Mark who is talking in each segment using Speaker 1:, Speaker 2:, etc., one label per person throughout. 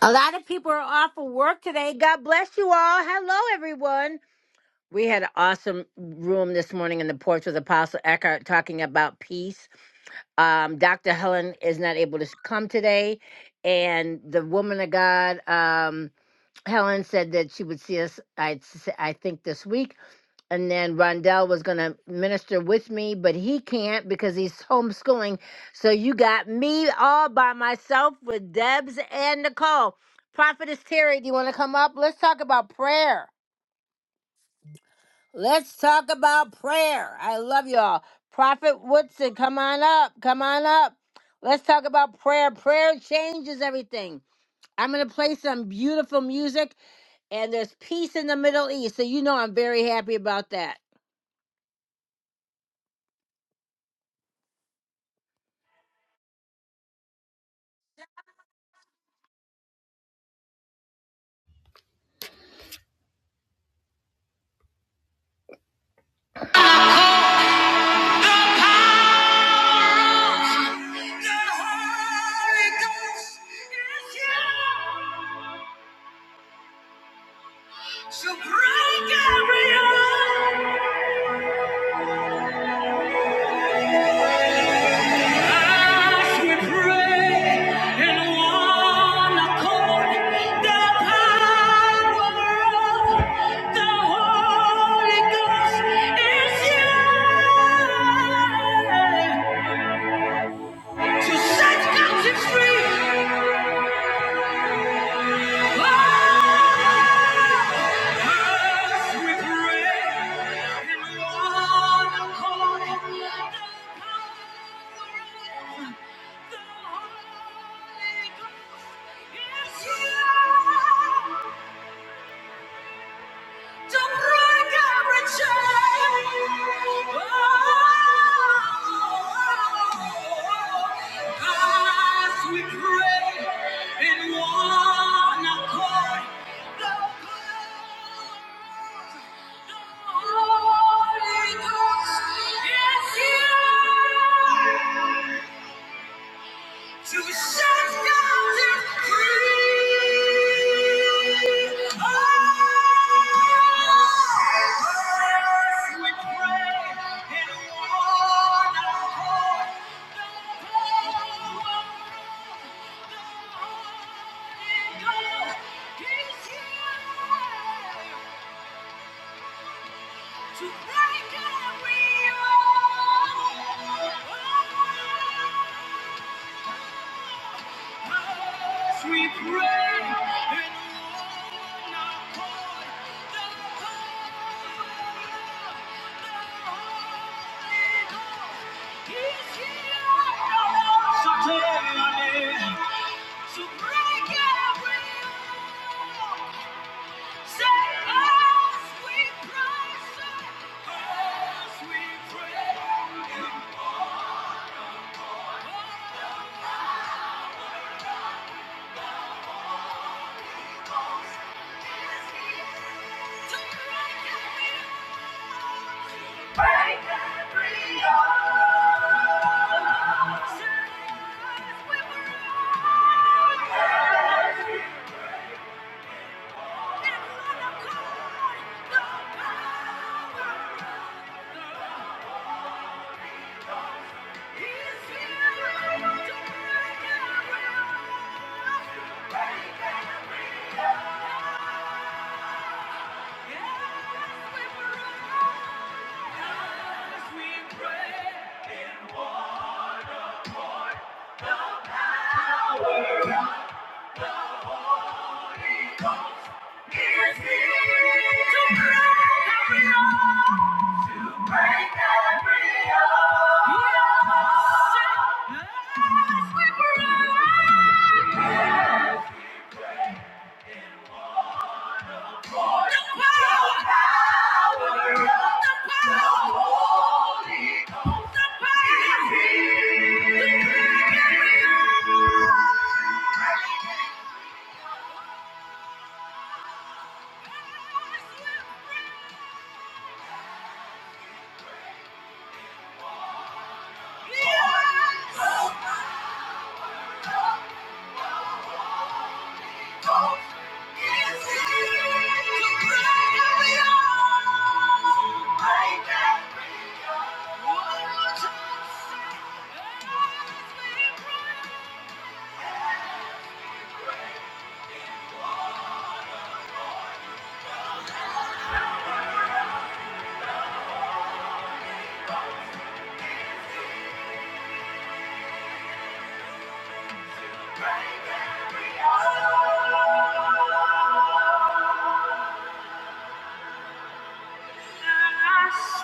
Speaker 1: A lot of people are off of work today. God bless you all. Hello, everyone. We had an awesome room this morning in the porch with Apostle Eckhart talking about peace. Um, Dr. Helen is not able to come today, and the woman of God. um, Helen said that she would see us, I, I think, this week. And then Rondell was going to minister with me, but he can't because he's homeschooling. So you got me all by myself with Debs and Nicole. Prophetess Terry, do you want to come up? Let's talk about prayer. Let's talk about prayer. I love y'all. Prophet Woodson, come on up. Come on up. Let's talk about prayer. Prayer changes everything. I'm going to play some beautiful music and there's peace in the Middle East. So you know I'm very happy about that. The Holy Ghost is here to break every yoke. As we pray in one accord, the power of the Holy Ghost is here to set captives free. As we pray. Don't break every chain. Oh, as we pray in one accord, the Holy Ghost is here. To be shut down and free. Oh, first we pray and in one accord. The Lord is here to break every yoke. We pray and own our heart, the power, the Holy Ghost is here. So take my name. To break every yoke, Say as we pray, set as we pray. To break every yoke. Thank you.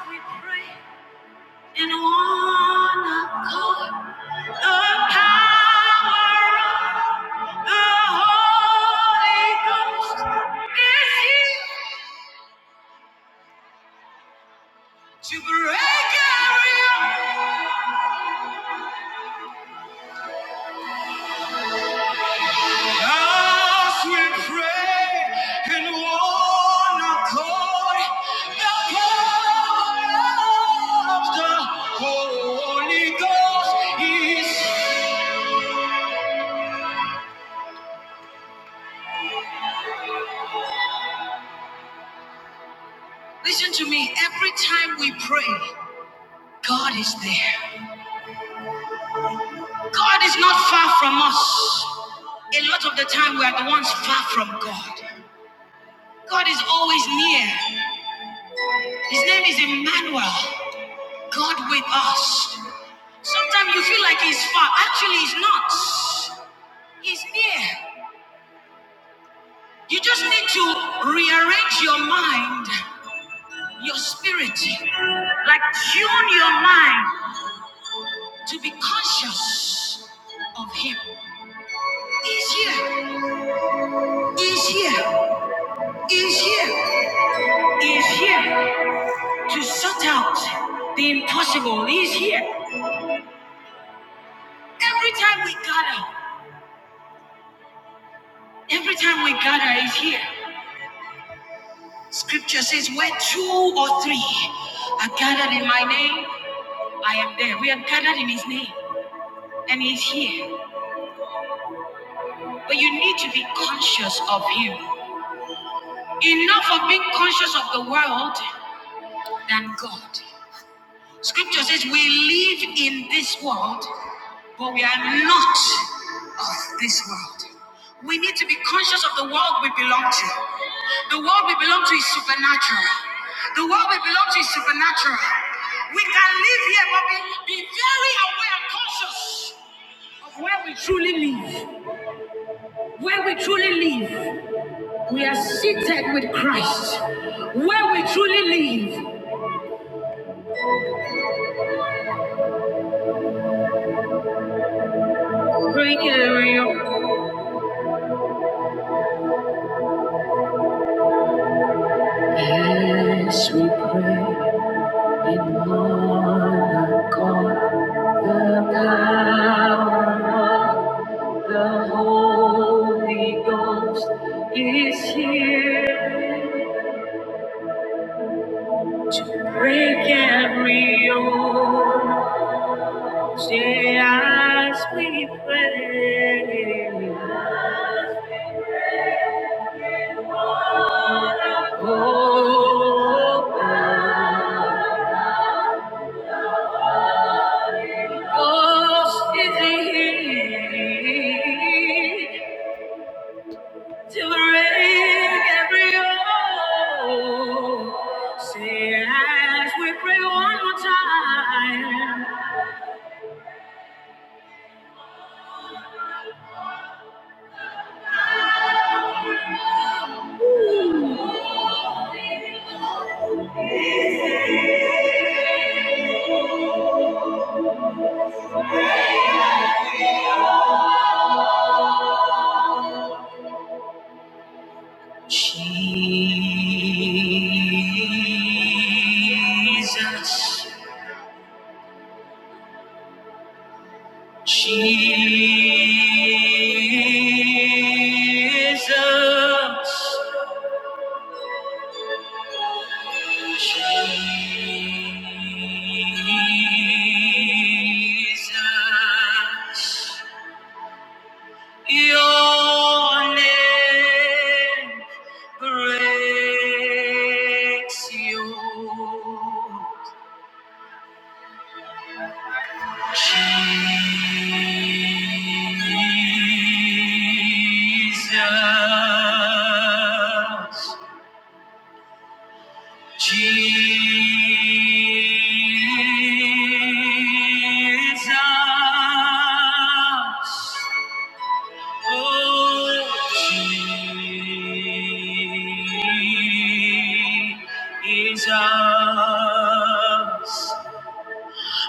Speaker 1: we pray In one accord, the power of the Holy Ghost is here to break every yoke. As we pray in one accord, the power of the Holy Ghost is. Listen to me. Every time we pray, God is there. God is not far from us. A lot of the time, we are the ones far from God. God is always near. His name is Emmanuel, God with us. Sometimes you feel like he's far. Actually, he's not. He's near. You just need to rearrange your mind, your spirit, like tune your mind to be conscious of him. He's here. He's here. He's here. He's here to sort out the impossible. He's here. Every time we gather, Every time we gather, He's here. Scripture says, Where two or three are gathered in my name, I am there. We are gathered in His name, and He's here. But you need to be conscious of Him. Enough of being conscious of the world than God. Scripture says we live in this world, but we are not of this world. We need to be conscious of the world we belong to. The world we belong to is supernatural. The world we belong to is supernatural. We can live here, but be, be very aware and conscious of where we truly live. Where we truly live. We are seated with Christ. Where we truly live. As we pray in one accord, the power of the Holy Ghost is here to break every yoke. Say, as we pray. Oh, oh, oh. Oh, is he to break every yoke. Say as we pray one more time. Jesus, Jesus. Jesus, your name breaks you. Jesus, Jesus, oh Jesus,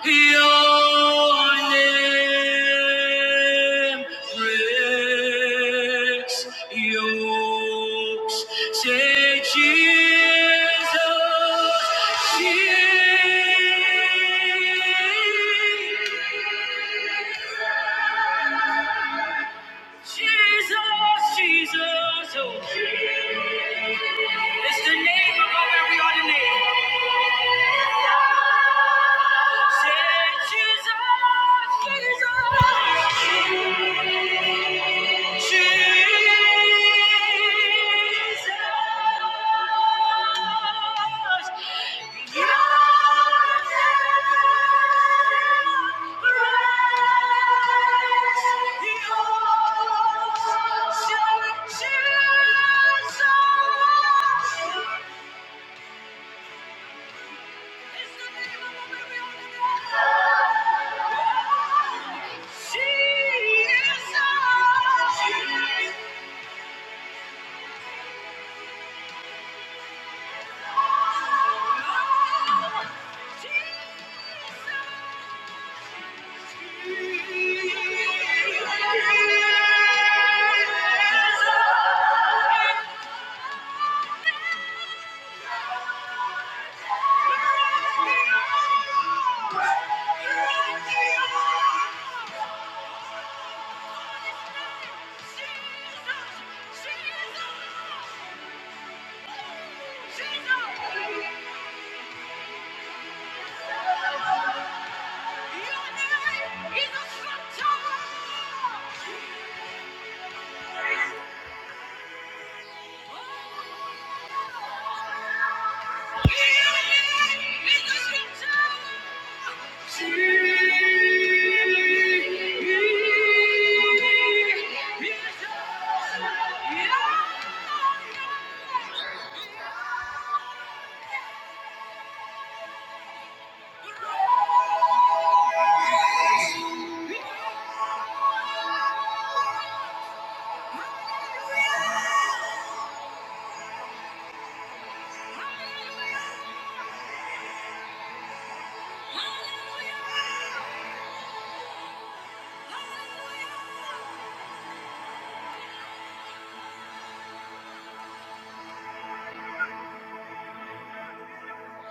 Speaker 1: your name breaks yokes. Say Jesus, Jesus, Jesus, oh. It's the name above every other name. Jesus. Jesus, Jesus,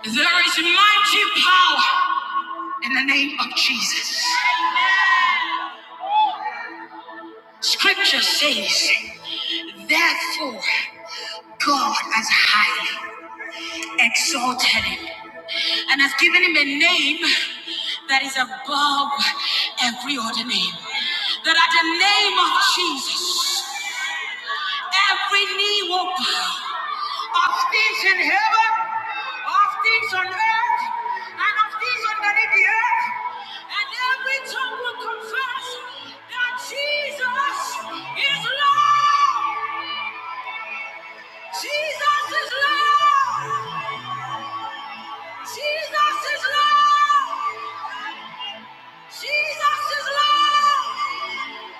Speaker 1: There is mighty power in the name of Jesus. Scripture says, Therefore, God has highly exalted him and has given him a name that is above every other name. That at the name of Jesus, every knee will bow of things in heaven, of things on earth, and of things underneath the earth, and every tongue will confess that Jesus is Lord. Jesus is Lord. Jesus is Lord! Jesus is Lord!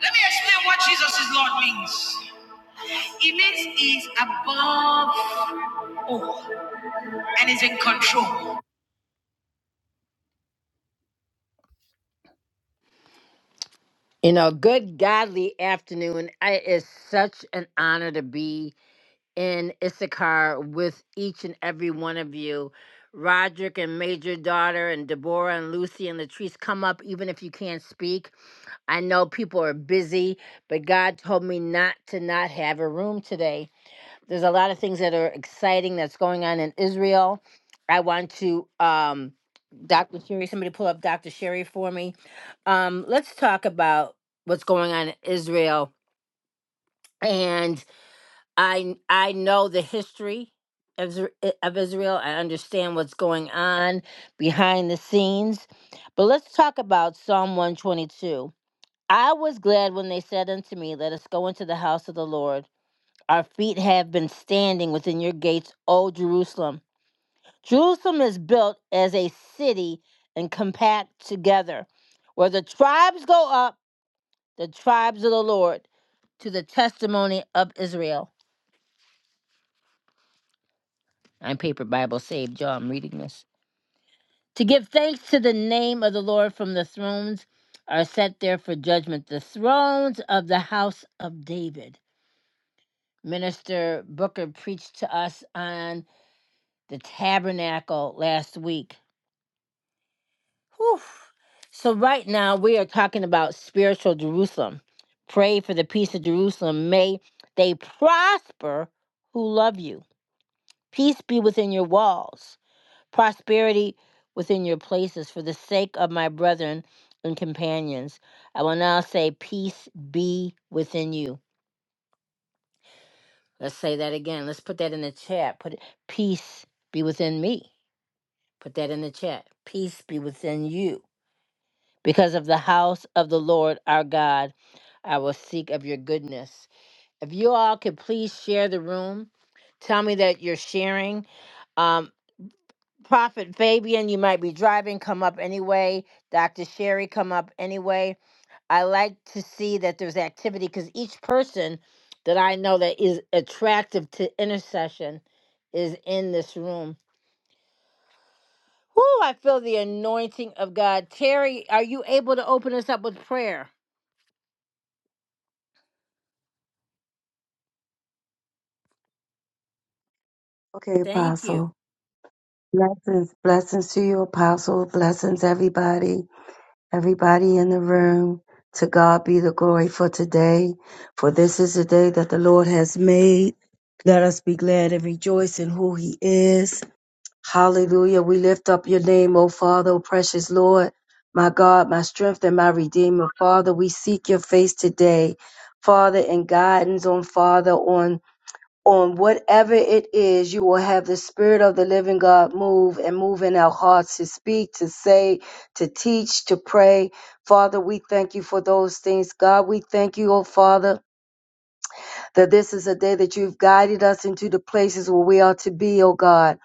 Speaker 1: Let me explain what Jesus is Lord means. It means he's above all and is in control. You know, good godly afternoon. I, it's such an honor to be in Issachar with each and every one of you. Roderick and Major Daughter and Deborah and Lucy and Latrice, come up even if you can't speak. I know people are busy, but God told me not to not have a room today. There's a lot of things that are exciting that's going on in Israel. I want to, um, Dr. Sherry, somebody pull up Dr. Sherry for me. Um, let's talk about what's going on in Israel. And I I know the history of, Isra- of Israel. I understand what's going on behind the scenes. But let's talk about Psalm 122 I was glad when they said unto me, Let us go into the house of the Lord. Our feet have been standing within your gates, O Jerusalem. Jerusalem is built as a city and compact together, where the tribes go up, the tribes of the Lord, to the testimony of Israel. I'm Paper Bible Saved, y'all. I'm reading this. To give thanks to the name of the Lord from the thrones are set there for judgment, the thrones of the house of David. Minister Booker preached to us on the tabernacle last week. Whew. So, right now, we are talking about spiritual Jerusalem. Pray for the peace of Jerusalem. May they prosper who love you. Peace be within your walls, prosperity within your places. For the sake of my brethren and companions, I will now say, Peace be within you. Let's say that again. Let's put that in the chat. Put it, peace be within me. Put that in the chat. Peace be within you. Because of the house of the Lord our God, I will seek of your goodness. If you all could please share the room, tell me that you're sharing. Um, Prophet Fabian, you might be driving, come up anyway. Dr. Sherry, come up anyway. I like to see that there's activity because each person that I know that is attractive to intercession is in this room Whoo, I feel the anointing of God. Terry, are you able to open us up with prayer?
Speaker 2: Okay,
Speaker 1: Thank you.
Speaker 2: Apostle. Blessings. Blessings to you, Apostle. Blessings, everybody. Everybody in the room. To God be the glory for today. For this is the day that the Lord has made. Let us be glad and rejoice in who He is. Hallelujah. We lift up your name, O Father, O precious Lord. My God, my strength and my redeemer. Father, we seek your face today. Father, and guidance on Father, on on whatever it is, you will have the Spirit of the living God move and move in our hearts to speak, to say, to teach, to pray. Father, we thank you for those things. God, we thank you, oh Father that this is a day that you've guided us into the places where we are to be, O God.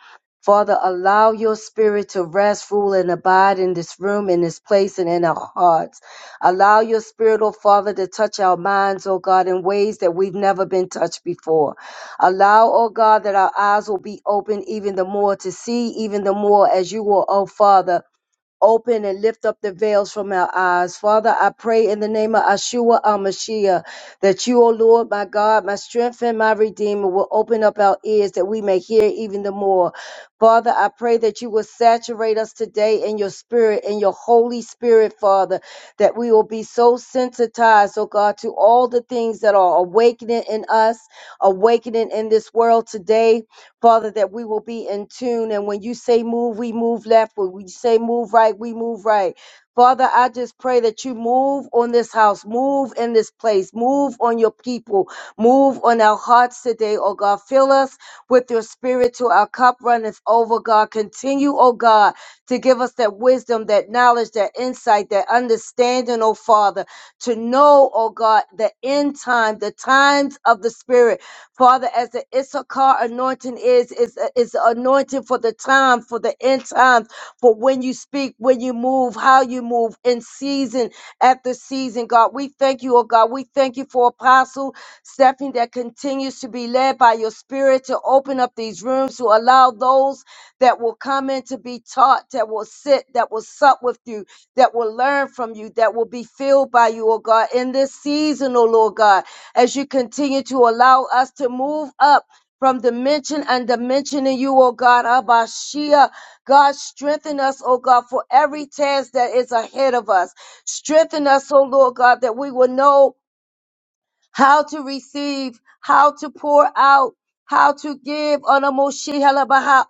Speaker 2: Father, allow your spirit to rest, rule, and abide in this room, in this place, and in our hearts. Allow your spirit, O Father, to touch our minds, O God, in ways that we've never been touched before. Allow, O God, that our eyes will be open even the more to see, even the more as you will, O Father open and lift up the veils from our eyes. Father, I pray in the name of Ashua Amashiach that you, O Lord, my God, my strength and my redeemer, will open up our ears that we may hear even the more. Father, I pray that you will saturate us today in your spirit, in your Holy Spirit, Father, that we will be so sensitized, oh God, to all the things that are awakening in us, awakening in this world today. Father, that we will be in tune. And when you say move, we move left. When we say move right, we move right. Father, I just pray that you move on this house, move in this place, move on your people, move on our hearts today, oh God. Fill us with your spirit till our cup runneth over, God. Continue, oh God, to give us that wisdom, that knowledge, that insight, that understanding, oh Father, to know, oh God, the end time, the times of the Spirit Father, as the Issachar anointing is, is, is the anointing for the time, for the end times, for when you speak, when you move, how you move in season after season, God. We thank you, oh God. We thank you for Apostle Stephanie that continues to be led by your spirit to open up these rooms, to allow those that will come in to be taught, that will sit, that will sup with you, that will learn from you, that will be filled by you, oh God, in this season, oh Lord God as you continue to allow us to move up from dimension and dimensioning you, oh God, Abashia. God, strengthen us, oh God, for every task that is ahead of us. Strengthen us, oh Lord God, that we will know how to receive, how to pour out, how to give on a Moshe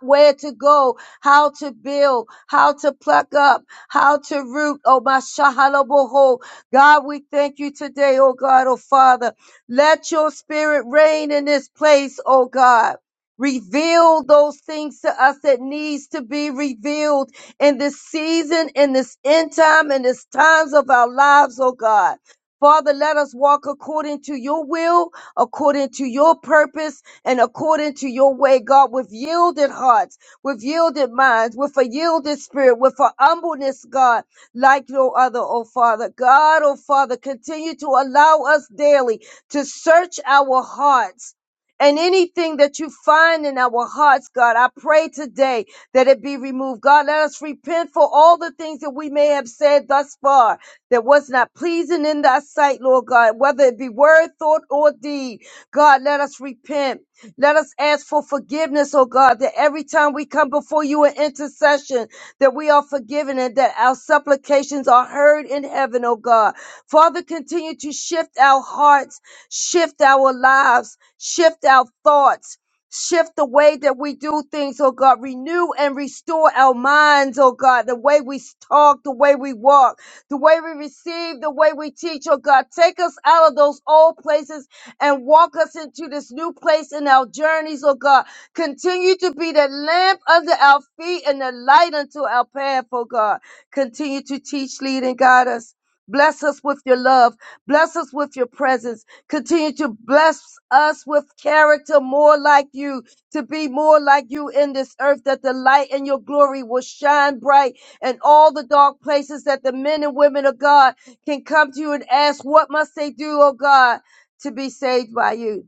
Speaker 2: where to go, how to build, how to pluck up, how to root, oh my Shahalaboho. God, we thank you today, oh God, oh Father. Let your spirit reign in this place, oh God. Reveal those things to us that needs to be revealed in this season, in this end time, in this times of our lives, oh God. Father, let us walk according to your will, according to your purpose, and according to your way, God, with yielded hearts, with yielded minds, with a yielded spirit, with a humbleness, God, like no other, oh Father. God, oh Father, continue to allow us daily to search our hearts. And anything that you find in our hearts, God, I pray today that it be removed. God, let us repent for all the things that we may have said thus far that was not pleasing in thy sight, Lord God, whether it be word, thought, or deed. God, let us repent. Let us ask for forgiveness, oh God, that every time we come before you in intercession, that we are forgiven and that our supplications are heard in heaven, oh God. Father, continue to shift our hearts, shift our lives, shift our thoughts. Shift the way that we do things, oh God. Renew and restore our minds, oh God. The way we talk, the way we walk the way we receive, the way we teach, oh God. Take us out of those old places and walk us into this new place in our journeys, oh God. Continue to be the lamp under our feet and the light unto our path, oh God. Continue to teach, lead, and guide us. Bless us with your love. Bless us with your presence. Continue to bless us with character more like you, to be more like you in this earth, that the light and your glory will shine bright and all the dark places that the men and women of God can come to you and ask, What must they do, oh God, to be saved by you?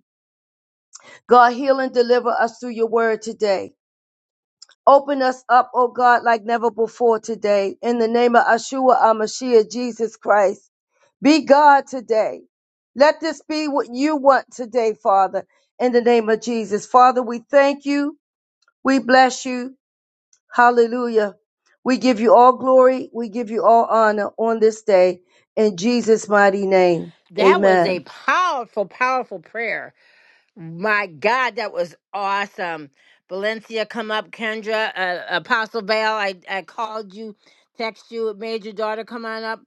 Speaker 2: God, heal and deliver us through your word today. Open us up, oh God, like never before today. In the name of Ashua Amashiach, Jesus Christ. Be God today. Let this be what you want today, Father, in the name of Jesus. Father, we thank you. We bless you. Hallelujah. We give you all glory. We give you all honor on this day in Jesus' mighty name.
Speaker 1: That was a
Speaker 2: Amen.
Speaker 1: powerful, powerful prayer. My God, that was awesome. Valencia, come up. Kendra, uh, Apostle Val, I, I called you, text you, made your daughter come on up.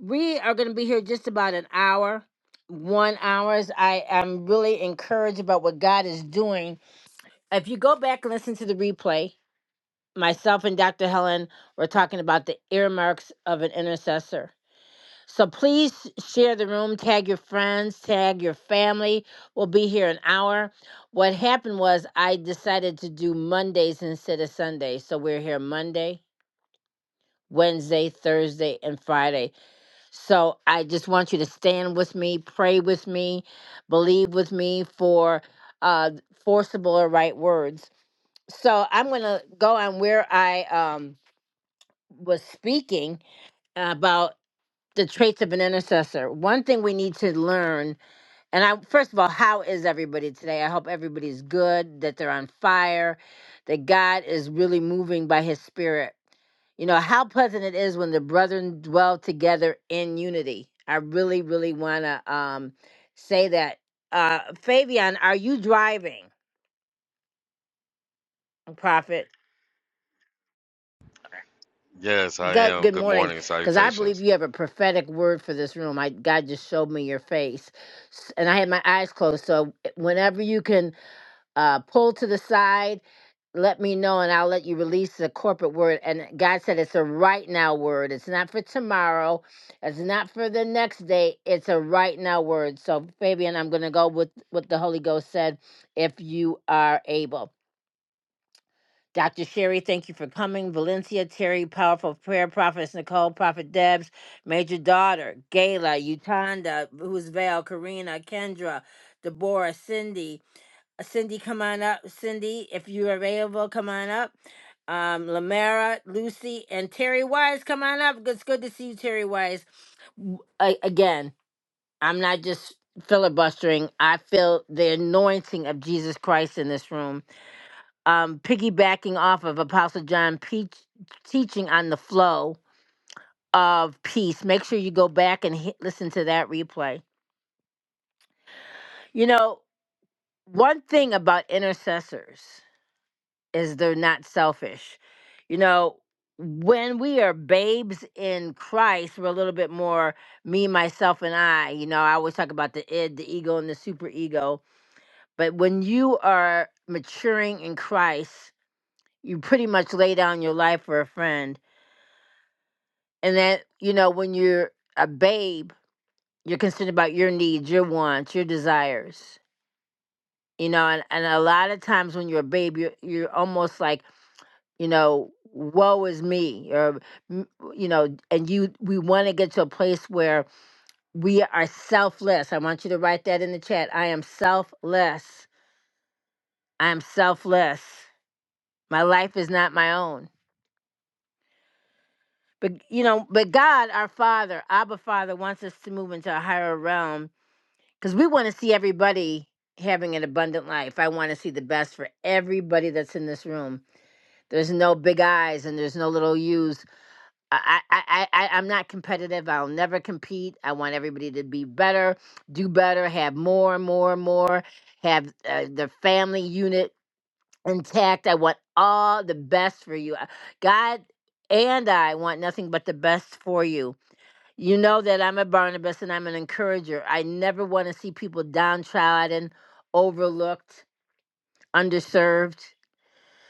Speaker 1: We are going to be here just about an hour, one hours. I am really encouraged about what God is doing. If you go back and listen to the replay, myself and Dr. Helen were talking about the earmarks of an intercessor. So please share the room, tag your friends, tag your family. We'll be here an hour. What happened was I decided to do Mondays instead of Sundays. So we're here Monday, Wednesday, Thursday, and Friday. So I just want you to stand with me, pray with me, believe with me for uh forcible or right words. So I'm gonna go on where I um was speaking about the traits of an intercessor. One thing we need to learn, and I first of all, how is everybody today? I hope everybody's good, that they're on fire, that God is really moving by his spirit. You know, how pleasant it is when the brethren dwell together in unity. I really, really wanna um say that. Uh Fabian, are you driving, Prophet?
Speaker 3: Yes, I
Speaker 1: Good,
Speaker 3: am.
Speaker 1: good
Speaker 3: Good
Speaker 1: morning,
Speaker 3: morning.
Speaker 1: because I believe
Speaker 3: Salutations.
Speaker 1: you have a prophetic word for this room. I God just showed me your face, S- and I had my eyes closed. So eh, whenever you can uh, pull to the side, let me know, and I'll let you release the corporate word. And God said it's a right now word. It's not for tomorrow. It's not for the next day. It's a right now word. So Fabian, I'm going to go with what the Holy Ghost said, if you are able. Dr. Sherry, thank you for coming. Valencia, Terry, Powerful Prayer, Prophetess Nicole, Prophet Debs, Major Daughter, Gayla, Utanda, who's Val, Karina, Kendra, Deborah, Cindy. Uh, Cindy, come on up. Cindy, if you're available, come on up. Um, Lamara, Lucy, and Terry Wise, come on up. It's good to see you, Terry Wise. W- a- Again, I'm not just filibustering. I feel the anointing of Jesus Christ in this room um, piggybacking off of Apostle John Peach teaching on the flow of peace. Make sure you go back and hit, listen to that replay. You know, one thing about intercessors is they're not selfish. You know, when we are babes in Christ, we're a little bit more me, myself, and I. You know, I always talk about the id, the ego, and the superego. But when you are maturing in Christ, you pretty much lay down your life for a friend And that, you know, when you're a babe, you're concerned about your needs, your wants, your desires. You know, and, and a lot of times when you're a babe, you're, you're almost like, you know, woe is me, or, mm, you know, and you, we want to get to a place where we are selfless. I want you to write that in the chat. I am selfless. I am selfless. My life is not my own. But, you know, but God, our Father, Abba Father, wants us to move into a higher realm because we want to see everybody having an abundant life. I want to see the best for everybody that's in this room. There's no big eyes and there's no little U's. I, I, I, I- I'm not competitive. I'll never compete. I want everybody to be better, do better, have more, more, more, have uh, the family unit intact. I want all the best for you. Uh, God and I want nothing but the best for you you know that I'm a Barnabas and I'm an encourager. I never want to see people downtrodden, overlooked, underserved.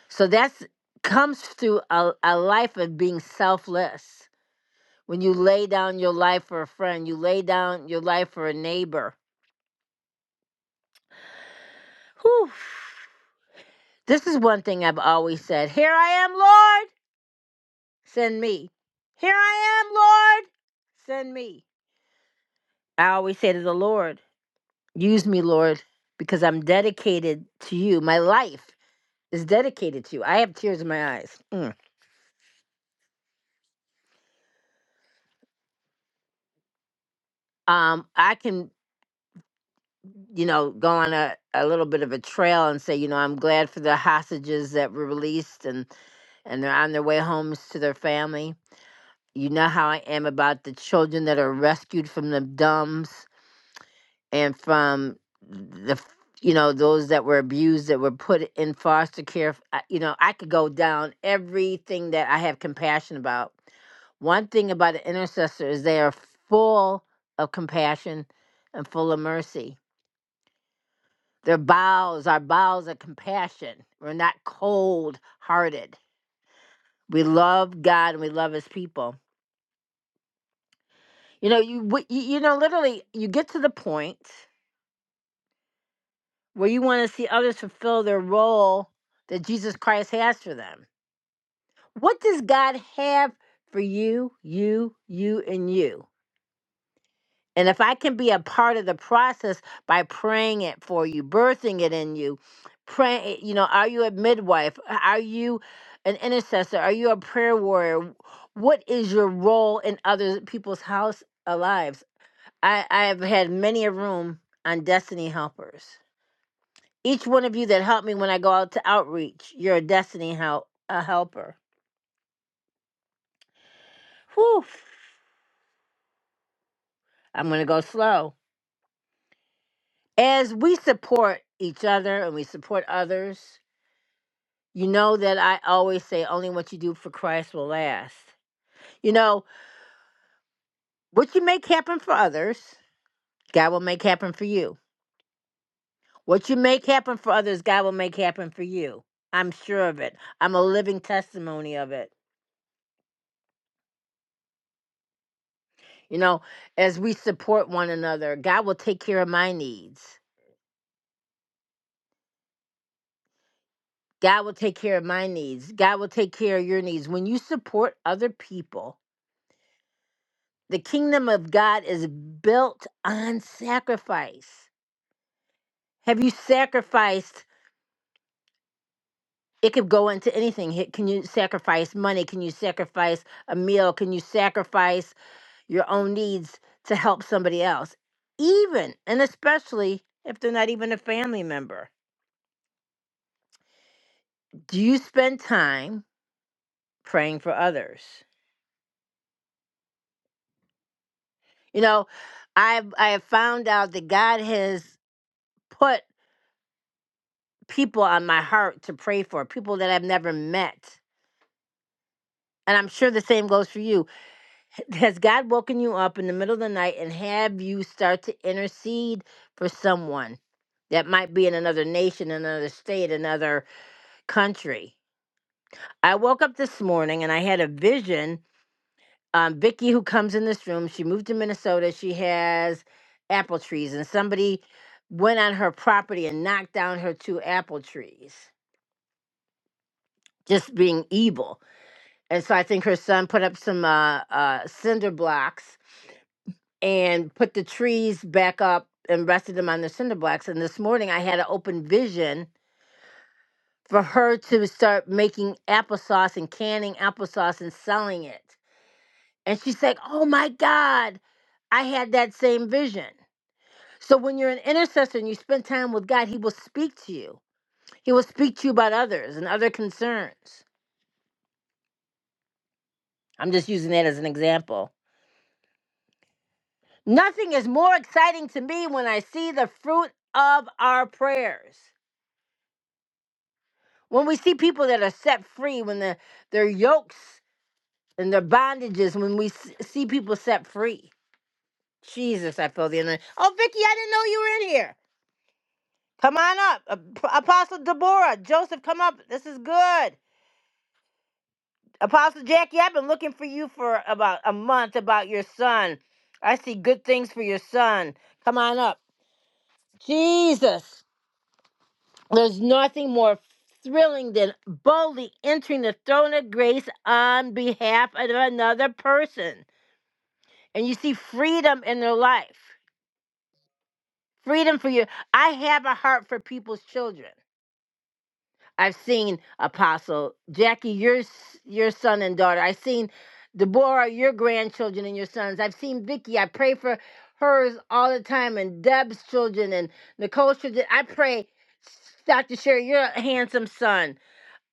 Speaker 1: So that's comes through a, a life of being selfless. When you lay down your life for a friend, you lay down your life for a neighbor. Whew. This is one thing I've always said. Here I am, Lord, send me. Here I am, Lord, send me. I always say to the Lord. Use me, Lord, because I'm dedicated to you. My life is dedicated to you. I have tears in my eyes. Mm. Um, I can, you know, go on a, a little bit of a trail and say, you know, I'm glad for the hostages that were released and, and they're on their way homes to their family. You know how I am about the children that are rescued from the dumbs and from the, f- you know, those that were abused, that were put in foster care. I- You know, I could go down everything that I have compassion about One thing about an intercessor is they are full of compassion and full of mercy. Their bowels, our bowels are compassion. We're not cold hearted. We love God and we love His people. You know, you w- you you know, literally, you get to the point where you want to see others fulfill their role that Jesus Christ has for them. What does God have for you, you, you, and you? And if I can be a part of the process by praying it for you, birthing it in you, pray, you know, are you a midwife? Are you an intercessor? Are you a prayer warrior? What is your role in other people's house uh, lives? I, I have had many a room on destiny helpers. Each one of you that helped me when I go out to outreach, you're a destiny help a helper. Whew. I'm gonna go slow. As we support each other and we support others, You know that I always say only what you do for Christ will last. You know, what you make happen for others, God will make happen for you. What you make happen for others, God will make happen for you. I'm sure of it. I'm a living testimony of it. You know, as we support one another, God will take care of my needs. God will take care of my needs. God will take care of your needs. When you support other people, the kingdom of God is built on sacrifice. Have you sacrificed it could go into anything. Hit- Can you sacrifice money? Can you sacrifice a meal? Can you sacrifice your own needs to help somebody else? Even and especially if they're not even a family member. Do you spend time praying for others? You know, I've I have found out that God has put people on my heart to pray for, people that I've never met. And I'm sure the same goes for you Has God woken you up in the middle of the night and have you start to intercede for someone that might be in another nation, another state, another country? I woke up this morning and I had a vision. Um, Vicky, who comes in this room, she moved to Minnesota. She has apple trees, and somebody went on her property and knocked down her two apple trees, just being evil. And so I think her son put up some uh, uh, cinder blocks and put the trees back up and rested them on the cinder blocks. And this morning I had an open vision for her to start making applesauce and canning applesauce and selling it. And she's like, oh my God, I had that same vision. So when you're an intercessor and you spend time with God, He will speak to you. He will speak to you about others and other concerns. I'm just using that as an example. Nothing is more exciting to me when I see the fruit of our prayers. When we see people that are set free, when their their yokes and their bondages, when we s- see people set free, Jesus, I feel the energy. Oh, Vicky, I didn't know you were in here. Come on up, Ap- Apostle Deborah, Joseph, come up. This is good. Apostle Jackie, I've been looking for you for about a month about your son. I see good things for your son. Come on up, Jesus. There's nothing more thrilling than boldly entering the throne of grace on behalf of another person. And you see freedom in their life. Freedom for you. I have a heart for people's children. I've seen Apostle Jackie, your s- your son and daughter. I've seen Deborah, your grandchildren and your sons. I've seen Vicky. I pray for hers all the time, and Deb's children and Nicole's children. I pray, Dr. Sherry, your handsome son.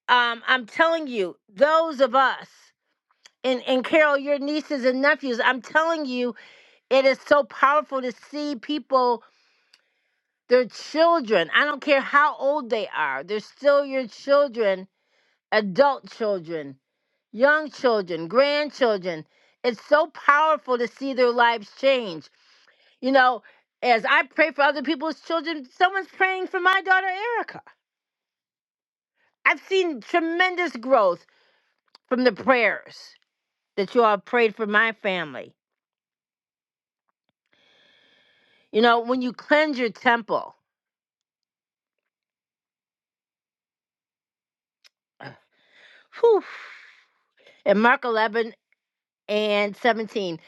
Speaker 1: um, I'm telling you, those of us, and, and Carol, your nieces and nephews, I'm telling you, it is so powerful to see people, their children, I don't care how old they are, they're still your children, adult children, young children, grandchildren. It's so powerful to see their lives change. You know, as I pray for other people's children, someone's praying for my daughter, Erica. I've seen tremendous growth from the prayers that you all prayed for my family. You know, when you cleanse your temple, whew, in Mark 11 and 17,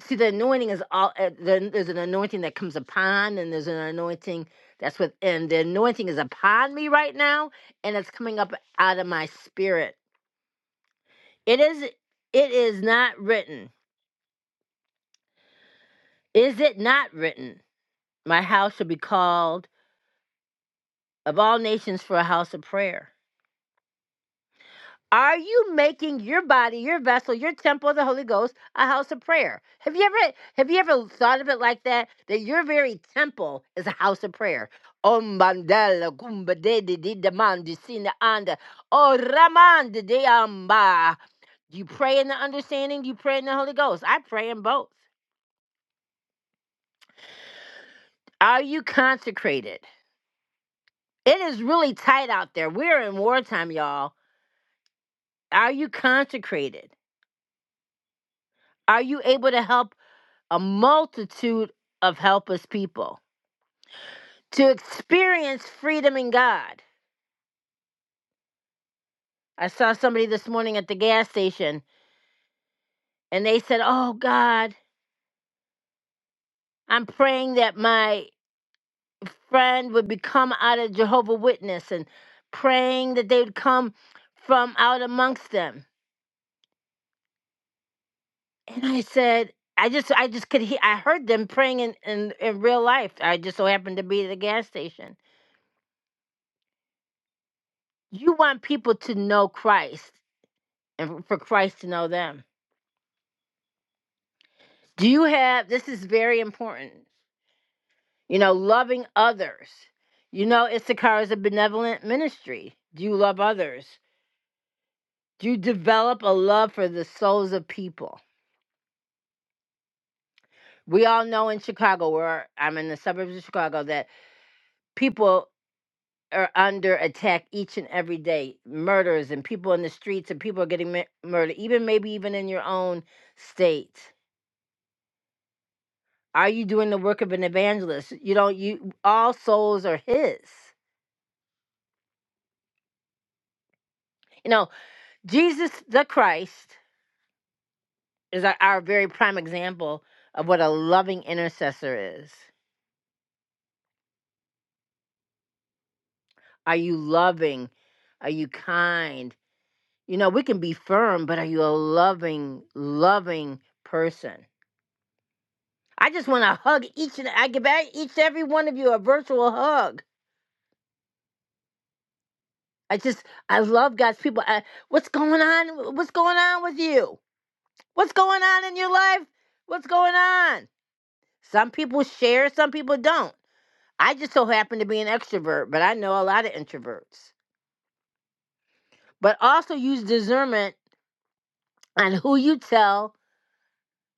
Speaker 1: see, the anointing is all, uh, there- there's an anointing that comes upon, and there's an anointing that's within. The anointing is upon me right now, and it's coming up out of my spirit. It is, it is not written. Is it not written? My house shall be called of all nations for a house of prayer. Are you making your body, your vessel, your temple of the Holy Ghost a house of prayer? Have you ever have you ever thought of it like that? That your very temple is a house of prayer. Oh mandala gumba de de de de sina anda. Oh raman de de amba. You pray in the understanding, you pray in the Holy Ghost. I pray in both. Are you consecrated? It is really tight out there. We're in wartime, y'all. Are you consecrated? Are you able to help a multitude of helpless people to experience freedom in God. I saw somebody this morning at the gas station and they said, Oh God, I'm praying that my friend would become out of Jehovah Witness and praying that they would come from out amongst them. And I said, I just I just could hear I heard them praying in, in, in real life. I just so happened to be at the gas station. You want people to know Christ and for Christ to know them Do you have this is very important. You know, loving others. You know, Issachar is a benevolent ministry. Do you love others? Do you develop a love for the souls of people? We all know in Chicago, where I'm in the suburbs of Chicago, that people are under attack each and every day. Murders and people in the streets and people are getting mi- murdered, even maybe even in your own state. Are you doing the work of an evangelist? You don't you all souls are his. You know, Jesus the Christ is our, our very prime example of what a loving intercessor is. Are you loving? Are you kind? You know, we can be firm, but are you a loving, loving person? I just want to hug each and I give e- each every one of you a virtual hug. I just I love God's people. I, what's going on? What's going on with you? What's going on in your life? What's going on? Some people share, some people don't. I just so happen to be an extrovert, but I know a lot of introverts. But also use discernment on who you tell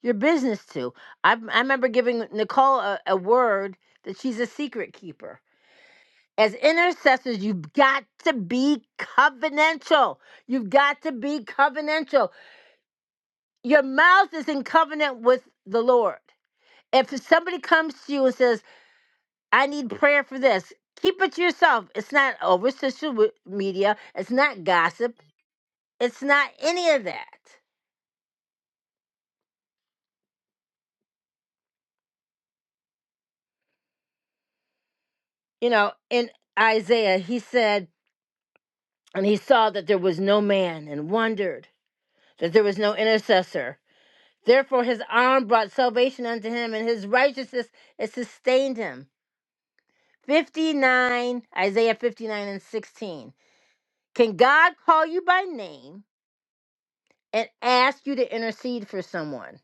Speaker 1: your business to. I, I remember giving Nicole a, a word that she's a secret keeper. As intercessors, you've got to be covenantal. You've got to be covenantal. Your mouth is in covenant with the Lord. If somebody comes to you and says, I need prayer for this, keep it to yourself. It's not over social media, it's not gossip. It's not any of that. You know, in Isaiah, he said, and he saw that there was no man and wondered that there was no intercessor. Therefore, his arm brought salvation unto him, and his righteousness it sustained him. 59, Isaiah 59 and 16. Can God call you by name and ask you to intercede for someone?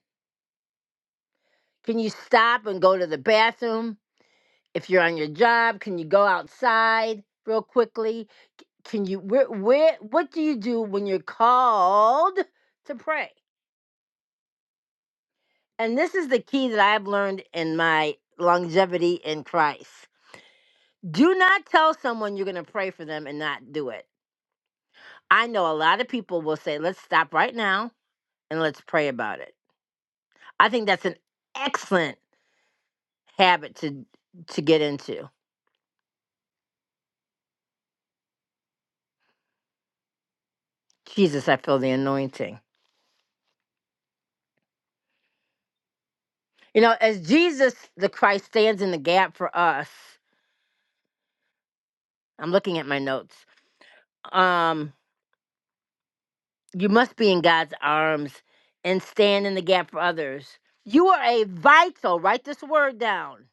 Speaker 1: Can you stop and go to the bathroom if you're on your job can you go outside real quickly C- can you where where what do you do when you're called to pray and this is the key that i've learned in my longevity in christ do not tell someone you're going to pray for them and not do it i know a lot of people will say let's stop right now and let's pray about it i think that's an excellent habit to to get into jesus i feel the anointing You know, as Jesus the Christ stands in the gap for us, I'm looking at my notes. Um, you must be in God's arms and stand in the gap for others. You are a vital, write this word down.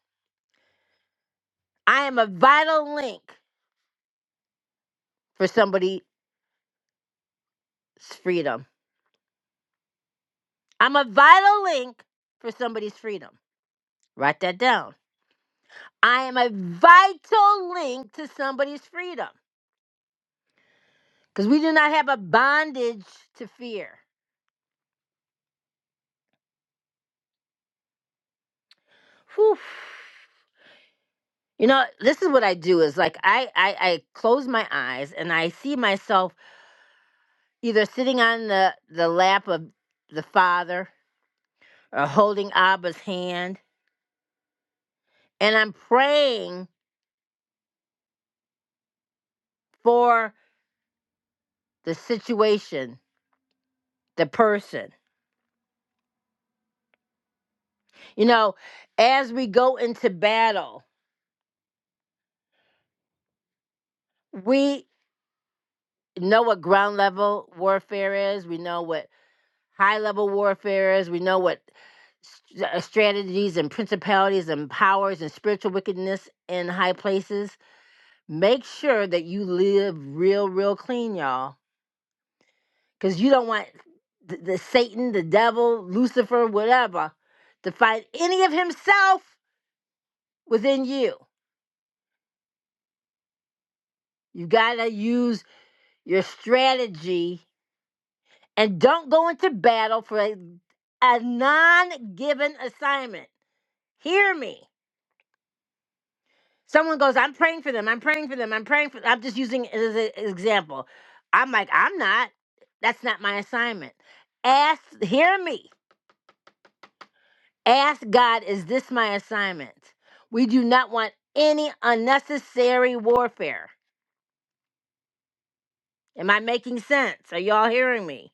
Speaker 1: I am a vital link for somebody's freedom. I'm a vital link for somebody's freedom. Write that down. I am a vital link to somebody's freedom because we do not have a bondage to fear. Whew. You know, this is what I do is like I, I I close my eyes and I see myself either sitting on the the lap of the father or holding Abba's hand and I'm praying for the situation, the person. You know, as we go into battle, we know what ground level warfare is. We know what high level warfares. We know what st- uh, strategies and principalities and powers and spiritual wickedness in high places. Make sure that you live real, real clean, y'all, because you don't want the, the Satan, the devil, Lucifer, whatever, to find any of himself within you. You gotta use your strategy and don't go into battle for a, a non given assignment. Hear me. Someone goes, I'm praying for them. I'm praying for them. I'm praying for I'm just using it as a- an example. I'm like, I'm not. That's not my assignment. Ask, hear me. Ask God, is this my assignment? We do not want any unnecessary warfare. Am I making sense? Are y'all hearing me?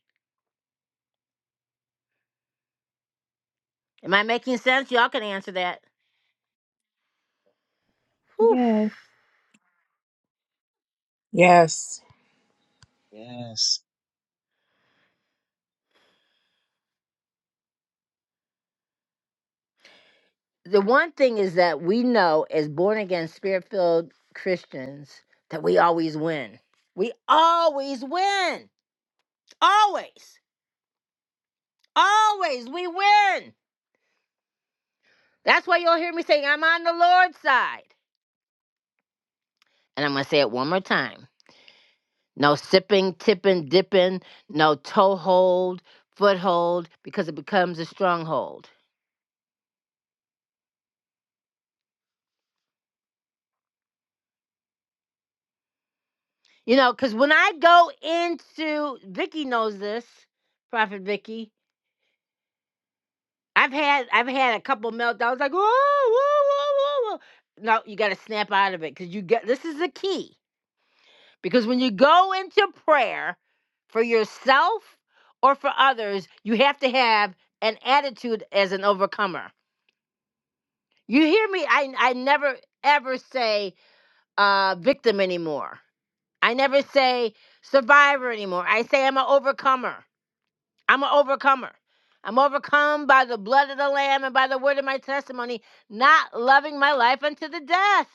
Speaker 1: Am I making sense? Y'all can answer that. Whew.
Speaker 4: Yes,
Speaker 5: Yes.
Speaker 6: Yes.
Speaker 1: The one thing is that we know as born again, spirit filled Christians that we always win. We always win Always, always, we win. That's why you'll hear me saying, I'm on the Lord's side. And I'm going to say it one more time no sipping, tipping, dipping, no toehold, foothold, because it becomes a stronghold. You know, because when I go into, Vicky knows this, Prophet Vicky. I've had I've had a couple meltdowns like whoa whoa whoa whoa whoa. No, you got to snap out of it because you get this is the key Because when you go into prayer for yourself or for others, you have to have an attitude as an overcomer. You hear me? I, I never ever say uh, victim anymore. I never say survivor anymore. I say I'm an overcomer. I'm an overcomer. I'm overcome by the blood of the Lamb and by the word of my testimony, not loving my life unto the death.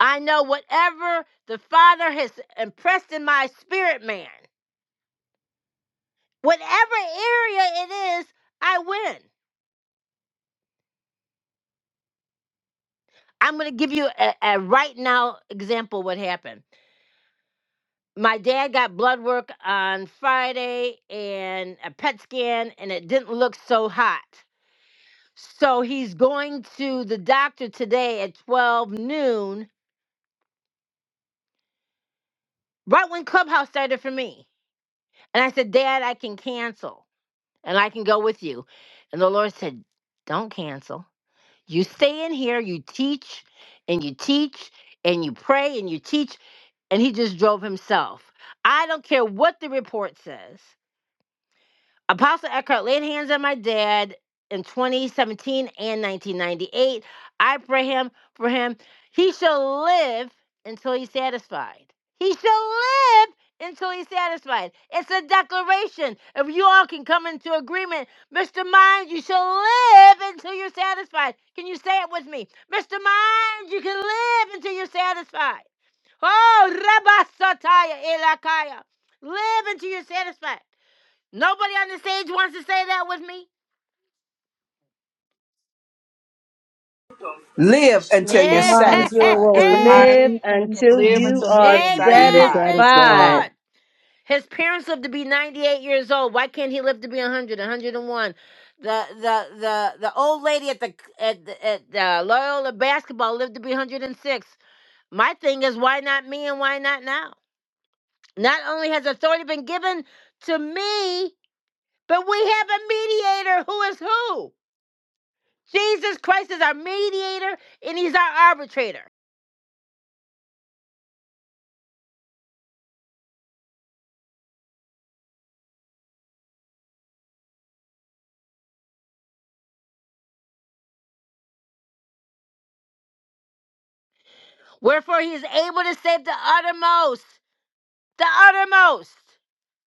Speaker 1: I know whatever the Father has impressed in my spirit man. whatever area it is, I win. I'm going to give you a, a right now example what happened. My dad got blood work on Friday and a PET scan, and it didn't look so hot. So he's going to the doctor today at 12 noon, right when Clubhouse started for me. And I said, Dad, I can cancel and I can go with you. And the Lord said, Don't cancel You stay in here, you teach and you teach and you pray and you teach, and he just drove himself. I don't care what the report says. Apostle Eckhart laid hands on my dad in 2017 and 1998. I pray him for him. He shall live until he's satisfied. He shall live until he's satisfied. It's a declaration. If you all can come into agreement, Mr. Mind, you shall live until you're satisfied. Can you say it with me? Mr. Mind, you can live until you're satisfied. Oh, Rabba Sataya Elakaya. Live until you're satisfied. Nobody on the stage wants to say that with me.
Speaker 7: Live until
Speaker 2: Mr.
Speaker 7: you're
Speaker 2: Mom, you
Speaker 7: satisfied.
Speaker 5: It's the
Speaker 2: will
Speaker 4: live
Speaker 5: mind
Speaker 4: until
Speaker 2: live
Speaker 4: you
Speaker 5: to
Speaker 2: until
Speaker 5: live
Speaker 4: satisfy.
Speaker 2: you
Speaker 5: until he
Speaker 2: are
Speaker 5: is
Speaker 6: Do you
Speaker 1: Amen.
Speaker 5: satisfied.
Speaker 1: Thank you,
Speaker 6: satisfied?
Speaker 2: satisfied.
Speaker 1: Lord. His parents lived to be 98 years old. Why can't he live to be 100, 101? The the the the old lady at the at the, at the Loyola basketball lived to be 106. My thing is why not me and why not now? Not only has authority been given to me, but we have a mediator who is who? Jesus Christ is our mediator and he's our arbitrator. Wherefore he is able to save the uttermost, the uttermost.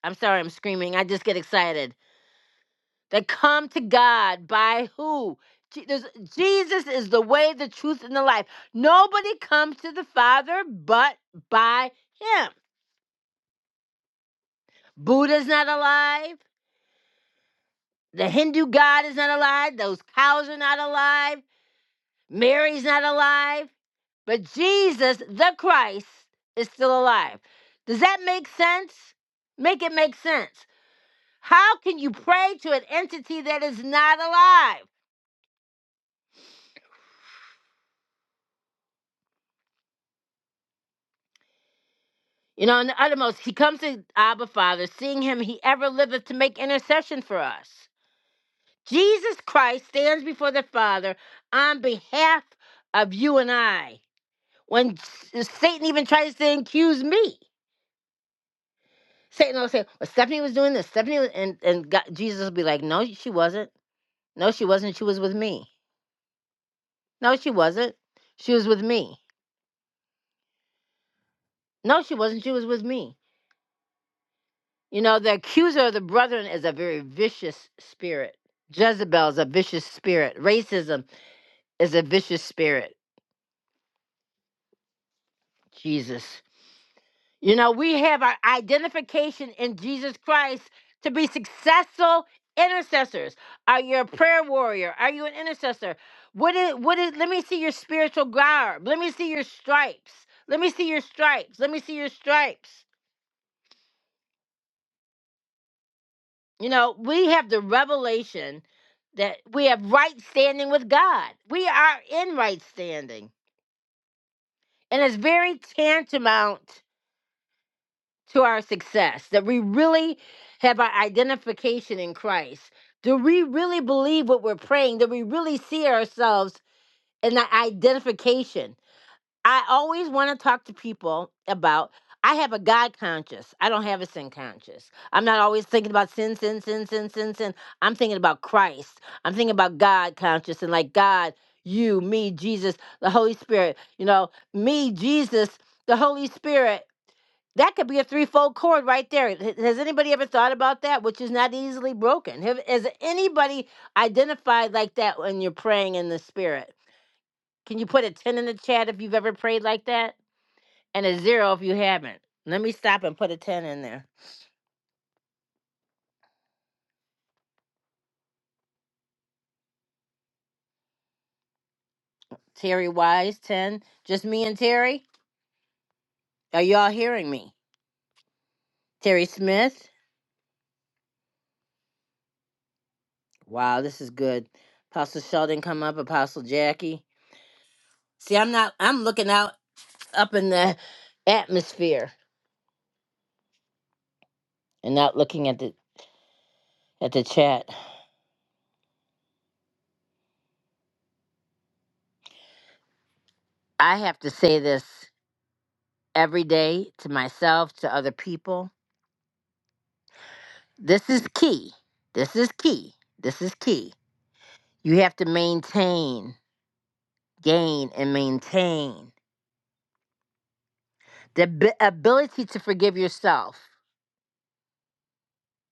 Speaker 1: I'm sorry, I'm screaming. I just get excited. That come to God by who? Je- there's- Jesus is the way, the truth, and the life. Nobody comes to the Father but by him. Buddha's not alive. The Hindu God is not alive. Those cows are not alive. Mary's not alive, but Jesus, the Christ, is still alive. Does that make sense? Make it make sense. How can you pray to an entity that is not alive? You know, in the uttermost, he comes to Abba Father, seeing him, he ever liveth to make intercession for us. Jesus Christ stands before the Father on behalf of you and I. When Satan even tries to accuse me. Satan will say, well, Stephanie was doing this. Stephanie was, and and God, Jesus will be like, no, she wasn't. No, she wasn't. She was with me. No, she wasn't. She was with me. No, she wasn't. She was with me. You know, the accuser of the brethren is a very vicious spirit. Jezebel is a vicious spirit. Racism is a vicious spirit. Jesus. You know, we have our identification in Jesus Christ to be successful intercessors. Are you a prayer warrior? Are you an intercessor? What is what is let me see your spiritual garb. Let me see your stripes. Let me see your stripes. Let me see your stripes. You know, we have the revelation that we have right standing with God. We are in right standing. And it's very tantamount to our success, that we really have our identification in Christ. Do we really believe what we're praying? Do we really see ourselves in that identification? I always want to talk to people about I have a God conscious. I don't have a sin conscious. I'm not always thinking about sin, sin, sin, sin, sin, sin. I'm thinking about Christ. I'm thinking about God conscious and like God, you, me, Jesus, the Holy Spirit. You know, me, Jesus, the Holy Spirit. That could be a threefold cord right there. H- Has anybody ever thought about that, which is not easily broken? Have, has anybody identified like that when you're praying in the spirit? Can you put a 10 in the chat if you've ever prayed like that? And a zero if you haven't. Let me stop and put a 10 in there. Terry Wise, 10. Just me and Terry? Are y'all hearing me? Terry Smith? Wow, this is good. Apostle Sheldon come up, Apostle Jackie. See, I'm not, I'm looking out up in the atmosphere and not looking at the at the chat. I have to say this every day to myself, to other people. This is key. This is key. This is key. You have to maintain, gain, and maintain the ab- ability to forgive yourself.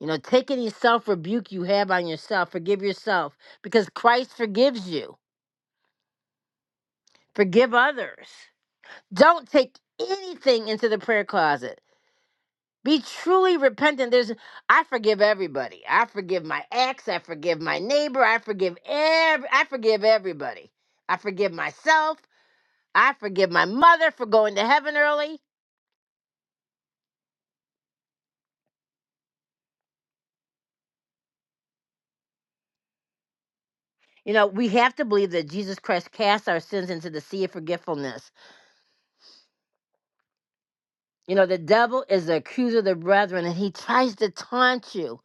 Speaker 1: You know, take any self rebuke you have on yourself, forgive yourself because Christ forgives you. Forgive others. Don't take anything into the prayer closet. Be truly repentant. There's I forgive everybody. I forgive my ex. I forgive my neighbor. I forgive every I forgive everybody. I forgive myself. I forgive my mother for going to heaven early. You know, we have to believe that Jesus Christ cast our sins into the sea of forgetfulness. You know, the devil is the accuser of the brethren and he tries to taunt you.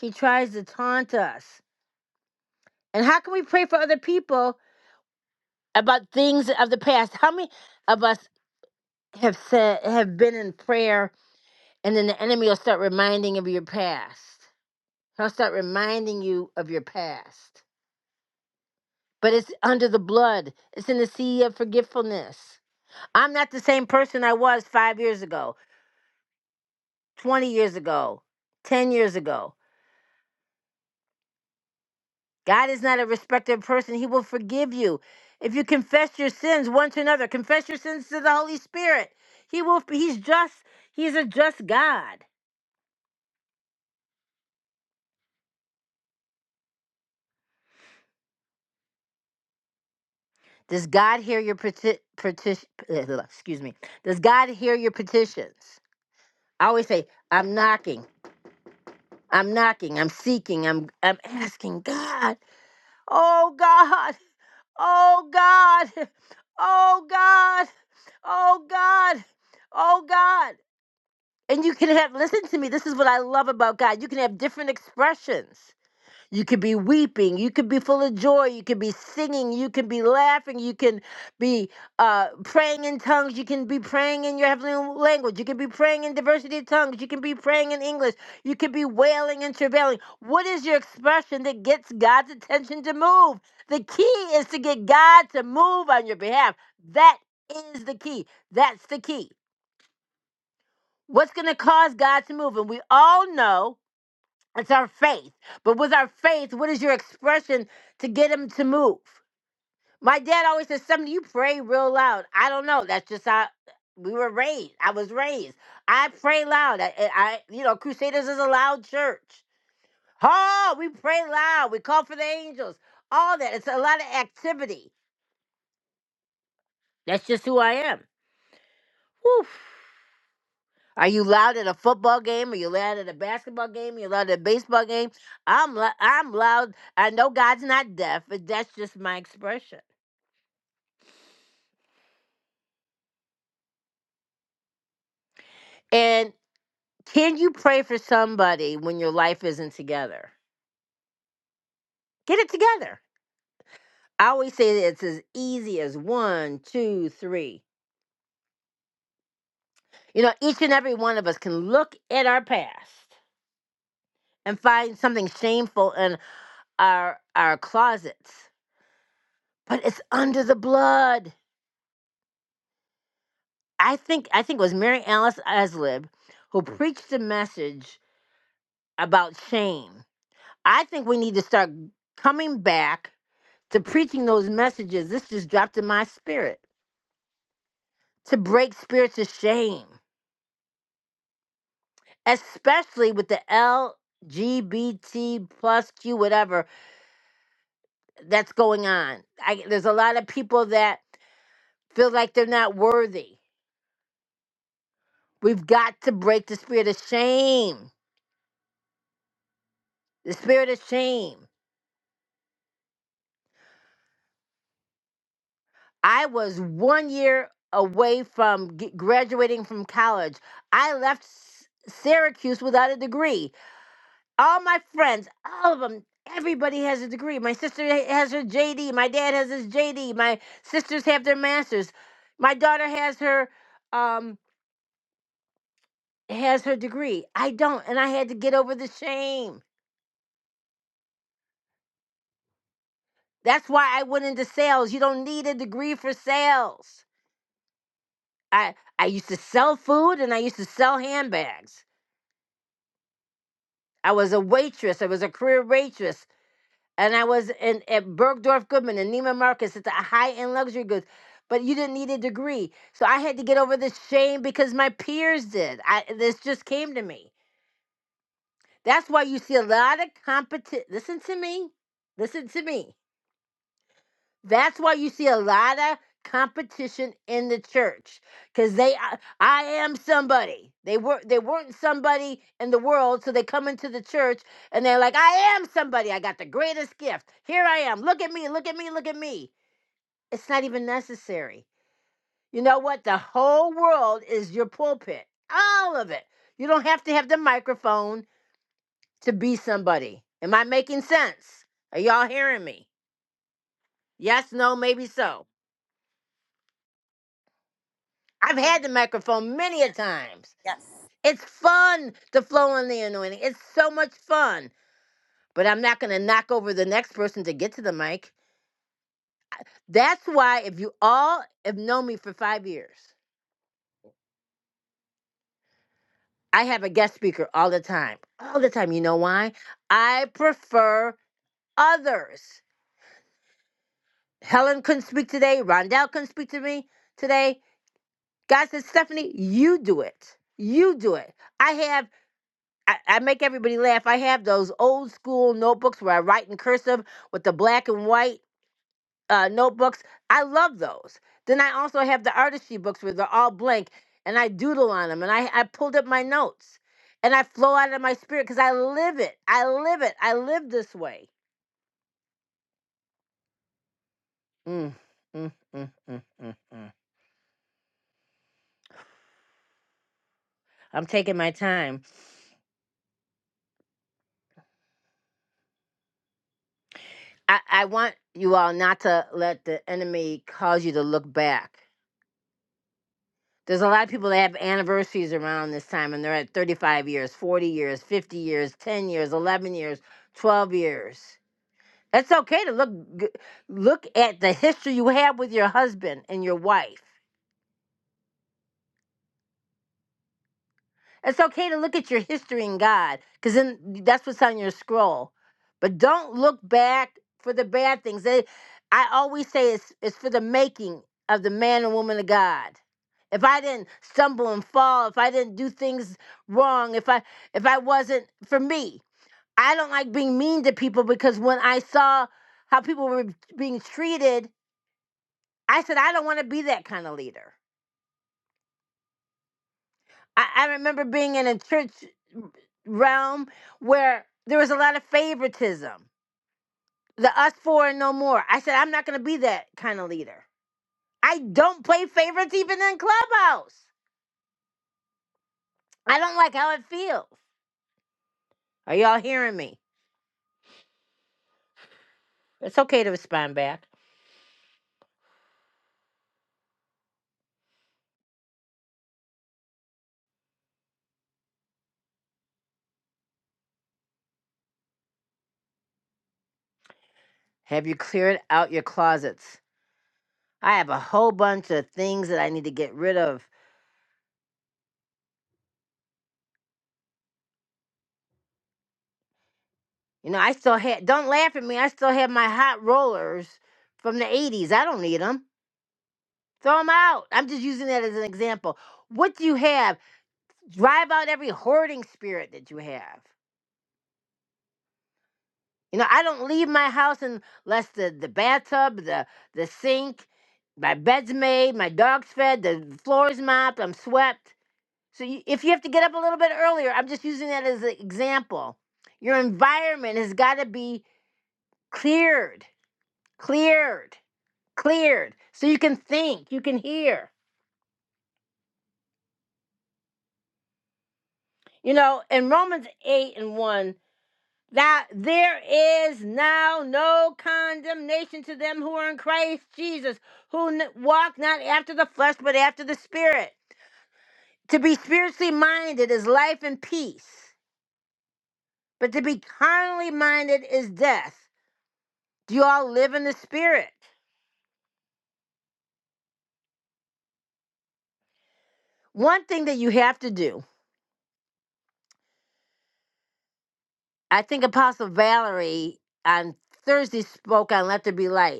Speaker 1: He tries to taunt us. And how can we pray for other people about things of the past? How many of us have said have been in prayer And then the enemy will start reminding of your past. He'll start reminding you of your past. But it's under the blood, it's in the sea of forgetfulness. I'm not the same person I was five years ago, 20 years ago, 10 years ago. God is not a respecter of person. He will forgive you. If you confess your sins one to another, confess your sins to the Holy Spirit. He will, he's just, he's a just God. Does God hear your petition? Excuse me. Does God hear your petitions? I always say, I'm knocking, I'm knocking, I'm seeking, I'm I'm asking God, oh God, oh God, oh God, oh God, oh God. And you can have listen to me, this is what I love about God. You can have different expressions. You could be weeping. You could be full of joy. You could be singing. You can be laughing. You can be uh, praying in tongues. You can be praying in your heavenly language. You can be praying in diversity of tongues. You can be praying in English. You can be wailing and travailing. What is your expression that gets God's attention to move? The key is to get God to move on your behalf. That is the key. That's the key. What's going to cause God to move? And we all know. It's our faith. But with our faith, what is your expression to get him to move? My dad always says, something you pray real loud. I don't know. That's just how we were raised. I was raised. I pray loud. I, I I- you know, Crusaders is a loud church. Oh, we pray loud. We call for the angels. All that. It's a lot of activity. That's just who I am. Whew. Are you loud at a football game? Are you loud at a basketball game? Are you loud at a baseball game? I'm lou- I'm loud. I know God's not deaf, but that's just my expression. And can you pray for somebody when your life isn't together? Get it together. I always say that it's as easy as one, two, three. You know, each and every one of us can look at our past and find something shameful in our our closets, but it's under the blood. I think I think it was Mary Alice Eslib who preached the message about shame. I think we need to start coming back to preaching those messages. This just dropped in my spirit to break spirits of shame, especially with the LGBT plus Q whatever that's going on. I, there's a lot of people that feel like they're not worthy. We've got to break the spirit of shame. The spirit of shame. I was one year away from g- graduating from college. I left S- Syracuse without a degree. All my friends, all of them, everybody has a degree. My sister ha- has her JD. My dad has his JD. My sisters have their masters. My daughter has her um has her degree. I don't, and I had to get over the shame. That's why I went into sales. You don't need a degree for sales. I I used to sell food and I used to sell handbags. I was a waitress. I was a career waitress. And I was in at Bergdorf Goodman and Neiman Marcus. It's a high-end luxury goods. But you didn't need a degree. So I had to get over this shame because my peers did. I this just came to me. That's why you see a lot of competition. Listen to me. Listen to me. That's why you see a lot of competition in the church because they I, I am somebody. They were they weren't somebody in the world, so they come into the church and they're like, I am somebody. I got the greatest gift. Here I am. Look at me. Look at me. Look at me. It's not even necessary. You know what? The whole world is your pulpit. All of it. You don't have to have the microphone to be somebody. Am I making sense? Are y'all hearing me? Yes, no, maybe so. I've had the microphone many a times.
Speaker 8: Yes.
Speaker 1: It's fun to flow on the anointing. It's so much fun. But I'm not going to knock over the next person to get to the mic. That's why if you all have known me for five years, I have a guest speaker all the time. All the time. You know why? I prefer others. Helen couldn't speak today. Rondell couldn't speak to me today. God said, Stephanie, you do it. You do it. I have I, I make everybody laugh. I have those old school notebooks where I write in cursive with the black and white uh, notebooks. I love those. Then I also have the artistry books where they're all blank and I doodle on them and I, I pulled up my notes and I flow out of my spirit because I live it. I live it. I live this way. Mm, mm, mm, mm, mm, mm. I'm taking my time. I, I want you all not to let the enemy cause you to look back There's a lot of people that have anniversaries around this time and they're at 35 years, 40 years, 50 years, 10 years, 11 years, 12 years. It's okay to look g- look at the history you have with your husband and your wife. It's okay to look at your history in God, because then that's what's on your scroll. But don't look back for the bad things. They, I always say it's it's for the making of the man and woman of God. If I didn't stumble and fall, if I didn't do things wrong, if I if I wasn't for me, I don't like being mean to people because when I saw how people were being treated, I said I don't want to be that kind of leader. I, I remember being in a church. realm where there was a lot of favoritism. The us four and no more. I said, I'm not going to be that kind of leader. I don't play favorites even in Clubhouse. I don't like how it feels. Are y'all hearing me? It's okay to respond back. Have you cleared out your closets? I have a whole bunch of things that I need to get rid of. You know, I still have. don't laugh at me, I still have my hot rollers from the 80s. I don't need them. Throw them out. I'm just using that as an example. What do you have? drive out every hoarding spirit that you have. You know, I don't leave my house unless the, the bathtub, the the sink, my bed's made, my dog's fed, the floor's mopped, I'm swept. So you, if you have to get up a little bit earlier, I'm just using that as an example. Your environment has got to be cleared, cleared, cleared, so you can think, you can hear. You know, in Romans 8 and 1, that there is now no condemnation to them who are in Christ Jesus, who n- walk not after the flesh, but after the Spirit. To be spiritually minded is life and peace, but to be carnally minded is death. Do you all live in the Spirit? One thing that you have to do, I think Apostle Valerie on Thursday spoke on Let There Be Light.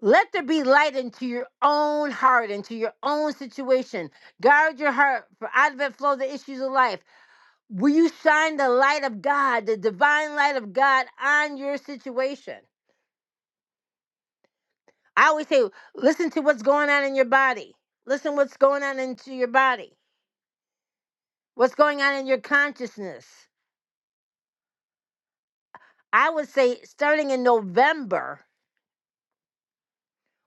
Speaker 1: Let there be light into your own heart, into your own situation. Guard your heart, for out of it flow the issues of life. Will you shine the light of God, the divine light of God on your situation? I always say, listen to what's going on in your body. Listen what's going on into your body. What's going on in your consciousness? I would say starting in November,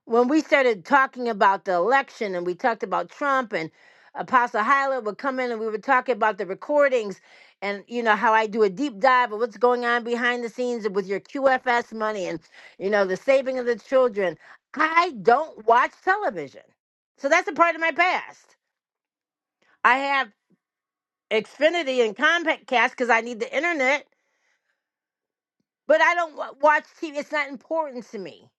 Speaker 1: when we started talking about the election and we talked about Trump and Apostle Hyla would come in and we would talk about the recordings and you know how I do a deep dive of what's going on behind the scenes with your QFS money and you know the saving of the children. I don't watch television. So that's a part of my past. I have Xfinity and Comcast because I need the internet, but I don't wa- watch TV. It's not important to me.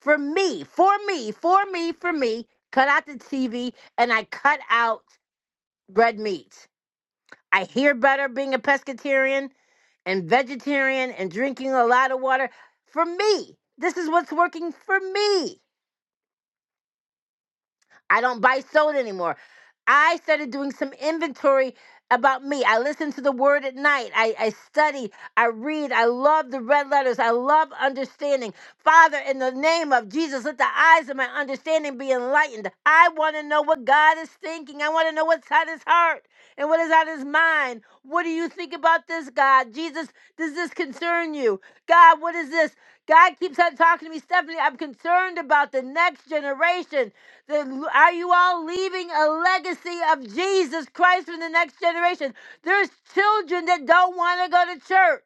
Speaker 1: for me, for me, for me, for me, cut out the TV and I cut out red meat. I hear better being a pescatarian and vegetarian and drinking a lot of water. For me, this is what's working for me. I don't buy soda anymore. I started doing some inventory about me. I listen to the word at night. I, I study. I read. I love the red letters. I love understanding. Father, in the name of Jesus, let the eyes of my understanding be enlightened. I want to know what God is thinking. I want to know what's on his heart and what is on his mind. What do you think about this, God? Jesus, does this concern you? God, what is this? God keeps on talking to me, Stephanie. I'm concerned about the next generation. Then Are you all leaving a legacy of Jesus Christ for the next generation? There's children that don't want to go to church.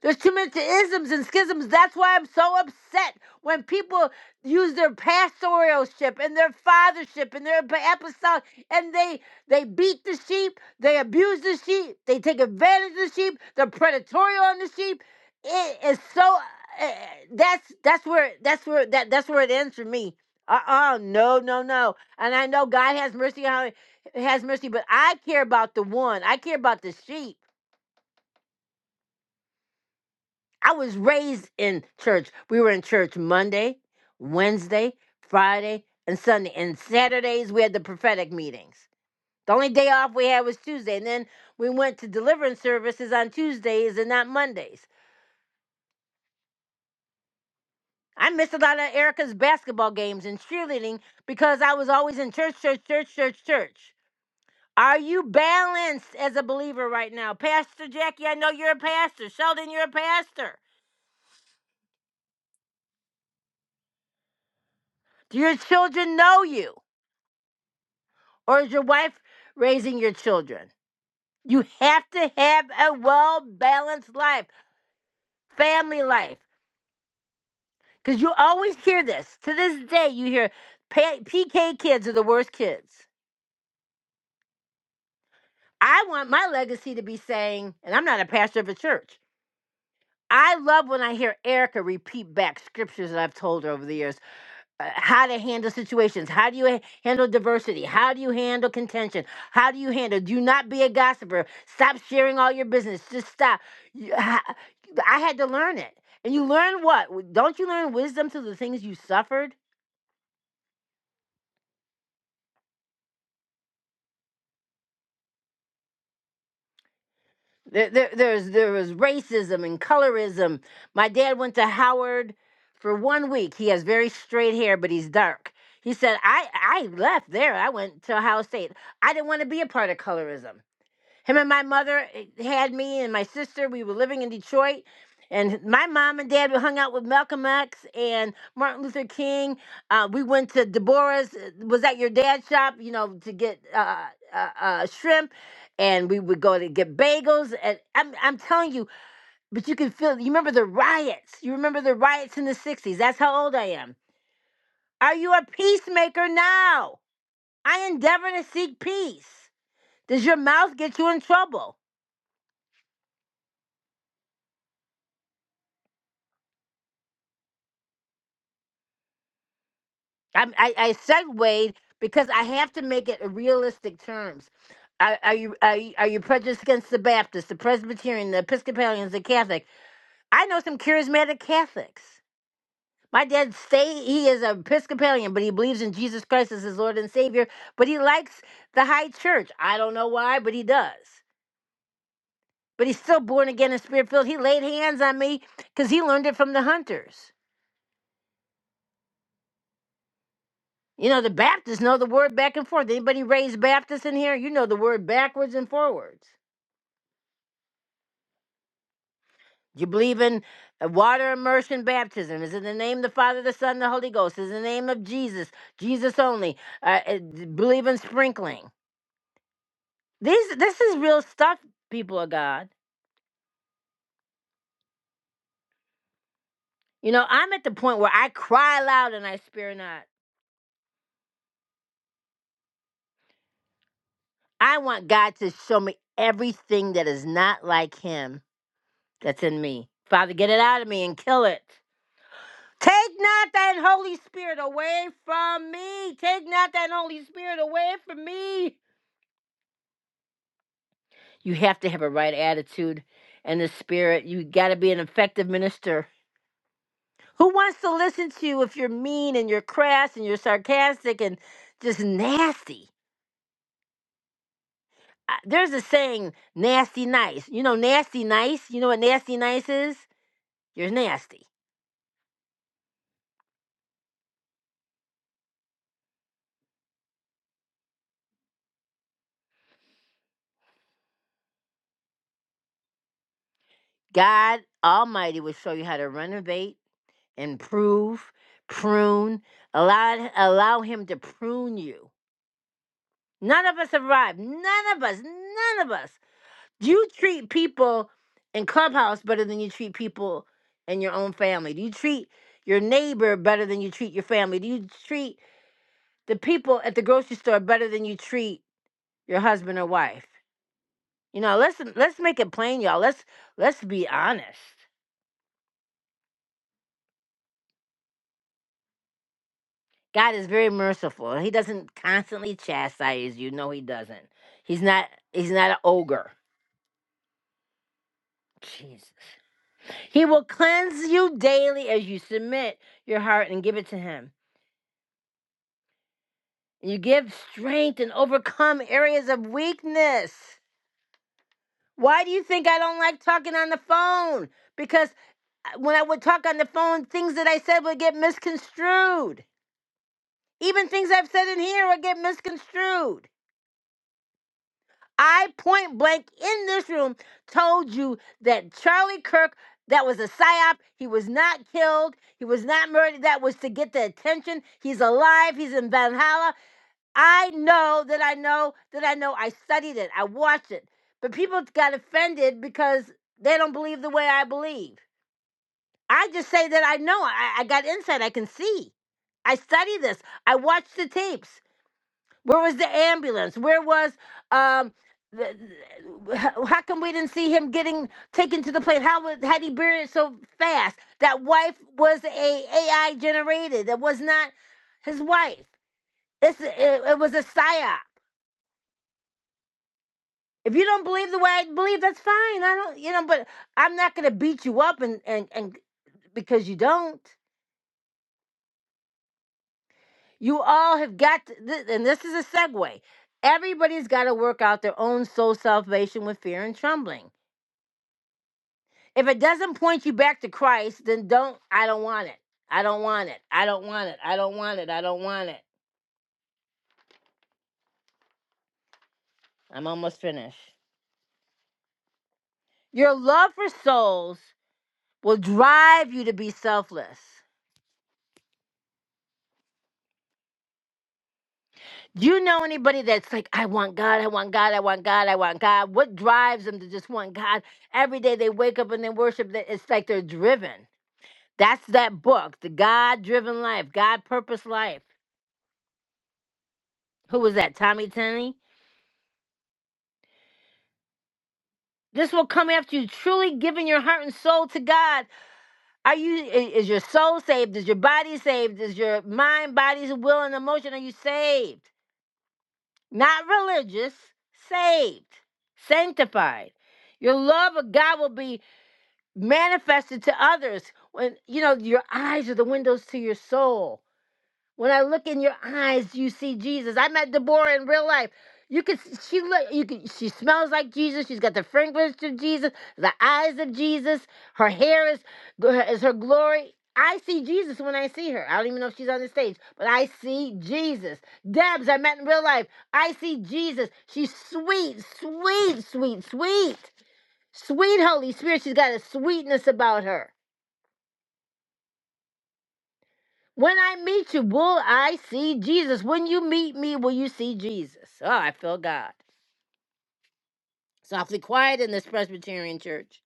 Speaker 1: There's too many isms and schisms. That's why I'm so upset when people use their pastoralship and their fathership and their ap- apostolic, and they they beat the sheep, they abuse the sheep, they take advantage of the sheep, they're predatory on the sheep. It is so. Uh, that's that's where that's where that that's where it ends for me. Uh uh no no no. And I know God has mercy on has mercy, but I care about the one. I care about the sheep. I was raised in church. We were in church Monday, Wednesday, Friday, and Sunday. And Saturdays we had the prophetic meetings. The only day off we had was Tuesday. And then we went to deliverance services on Tuesdays and not Mondays. I missed a lot of Erica's basketball games and cheerleading because I was always in church, church, church, church, church. Are you balanced as a believer right now? Pastor Jackie, I know you're a pastor. Sheldon, you're a pastor. Do your children know you? or is your wife raising your children? You have to have a well balanced life, family life. Because you always hear this. To this day, you hear PK kids are the worst kids. I want my legacy to be saying, and I'm not a pastor of a church. I love when I hear Erica repeat back scriptures that I've told her over the years. uh, how to handle situations. How do you ha- handle diversity? How do you handle contention? How do you handle? Do not be a gossiper. Stop sharing all your business. Just stop. You- ha- I had to learn it. And you learn what? W- Don't you learn wisdom through the things you suffered? There, there, there's, there was racism and colorism. My dad went to Howard for one week. He has very straight hair, but he's dark. He said, I, I left there. I went to Ohio State. I didn't want to be a part of colorism. Him and my mother eh, had me and my sister. We were living in Detroit. And my mom and dad we hung out with Malcolm X and Martin Luther King. Uh, we went to Deborah's, eh, was at your dad's shop, you know, to get uh, uh, uh, uh, shrimp. And we would go to get bagels. And I'm, I'm telling you, but you can feel, you remember the riots. You remember the riots in the 60s. That's how old I am. Are you a peacemaker now? I endeavor to seek peace. Does your mouth get you in trouble? I'm, I I segued because I have to make it in realistic terms. Are, are you are you, are you prejudiced against the Baptists, the Presbyterian, the Episcopalians, the Catholic? I know some charismatic Catholics. My dad say he is an Episcopalian, but he believes in Jesus Christ as his Lord and Savior. But he likes the high church. I don't know why, but he does. But he's still born again and spirit filled. He laid hands on me because he learned it from the hunters. You know, the Baptists know the word back and forth. Anybody raised Baptist in here? You know the word backwards and forwards. Do you believe in uh, water immersion baptism? Is it the name of the Father, the Son, the Holy Ghost? Is it the name of Jesus? Jesus only. Uh, uh, d- believe in sprinkling. These, this is real stuff, people of God. You know, I'm at the point where I cry loud and I spare not. I want God to show me everything that is not like Him that's in me. Father, get it out of me and kill it. Take not that Holy Spirit away from me. Take not that Holy Spirit away from me. You have to have a right attitude and the spirit. You got to be an effective minister. Who wants to listen to you if you're mean and you're crass and you're sarcastic and just nasty? Uh, There's a saying, nasty nice. You know, nasty nice? You know what nasty nice is? You're nasty. God Almighty will show you how to renovate improve, prune, allow allow him to prune you. None of us arrive. None of us. None of us. Do You treat people in clubhouse better than you treat people in your own family. Do you treat your neighbor better than you treat your family? Do you treat the people at the grocery store better than you treat your husband or wife? You know, let's let's make it plain, y'all. Let's let's be honest. God is very merciful. He doesn't constantly chastise you. No, he doesn't. He's not he's not an ogre. Jesus. He will cleanse you daily as you submit your heart and give it to him. You give strength and overcome areas of weakness. Why do you think I don't like talking on the phone? Because uh, when I would talk on the phone, things that I said would get misconstrued. Even things I've said in here would get misconstrued. I point blank in this room told you that Charlie Kirk, that was a psyop. He was not killed. He was not murdered. That was to get the attention. He's alive. He's in Valhalla. I know that I know that I know. I studied it. I watched it. But people got offended because they don't believe the way I believe. I just say that I know. I, I got insight. I can see. I study this. I watch the tapes. Where was the ambulance? Where was um? The, the- how how come we didn't see him getting taken to the plane? How was had he buried so fast? That wife was a AI generated. That was not his wife. It's it, it was a psyop. If you don't believe the way I believe, that's fine. I don't, you know, but I'm not gonna beat you up and and and because you don't. You all have got, to, th- and this is a segue. Everybody's got to work out their own soul salvation with fear and trembling. if it doesn't point you back to Christ, then don't. I don't want it. I don't want it. I don't want it. I don't want it. I don't want it. I'm almost finished. Your love for souls will drive you to be selfless. Do you know anybody that's like, I want God, I want God, I want God, I want God? What drives them to just want God? Every day they wake up and they worship, that it's like they're driven. That's that book, The God Driven Life, God Purpose Life. Who was that? Tommy Tenney? This will come after you truly giving your heart and soul to God. Are you is your soul saved? Is your body saved? Is your mind, body, will, and emotion? Are you saved? Not religious, saved, sanctified. Your love of God will be manifested to others when you know your eyes are the windows to your soul. When I look in your eyes, you see Jesus. I met Deborah in real life. You could s- she look you could she smells like Jesus. She's got the fragrance of Jesus, the eyes of Jesus. Her hair is is her glory. I see Jesus when I see her. I don't even know if she's on the stage, but I see Jesus. Debs, I met in real life. I see Jesus. She's sweet, sweet, sweet, sweet, sweet Holy Spirit. She's got a sweetness about her. When I meet you, will I see Jesus? When you meet me, will you see Jesus? Oh, I feel God. It's awfully quiet in this Presbyterian church.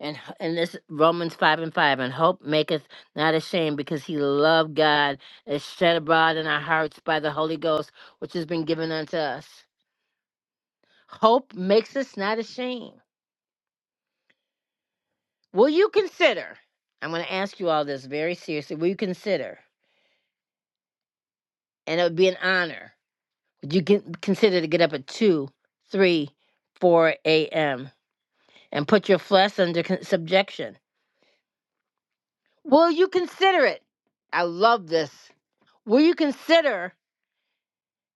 Speaker 1: And in this Romans 5 and 5, and hope maketh not ashamed because he loved God is shed abroad in our hearts by the Holy Ghost, which has been given unto us. Hope makes us not ashamed. Will you consider? I'm going to ask you all this very seriously. Will you consider? And it would be an honor Would you can consider to get up at 2, 3, 4 a.m. and put your flesh under con- subjection? Will you consider it? I love this. Will you consider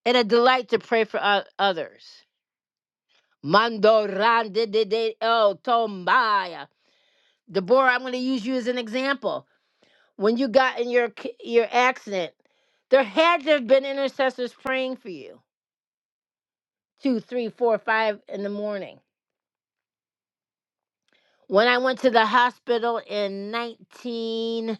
Speaker 1: it a delight to pray for o- others? Mando rande de de el tombaya. Deborah, I'm going to use you as an example. When you got in your c- your accident, there had to have been intercessors praying for you two, three, four, five in the morning When I went to the hospital in 19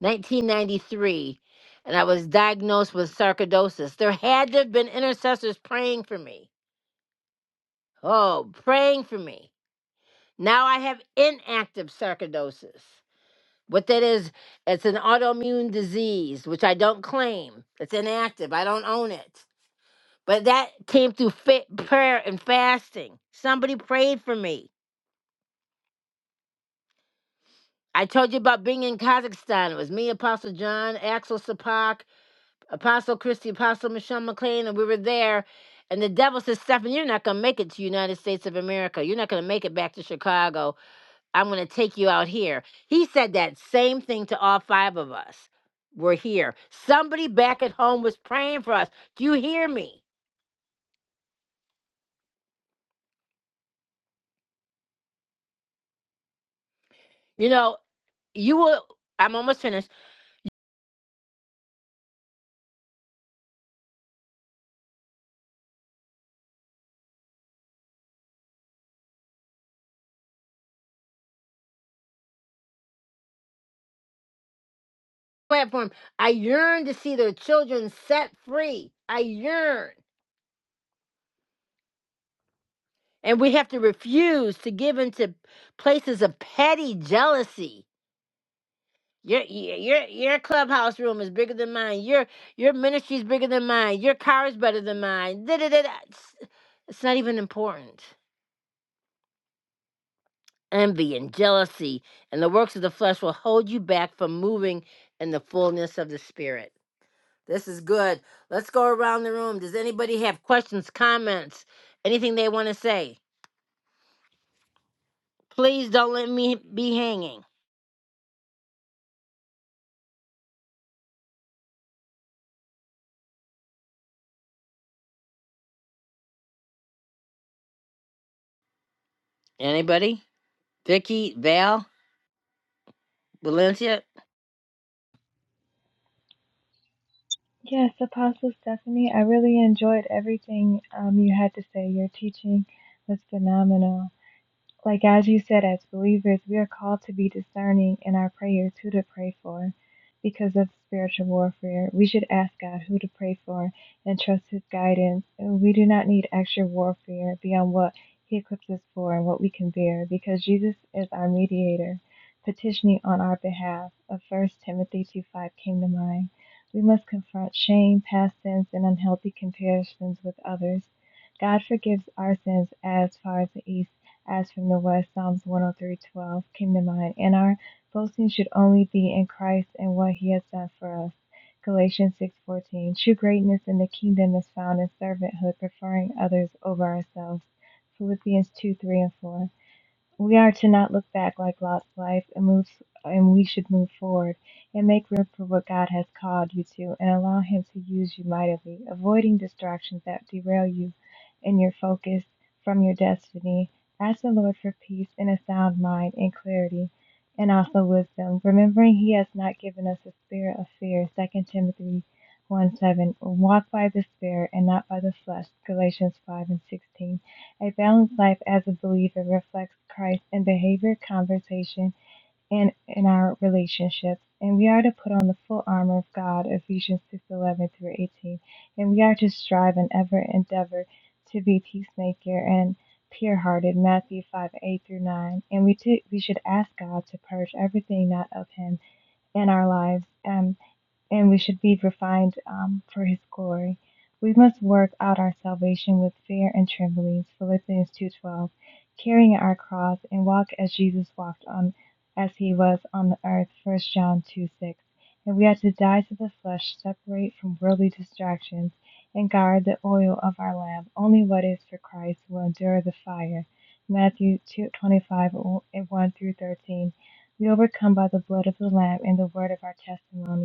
Speaker 1: 1993, and I was diagnosed with sarcoidosis, there had to have been intercessors praying for me. Oh, praying for me. Now I have inactive sarcoidosis. What that is, it's an autoimmune disease, which I don't claim. It's inactive. I don't own it. But that came through fa- prayer and fasting. Somebody prayed for me. I told you about being in Kazakhstan. It was me, Apostle John, Axel Sapak, Apostle Christy, Apostle Michelle McLean, and we were there. And the devil says, "Stephan, you're not going to make it to United States of America. You're not going to make it back to Chicago. I'm going to take you out here. He said that same thing to all five of us. We're here. Somebody back at home was praying for us. Do you hear me? You know, you will, I'm almost finished. Platform, I yearn to see their children set free. I yearn. And we have to refuse to give into places of petty jealousy. Your your your clubhouse room is bigger than mine. Your your ministry is bigger than mine. Your car is better than mine. Da-da-da-da. It's, it's not even important. Envy and jealousy and the works of the flesh will hold you back from moving in the fullness of the spirit. This is good. Let's go around the room. Does anybody have questions, comments, anything they want to say? Please don't let me be hanging. Anybody? Vicky, Val, Valencia.
Speaker 4: Yes, Apostle Stephanie, I really enjoyed everything um, you had to say. Your teaching was phenomenal. Like as you said, as believers, we are called to be discerning in our prayers who to pray for because of spiritual warfare. We should ask God who to pray for and trust His guidance. And we do not need extra warfare beyond what He equips us for and what we can bear because Jesus is our mediator, petitioning on our behalf. Of 1 Timothy 2 5 came to mind. We must confront shame, past sins, and unhealthy comparisons with others. God forgives our sins as far as the east as from the West, Psalms 103:12 came to mind, and our boasting should only be in Christ and what He has done for us. Galatians 6:14. True greatness in the kingdom is found in servanthood, preferring others over ourselves. Philippians 2:3 and 4. We are to not look back like Lot's life and move and we should move forward and make room for what God has called you to and allow him to use you mightily, avoiding distractions that derail you and your focus from your destiny. Ask the Lord for peace and a sound mind and clarity and also wisdom, remembering he has not given us a spirit of fear. Second Timothy 1 7. Walk by the Spirit and not by the flesh. Galatians 5 and 16 a balanced life as a believer reflects Christ in behavior, conversation, and in our relationships. And we are to put on the full armor of God, Ephesians 6:11 through 18. And we are to strive and ever endeavor to be peacemaker and pure-hearted, Matthew 5:8 through 9. And we, t- we should ask God to purge everything not of Him in our lives. um, and we should be refined um, for his glory. We must work out our salvation with fear and trembling, Philippians 2:12, carrying our cross and walk as Jesus walked on as he was on the earth, First John two six. And we are to die to the flesh, separate from worldly distractions, and guard the oil of our lamp. Only what is for Christ will endure the fire. Matthew 2:25 1 through 13. We overcome by the blood of the Lamb and the word of our testimony.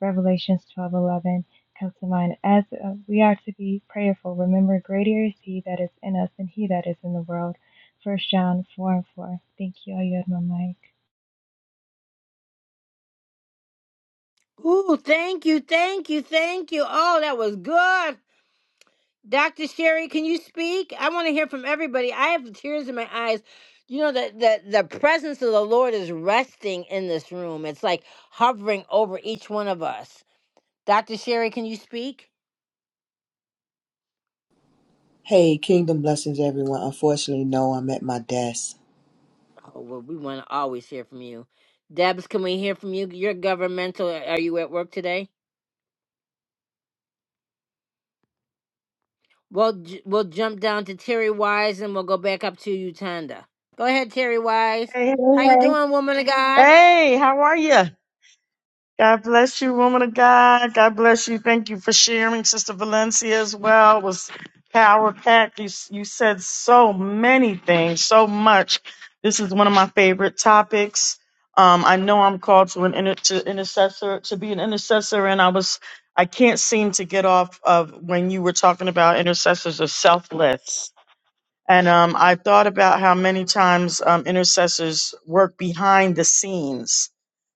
Speaker 4: Revelations 12:11 comes to mind. As uh, we are to be prayerful, remember greater is he that is in us than he that is in the world. First John 4 and 4. Thank you. I yield my mic.
Speaker 1: Ooh, thank you, thank you, thank you. Oh, that was good. Dr. Sherry, can you speak? I want to hear from everybody. I have tears in my eyes. You know that the, the presence of the Lord is resting in this room. It's like hovering over each one of us. Dr. Sherry, can you speak?
Speaker 7: Hey, kingdom blessings, everyone. Unfortunately, no, I'm at my desk.
Speaker 1: Oh, well, we want to always hear from you. Debs, can we hear from you? You're governmental. Are you at work today? We'll j- we'll jump down to Terry Wise and we'll go back up to Utanda. Go ahead, Terry Wise.
Speaker 9: Hey, hey,
Speaker 1: How you
Speaker 9: hey.
Speaker 1: doing, woman of God?
Speaker 9: Hey, how are you? God bless you, woman of God. God bless you. Thank you for sharing, Sister Valencia, as well. It was power packed. You, you said so many things, so much. This is one of my favorite topics. Um, I know I'm called to an inter- to intercessor to be an intercessor, and I was I can't seem to get off of when you were talking about intercessors are selfless and um, I thought about how many times um, intercessors work behind the scenes,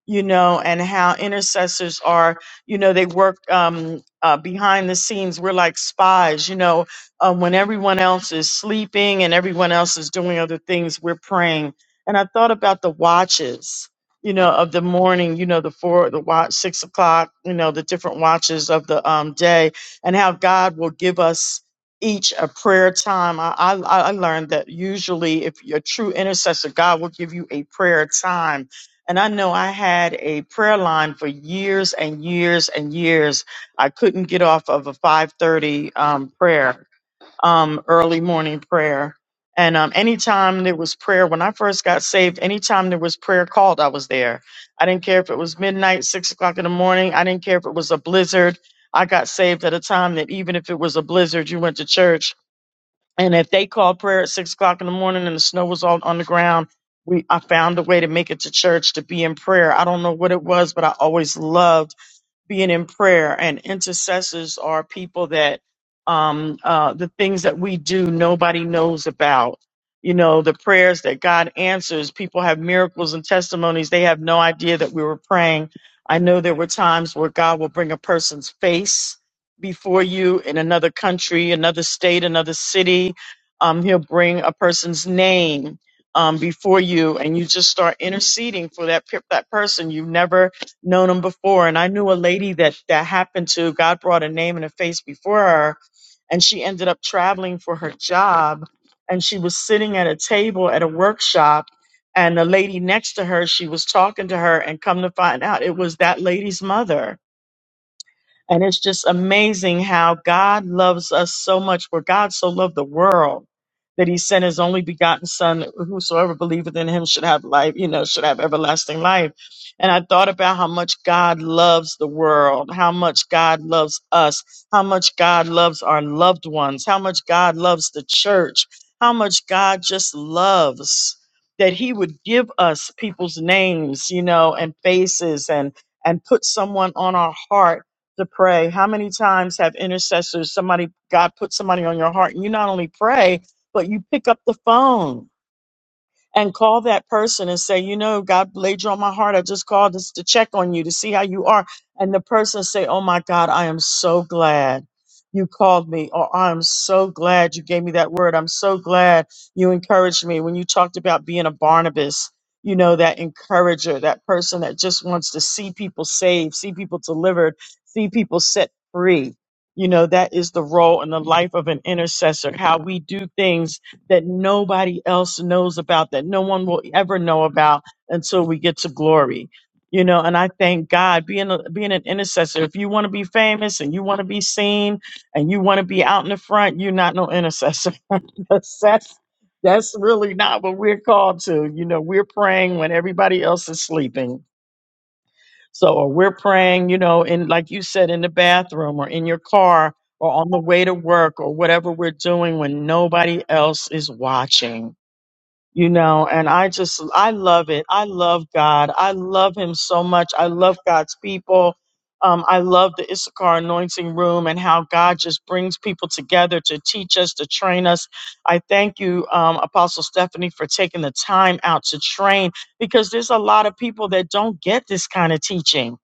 Speaker 9: you know, and how intercessors are, you know, they work um, uh, behind the scenes. We're like spies, you know, um, when everyone else is sleeping and everyone else is doing other things, we're praying. And I thought about the watches, you know, of the morning, you know, the four, the watch, six o'clock, you know, the different watches of the um, day, and how God will give us each a prayer time. I, I, I learned that usually, if you're a true intercessor, God will give you a prayer time. And I know I had a prayer line for years and years and years. I couldn't get off of a 5:30 um, prayer um, early morning prayer. And um, anytime there was prayer, when I first got saved, anytime there was prayer called, I was there. I didn't care if it was midnight, six o'clock in the morning. I didn't care if it was a blizzard. I got saved at a time that even if it was a blizzard, you went to church. And if they called prayer at six o'clock in the morning and the snow was all on the ground, we I found a way to make it to church to be in prayer. I don't know what it was, but I always loved being in prayer and intercessors are people that um, uh, the things that we do nobody knows about you know the prayers that god answers people have miracles and testimonies they have no idea that we were praying i know there were times where god will bring a person's face before you in another country another state another city um, he'll bring a person's name um, before you and you just start interceding for that, pe- that person you've never known him before. And I knew a lady that that happened to. God brought a name and a face before her, and she ended up traveling for her job. And she was sitting at a table at a workshop, and the lady next to her, she was talking to her, and come to find out, it was that lady's mother and it's just amazing how God loves us so much, for God so loved the world that he sent his only begotten son, whosoever believeth in him should have life, you know, should have everlasting life. And I thought about how much God loves the world, how much God loves us, how much God loves our loved ones, how much God loves the church, how much God just loves that he would give us people's names, you know, and faces and and put someone on our heart to pray. How many times have intercessors, somebody, God put somebody on your heart, and you not only pray, but you pick up the phone and call that person and say, you know, God laid you on my heart. I just called just to check on you to see how you are. And the person say, oh my God, I am so glad you called me, or I'm so glad you gave me that word. I'm so glad you encouraged me when you talked about being a Barnabas. You know, that encourager, that person that just wants to see people saved, see people delivered, see people set free. You know, that is the role in the life of an intercessor, how we do things that nobody else knows about, that no one will ever know about until we get to glory. You know, and I thank God being a, being an intercessor. If you want to be famous and you want to be seen and you want to be out in the front, you're not no intercessor. that's that's that's really not what we're called to. You know, we're praying when everybody else is sleeping. So, or we're praying, you know, in like you said, in the bathroom or in your car or on the way to work or whatever we're doing when nobody else is watching you know and i just i love it i love god i love him so much i love god's people um, i love the issachar anointing room and how god just brings people together to teach us to train us i thank you um, apostle stephanie for taking the time out to train because there's a lot of people that don't get this kind of teaching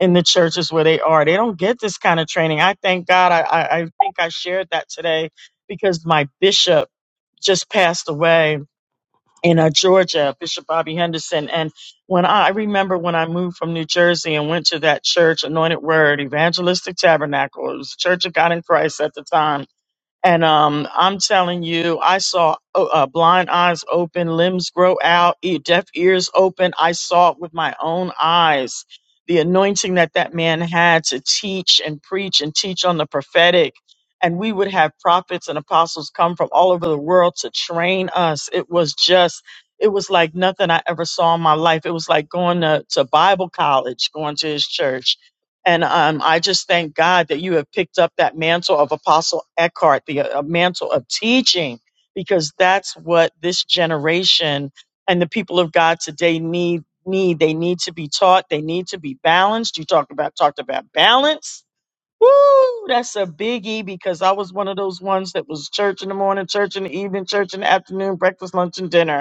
Speaker 9: in the churches where they are they don't get this kind of training i thank god i, I, I think i shared that today because my bishop just passed away in uh, Georgia, Bishop Bobby Henderson. And when I, I remember when I moved from New Jersey and went to that church, Anointed Word, Evangelistic Tabernacle, it was the Church of God in Christ at the time and um, I'm telling you, I saw uh, uh, blind eyes open, limbs grow out, e- deaf ears open. I saw it with my own eyes. The anointing that that man had to teach and preach and teach on the prophetic. And we would have prophets and apostles come from all over the world to train us. It was just, it was like nothing I ever saw in my life. It was like going to, to Bible college, going to his church and um, I just thank God that you have picked up that mantle of Apostle Eckhart, the uh, mantle of teaching, because that's what this generation and the people of God today need. Need they need to be taught. They need to be balanced. You talked about talked about balance. Woo, that's a biggie because I was one of those ones that was church in the morning, church in the evening, church in the afternoon, breakfast, lunch, and dinner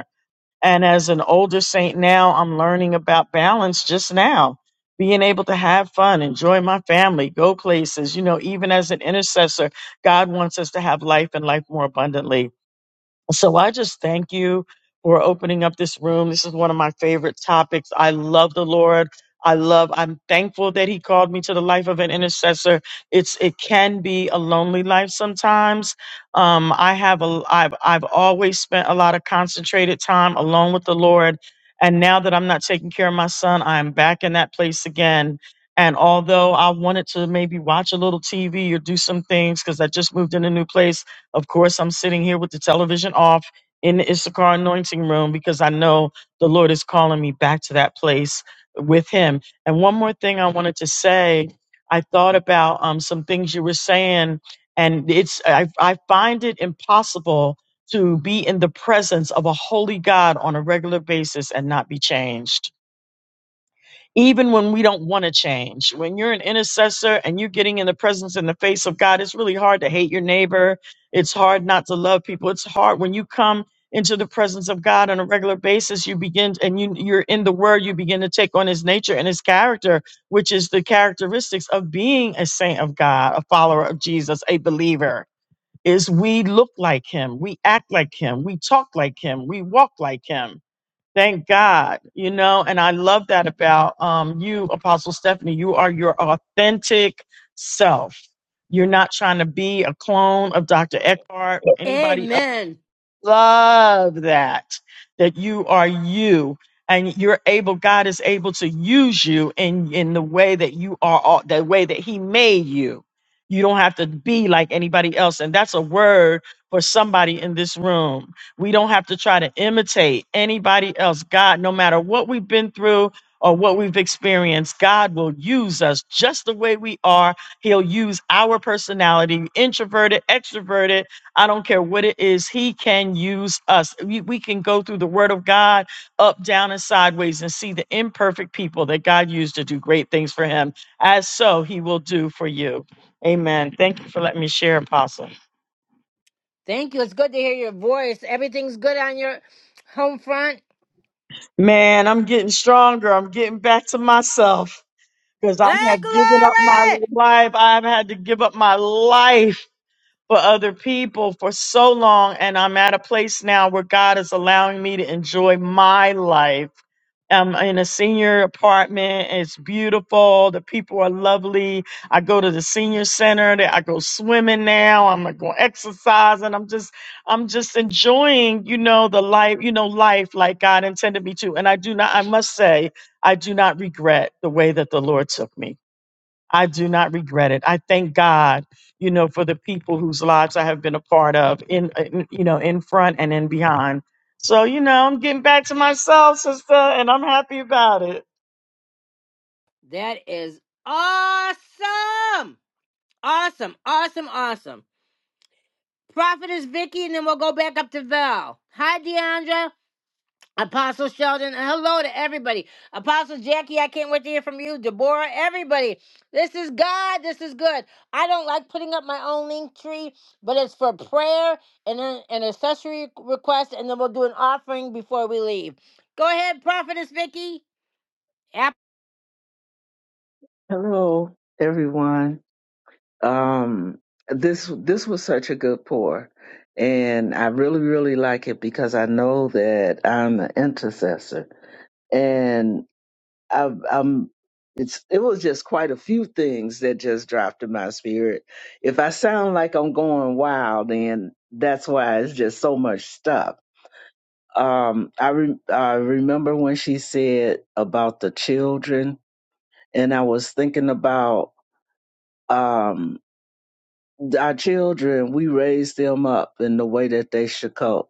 Speaker 9: and as an older saint now, I'm learning about balance just now, being able to have fun, enjoy my family, go places. You know, even as an intercessor, God wants us to have life and life more abundantly. So I just thank you for opening up this room. This is one of my favorite topics. I love the Lord. I love, I'm thankful that He called me to the life of an intercessor. It's, it can be a lonely life sometimes. Um, I have a, I've, I've always spent a lot of concentrated time alone with the Lord. And now that I'm not taking care of my son, I'm back in that place again. And although I wanted to maybe watch a little TV or do some things because I just moved in a new place, of course, I'm sitting here with the television off in the Issachar anointing room because I know the Lord is calling me back to that place with Him. And one more thing I wanted to say I thought about um, some things you were saying, and it's I, I find it impossible to be in the presence of a holy God on a regular basis and not be changed even when we don't want to change. When you're an intercessor and you're getting in the presence and the face of God, it's really hard to hate your neighbor. It's hard not to love people. It's hard when you come into the presence of God on a regular basis, you begin and you you're in the word, you begin to take on his nature and his character, which is the characteristics of being a saint of God, a follower of Jesus, a believer. Is we look like him, we act like him, we talk like him, we walk like him Thank God, you know, and I love that about um, you, Apostle Stephanie. You are your authentic self. You're not trying to be a clone of Dr. Eckhart or anybody
Speaker 1: Amen.
Speaker 9: love that that you are you and you're able god is able to use you in in the way that you are all- the way that he made you you don't have to be like anybody else and that's a word for somebody in this room we don't have to try to imitate anybody else god no matter what we've been through or what we've experienced god will use us just the way we are he'll use our personality introverted extroverted I don't care what it is. He can use us. We, we can go through the word of God up, down, and sideways and see the imperfect people that God used to do great things for him. As so, he will do for you. Amen. Thank you for letting me share, Apostle.
Speaker 1: Thank you. It's good to hear your voice. Everything's good on your home front.
Speaker 9: Man, I'm getting stronger. I'm getting back to myself because I
Speaker 1: Yeah,
Speaker 9: have given up my
Speaker 1: glory.
Speaker 9: life. I've had to give up my life for other people for so long and I'm at a place now where God is allowing me to enjoy my life. I'm in a senior apartment. It's beautiful. The people are lovely. I go to the senior center. that- I go swimming now. I'm like going exercise and I'm just I'm just enjoying, you know, the life, you know, life like God intended me to. And I do not I must say, I do not regret the way that the Lord took me. I do not regret it. I thank God, you know, for the people whose lives I have been a part of in, in you know, in front and in behind. So, you know, I'm getting back to myself, sister, and I'm happy about it.
Speaker 1: That is awesome. Awesome. Awesome. Awesome. Prophetess Vicky, and then we'll go back up to Val. Hi, Deandra. Apostle Sheldon, and hello to everybody. Apostle Jackie, I can't wait to hear from you. Deborah, everybody. This is God. This is good. I don't like putting up my own link tree, but it's for prayer and an an accessory request, and then we'll do an offering before we leave. Go ahead, Prophetess Vicky. Yep.
Speaker 6: Hello, everyone. Um, this this was such a good pour, and I really really like it because I know that I'm an intercessor, and i I'm. It's it was just quite a few things that just dropped in my spirit. If I sound like I'm going wild, then that's why it's just so much stuff. Um, I re- I remember when she said about the children and I was thinking about um, our children. We raise them up in the way that they should go,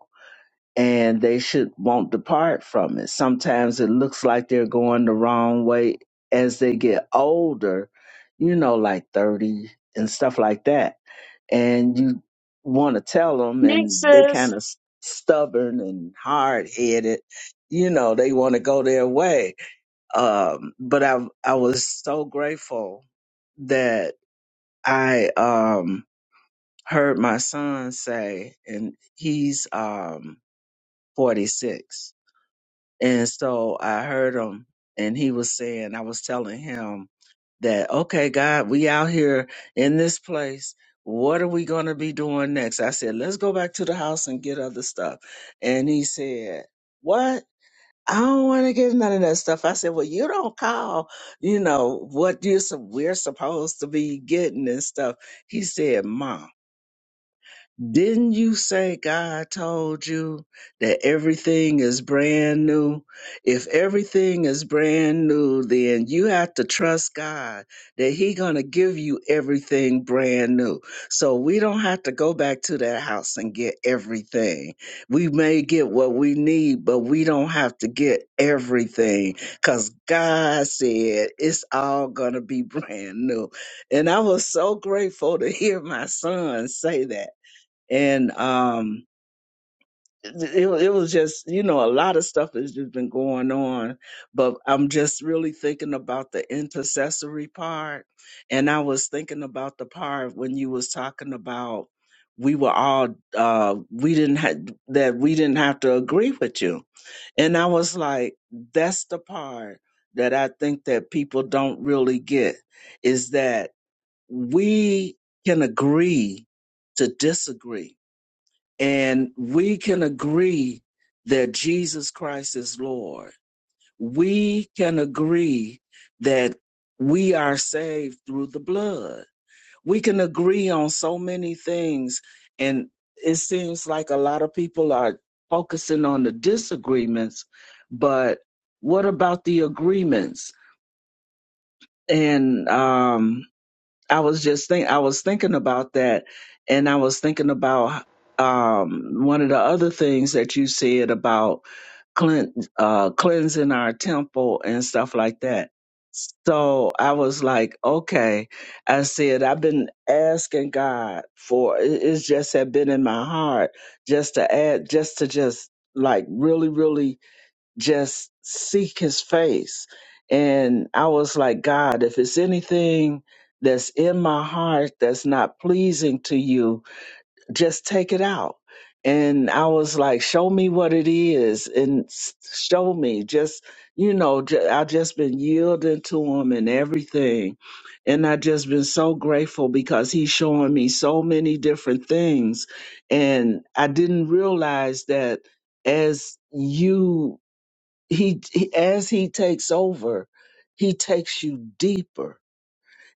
Speaker 6: and they should won't depart from it. Sometimes it looks like they're going the wrong way as they get older, you know, like thirty and stuff like that. And you want to tell them,
Speaker 9: Thanks,
Speaker 6: and they
Speaker 9: sis.
Speaker 6: kind of stubborn and hard headed. You know, they want to go their way. Um, but I, I was so grateful that I um heard my son say, and he's um 46, and so I heard him, and he was saying, I was telling him that, okay, God, we out here in this place. What are we going to be doing next? I said, let's go back to the house and get other stuff. And he said, what? I don't want to get none of that stuff. I said, well, you don't call, you know, what you we're supposed to be getting and stuff. He said, mom. Didn't you say God told you that everything is brand new? If everything is brand new, then you have to trust God that he going to give you everything brand new. So we don't have to go back to that house and get everything. We may get what we need, but we don't have to get everything cuz God said it's all going to be brand new. And I was so grateful to hear my son say that and um it, it was just you know a lot of stuff has just been going on but i'm just really thinking about the intercessory part and i was thinking about the part when you was talking about we were all uh we didn't had that we didn't have to agree with you and i was like that's the part that i think that people don't really get is that we can agree to disagree and we can agree that Jesus Christ is Lord. We can agree that we are saved through the blood. We can agree on so many things, and it seems like a lot of people are focusing on the disagreements, but what about the agreements? And um I was just think I was thinking about that, and I was thinking about um, one of the other things that you said about clean, uh, cleansing our temple and stuff like that. So I was like, okay. I said I've been asking God for it- it's just had been in my heart just to add, just to just like really, really just seek his face. And I was like, God, if it's anything that's in my heart that's not pleasing to you, just take it out. And I was like, show me what it is and s- show me. Just, you know, j- I just been yielding to him and everything. And I just been so grateful because he's showing me so many different things. And I didn't realize that as you he, he as he takes over, he takes you deeper.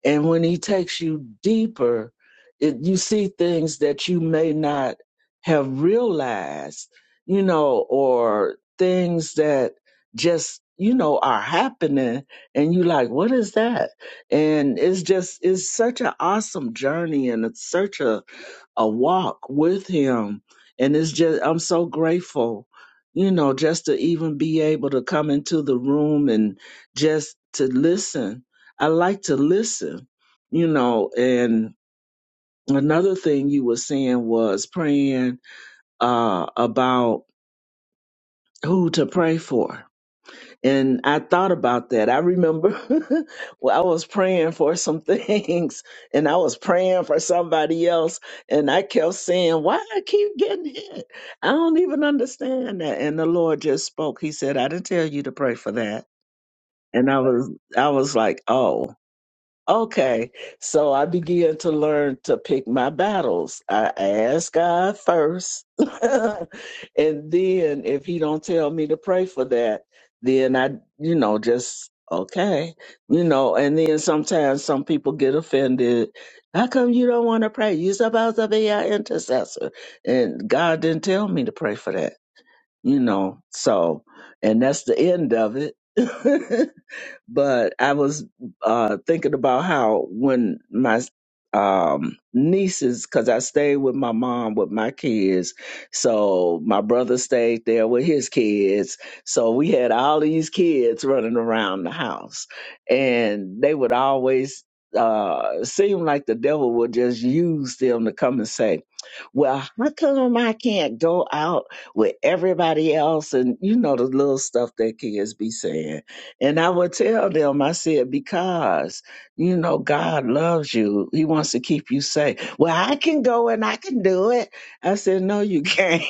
Speaker 6: And when he takes you deeper, it, you see things that you may not have realized, you know, or things that just you know are happening and you like what is that and it's just it's such an awesome journey and it's such a a walk with him and it's just i'm so grateful you know just to even be able to come into the room and just to listen i like to listen you know and another thing you were saying was praying uh about who to pray for and I thought about that. I remember well, I was praying for some things and I was praying for somebody else. And I kept saying, Why I keep getting hit? I don't even understand that. And the Lord just spoke. He said, I didn't tell you to pray for that. And I was I was like, oh. Okay, so I began to learn to pick my battles. I ask God first, and then if He don't tell me to pray for that, then I, you know, just okay, you know. And then sometimes some people get offended. How come you don't want to pray? You're supposed to be our intercessor, and God didn't tell me to pray for that, you know. So, and that's the end of it. but I was uh, thinking about how when my um, nieces, because I stayed with my mom with my kids, so my brother stayed there with his kids, so we had all these kids running around the house, and they would always uh seem like the devil would just use them to come and say well how come i can't go out with everybody else and you know the little stuff that kids be saying and I would tell them, I said, because, you know, God loves you. He wants to keep you safe. Well, I can go and I can do it. I said, no, you can't.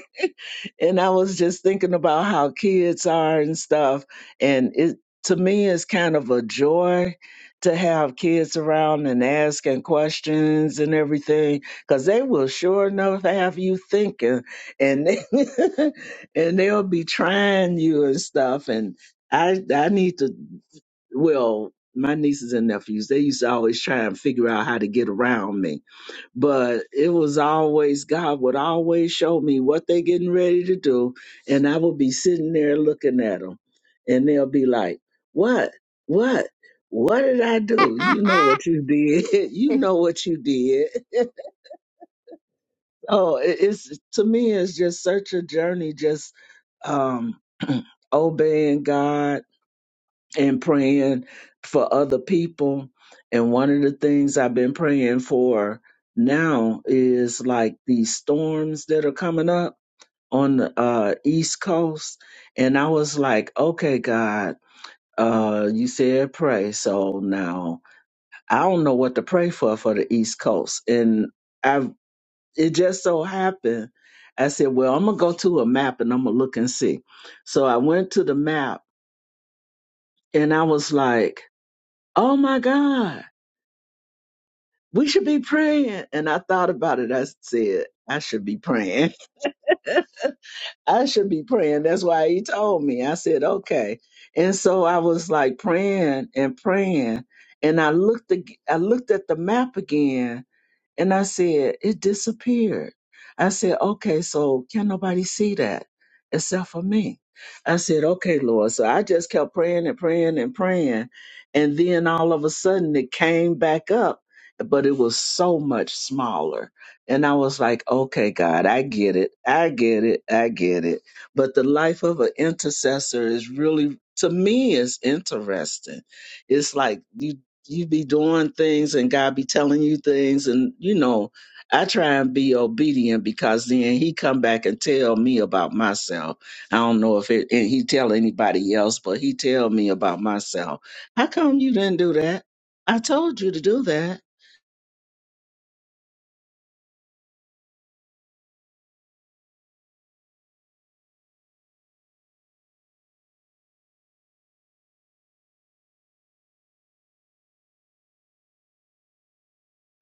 Speaker 6: and I was just thinking about how kids are and stuff. And it, to me, it's kind of a joy to have kids around and asking questions and everything, because they will sure enough have you thinking and, and they'll be trying you and stuff. And I I need to well, my nieces and nephews, they used to always try and figure out how to get around me. But it was always God would always show me what they getting ready to do, and I would be sitting there looking at them, and they'll be like, "What? What? What did I do? You know what you did. you know what you did." oh, it- it's to me, it's just such a journey, just um obeying God and praying for other people. And one of the things I've been praying for now is like these storms that are coming up on the uh, East Coast. And I was like, okay, God, uh, you said pray. So now I don't know what to pray for for the East Coast. And I've, it just so happened, I said, well, I'm going to go to a map and I'm going to look and see. So I went to the map and I was like, oh my God we should be praying. And I thought about it. I said, I should be praying. I should be praying. That's why he told me. I said, okay. And so I was like praying and praying. And I looked, ag- I looked at the map again and I said, it disappeared. I said, okay, so can nobody see that except for me? I said, okay, Lord. So I just kept praying and praying and praying. And then all of a sudden it came back up, but it was so much smaller. And I was like, okay, God, I get it. I get it. I get it. But the life of an intercessor is really, to me, is interesting. It's like you you be doing things and God be telling you things and you know I try and be obedient because then he come back and tell me about myself. I don't know if it and he tell anybody else, but he tell me about myself. How come you didn't do that? I told you to do that.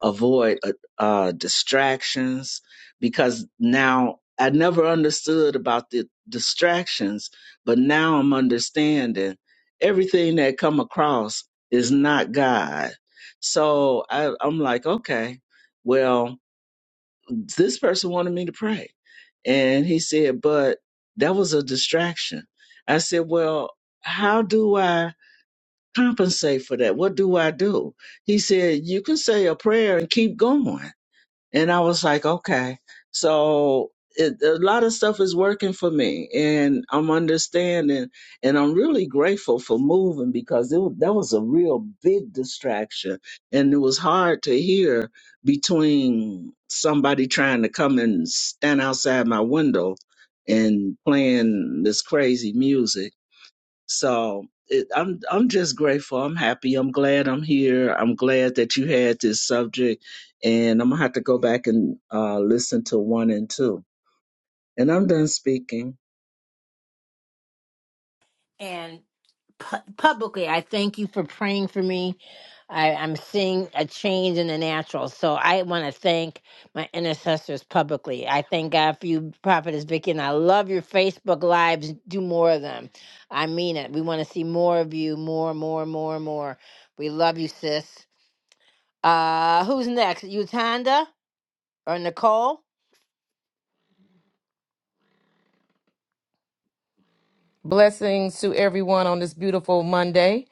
Speaker 6: avoid uh, uh, distractions because now I never understood about the distractions, but now I'm understanding everything that come across is not God. So I, I'm like, okay, well, this person wanted me to pray, and he said, but that was a distraction. I said, well, how do I compensate for that? What do I do? He said, you can say a prayer and keep going. And I was like, okay. So it, a lot of stuff is working for me and I'm understanding and I'm really grateful for moving because it, wa- that was a real big distraction and it was hard to hear between somebody trying to come and stand outside my window and playing this crazy music so it, I'm I'm just grateful. I'm happy. I'm glad I'm here. I'm glad that you had this subject, and I'm gonna have to go back and uh, listen to one and two. And I'm done speaking.
Speaker 1: And pu- publicly, I thank you for praying for me. I, I'm seeing a change in the natural. So I want to thank my intercessors publicly. I thank God for you, Prophetess Vicky, and I love your Facebook Lives. Do more of them. I mean it. We want to see more of you, more, more, more, more. We love you, sis. Uh, who's next? Utanda or Nicole?
Speaker 10: Blessings to everyone on this beautiful Monday.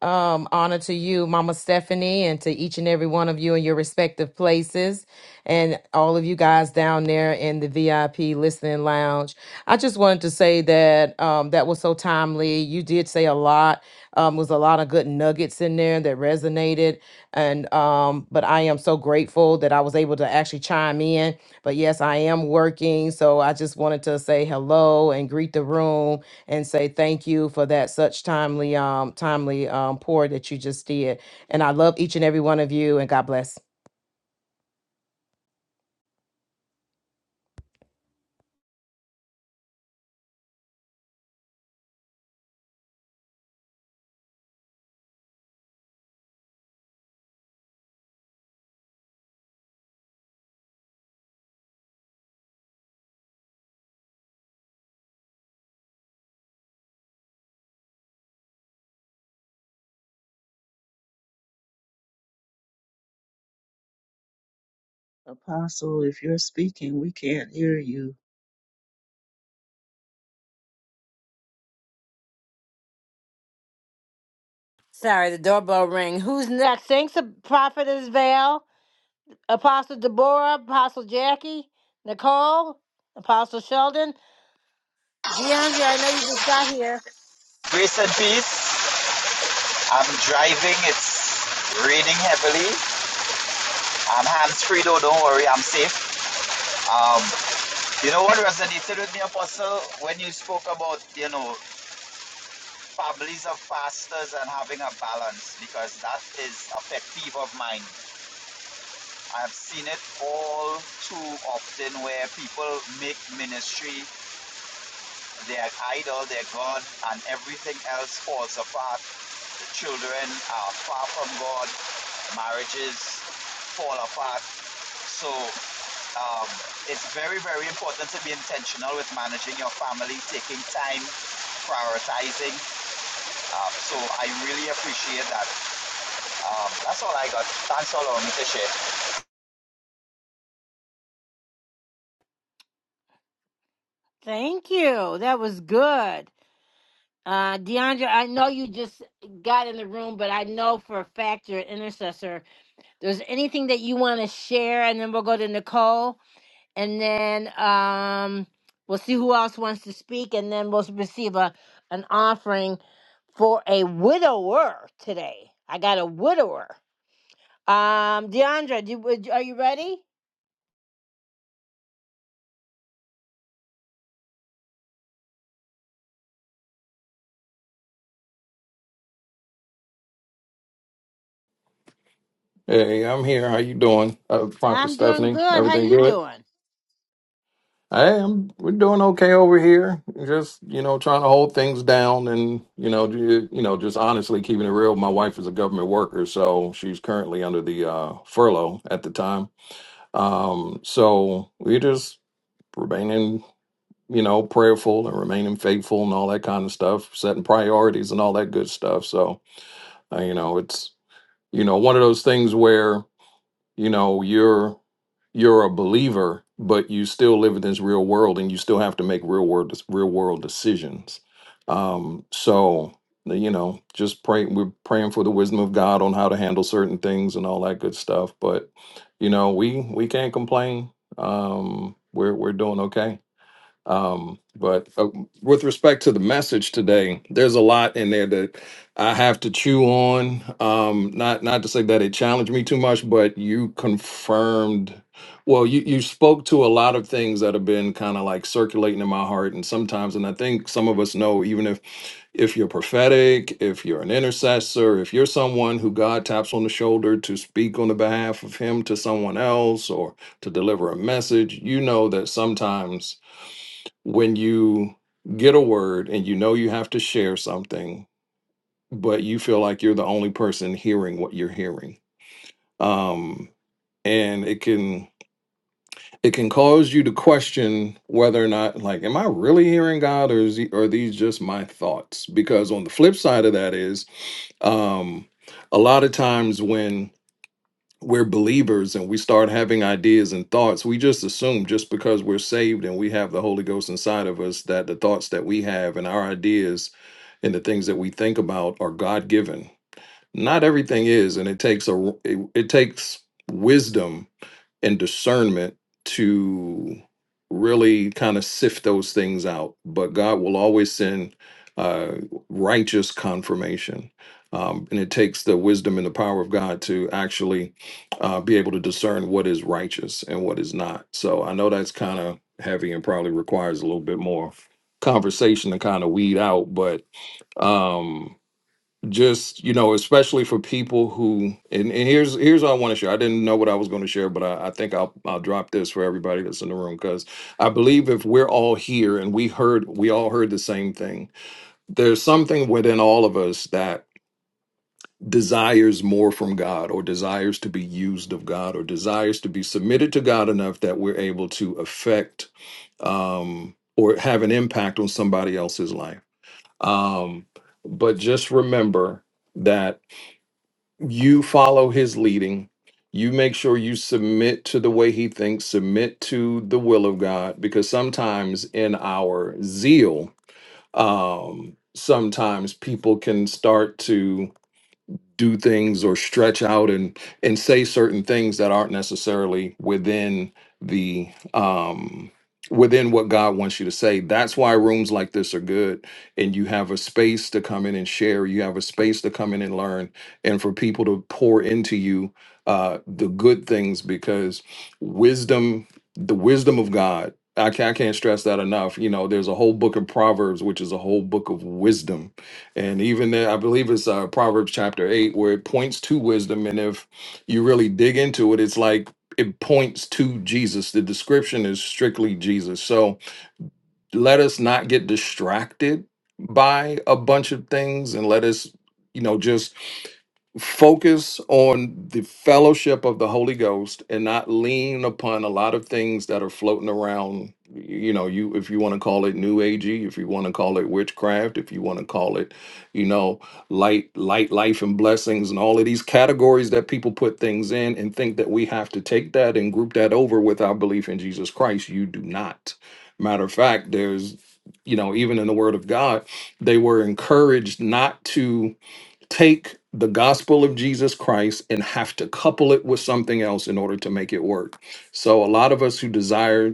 Speaker 10: Um, honor to you, Mama Stephanie, and to each and every one of you in your respective places, and all of you guys down there in the VIP listening lounge. I just wanted to say that um, that was so timely. You did say a lot. Um, was a lot of good nuggets in there that resonated, and um, but I am so grateful that I was able to actually chime in. But yes, I am working, so I just wanted to say hello and greet the room and say thank you for that such timely um timely um pour that you just did. And I love each and every one of you and God bless.
Speaker 6: Apostle, if you're speaking, we can't hear you.
Speaker 1: Sorry, the doorbell ring. Who's next? Thanks, Prophetess Vale. Apostle Deborah, Apostle Jackie, Nicole, Apostle Sheldon, DeAndre. I know you just got here.
Speaker 11: Recently, I'm driving. It's raining heavily. I'm hands free though. Don't worry, I'm safe. Um, you know what resonated with me, Apostle, when you spoke about you know families of pastors and having a balance because that is a pet peeve of mine. I've seen it all too often where people make ministry their idol, their God, and everything else falls apart. The children are far from God. marriages fall apart. So um, it's very, very important to be intentional with managing your family, taking time, prioritizing. Uh, so I really appreciate that. Um, that's all I got. Thanks for allowing me to share.
Speaker 1: Thank you. That was good. Uh, DeAndre, I know you just got in the room, but I know for a fact you're an intercessor. There's anything that you want to share, and then we'll go to Nicole, and then um, we'll see who else wants to speak, and then we'll receive a an offering for a widower today. I got a widower. Um, Deandra, do, are you ready?
Speaker 12: Hey, I'm here. How you doing? Uh, Proctor
Speaker 1: I'm doing
Speaker 12: Stephanie,
Speaker 1: good. How
Speaker 12: everything
Speaker 1: you
Speaker 12: good?
Speaker 1: doing?
Speaker 12: Hey, I'm we're doing okay over here. Just you know, trying to hold things down, and you know, ju- you know, just honestly keeping it real. My wife is a government worker, so she's currently under the uh, furlough at the time. Um, so we're just remaining, you know, prayerful and remaining faithful and all that kind of stuff, setting priorities and all that good stuff. So uh, you know, it's you know one of those things where. you know you're you're a believer but you still live in this real world and you still have to make real world real world decisions um so you know just pray we're praying for the wisdom of god on how to handle certain things and all that good stuff but you know we we can't complain um we're we're doing okay um, but uh, with respect to the message today, there's a lot in there that I have to chew on. Um, not not to say that it challenged me too much, but you confirmed. Well, you you spoke to a lot of things that have been kind of like circulating in my heart, and sometimes, and I think some of us know, even if if you're prophetic, if you're an intercessor, if you're someone who God taps on the shoulder to speak on the behalf of Him to someone else or to deliver a message, you know that sometimes when you get a word and you know you have to share something, but you feel like you're the only person hearing what you're hearing. Um, and it can it can cause you to question whether or not like am i really hearing god or is he, or are these just my thoughts because on the flip side of that is um a lot of times when we're believers and we start having ideas and thoughts, we just assume just because we're saved and we have the Holy Ghost inside of us that the thoughts that we have and our ideas and the things that we think about are God given. Not everything is, and it takes a it, it takes wisdom and discernment to really kind of sift those things out. But God will always send uh, righteous confirmation. Um, and it takes the wisdom and the power of God to actually uh, be able to discern what is righteous and what is not. So I know that's kind of heavy and probably requires a little bit more conversation to kind of weed out, but um, just you know especially for people who and, and here's here's what i want to share i didn't know what i was going to share but I, I think i'll i'll drop this for everybody that's in the room because i believe if we're all here and we heard we all heard the same thing there's something within all of us that desires more from god or desires to be used of god or desires to be submitted to god enough that we're able to affect um or have an impact on somebody else's life um but just remember that you follow his leading you make sure you submit to the way he thinks submit to the will of god because sometimes in our zeal um sometimes people can start to do things or stretch out and and say certain things that aren't necessarily within the um within what God wants you to say. That's why rooms like this are good and you have a space to come in and share, you have a space to come in and learn and for people to pour into you uh the good things because wisdom the wisdom of God I can't, I can't stress that enough. You know, there's a whole book of Proverbs, which is a whole book of wisdom and even there, I believe it's uh, Proverbs chapter eight where it points to wisdom. And if you really dig into it, it's like it points to Jesus. The description is strictly Jesus. So let us not get distracted by a bunch of things and let us you know just focus on the fellowship of the holy ghost and not lean upon a lot of things that are floating around you know you if you want to call it new agey if you want to call it witchcraft if you want to call it you know light light life and blessings and all of these categories that people put things in and think that we have to take that and group that over with our belief in jesus christ you do not Matter of fact, there's, you know, even in the Word of God, they were encouraged not to take the gospel of Jesus Christ and have to couple it with something else in order to make it work. So a lot of us who desire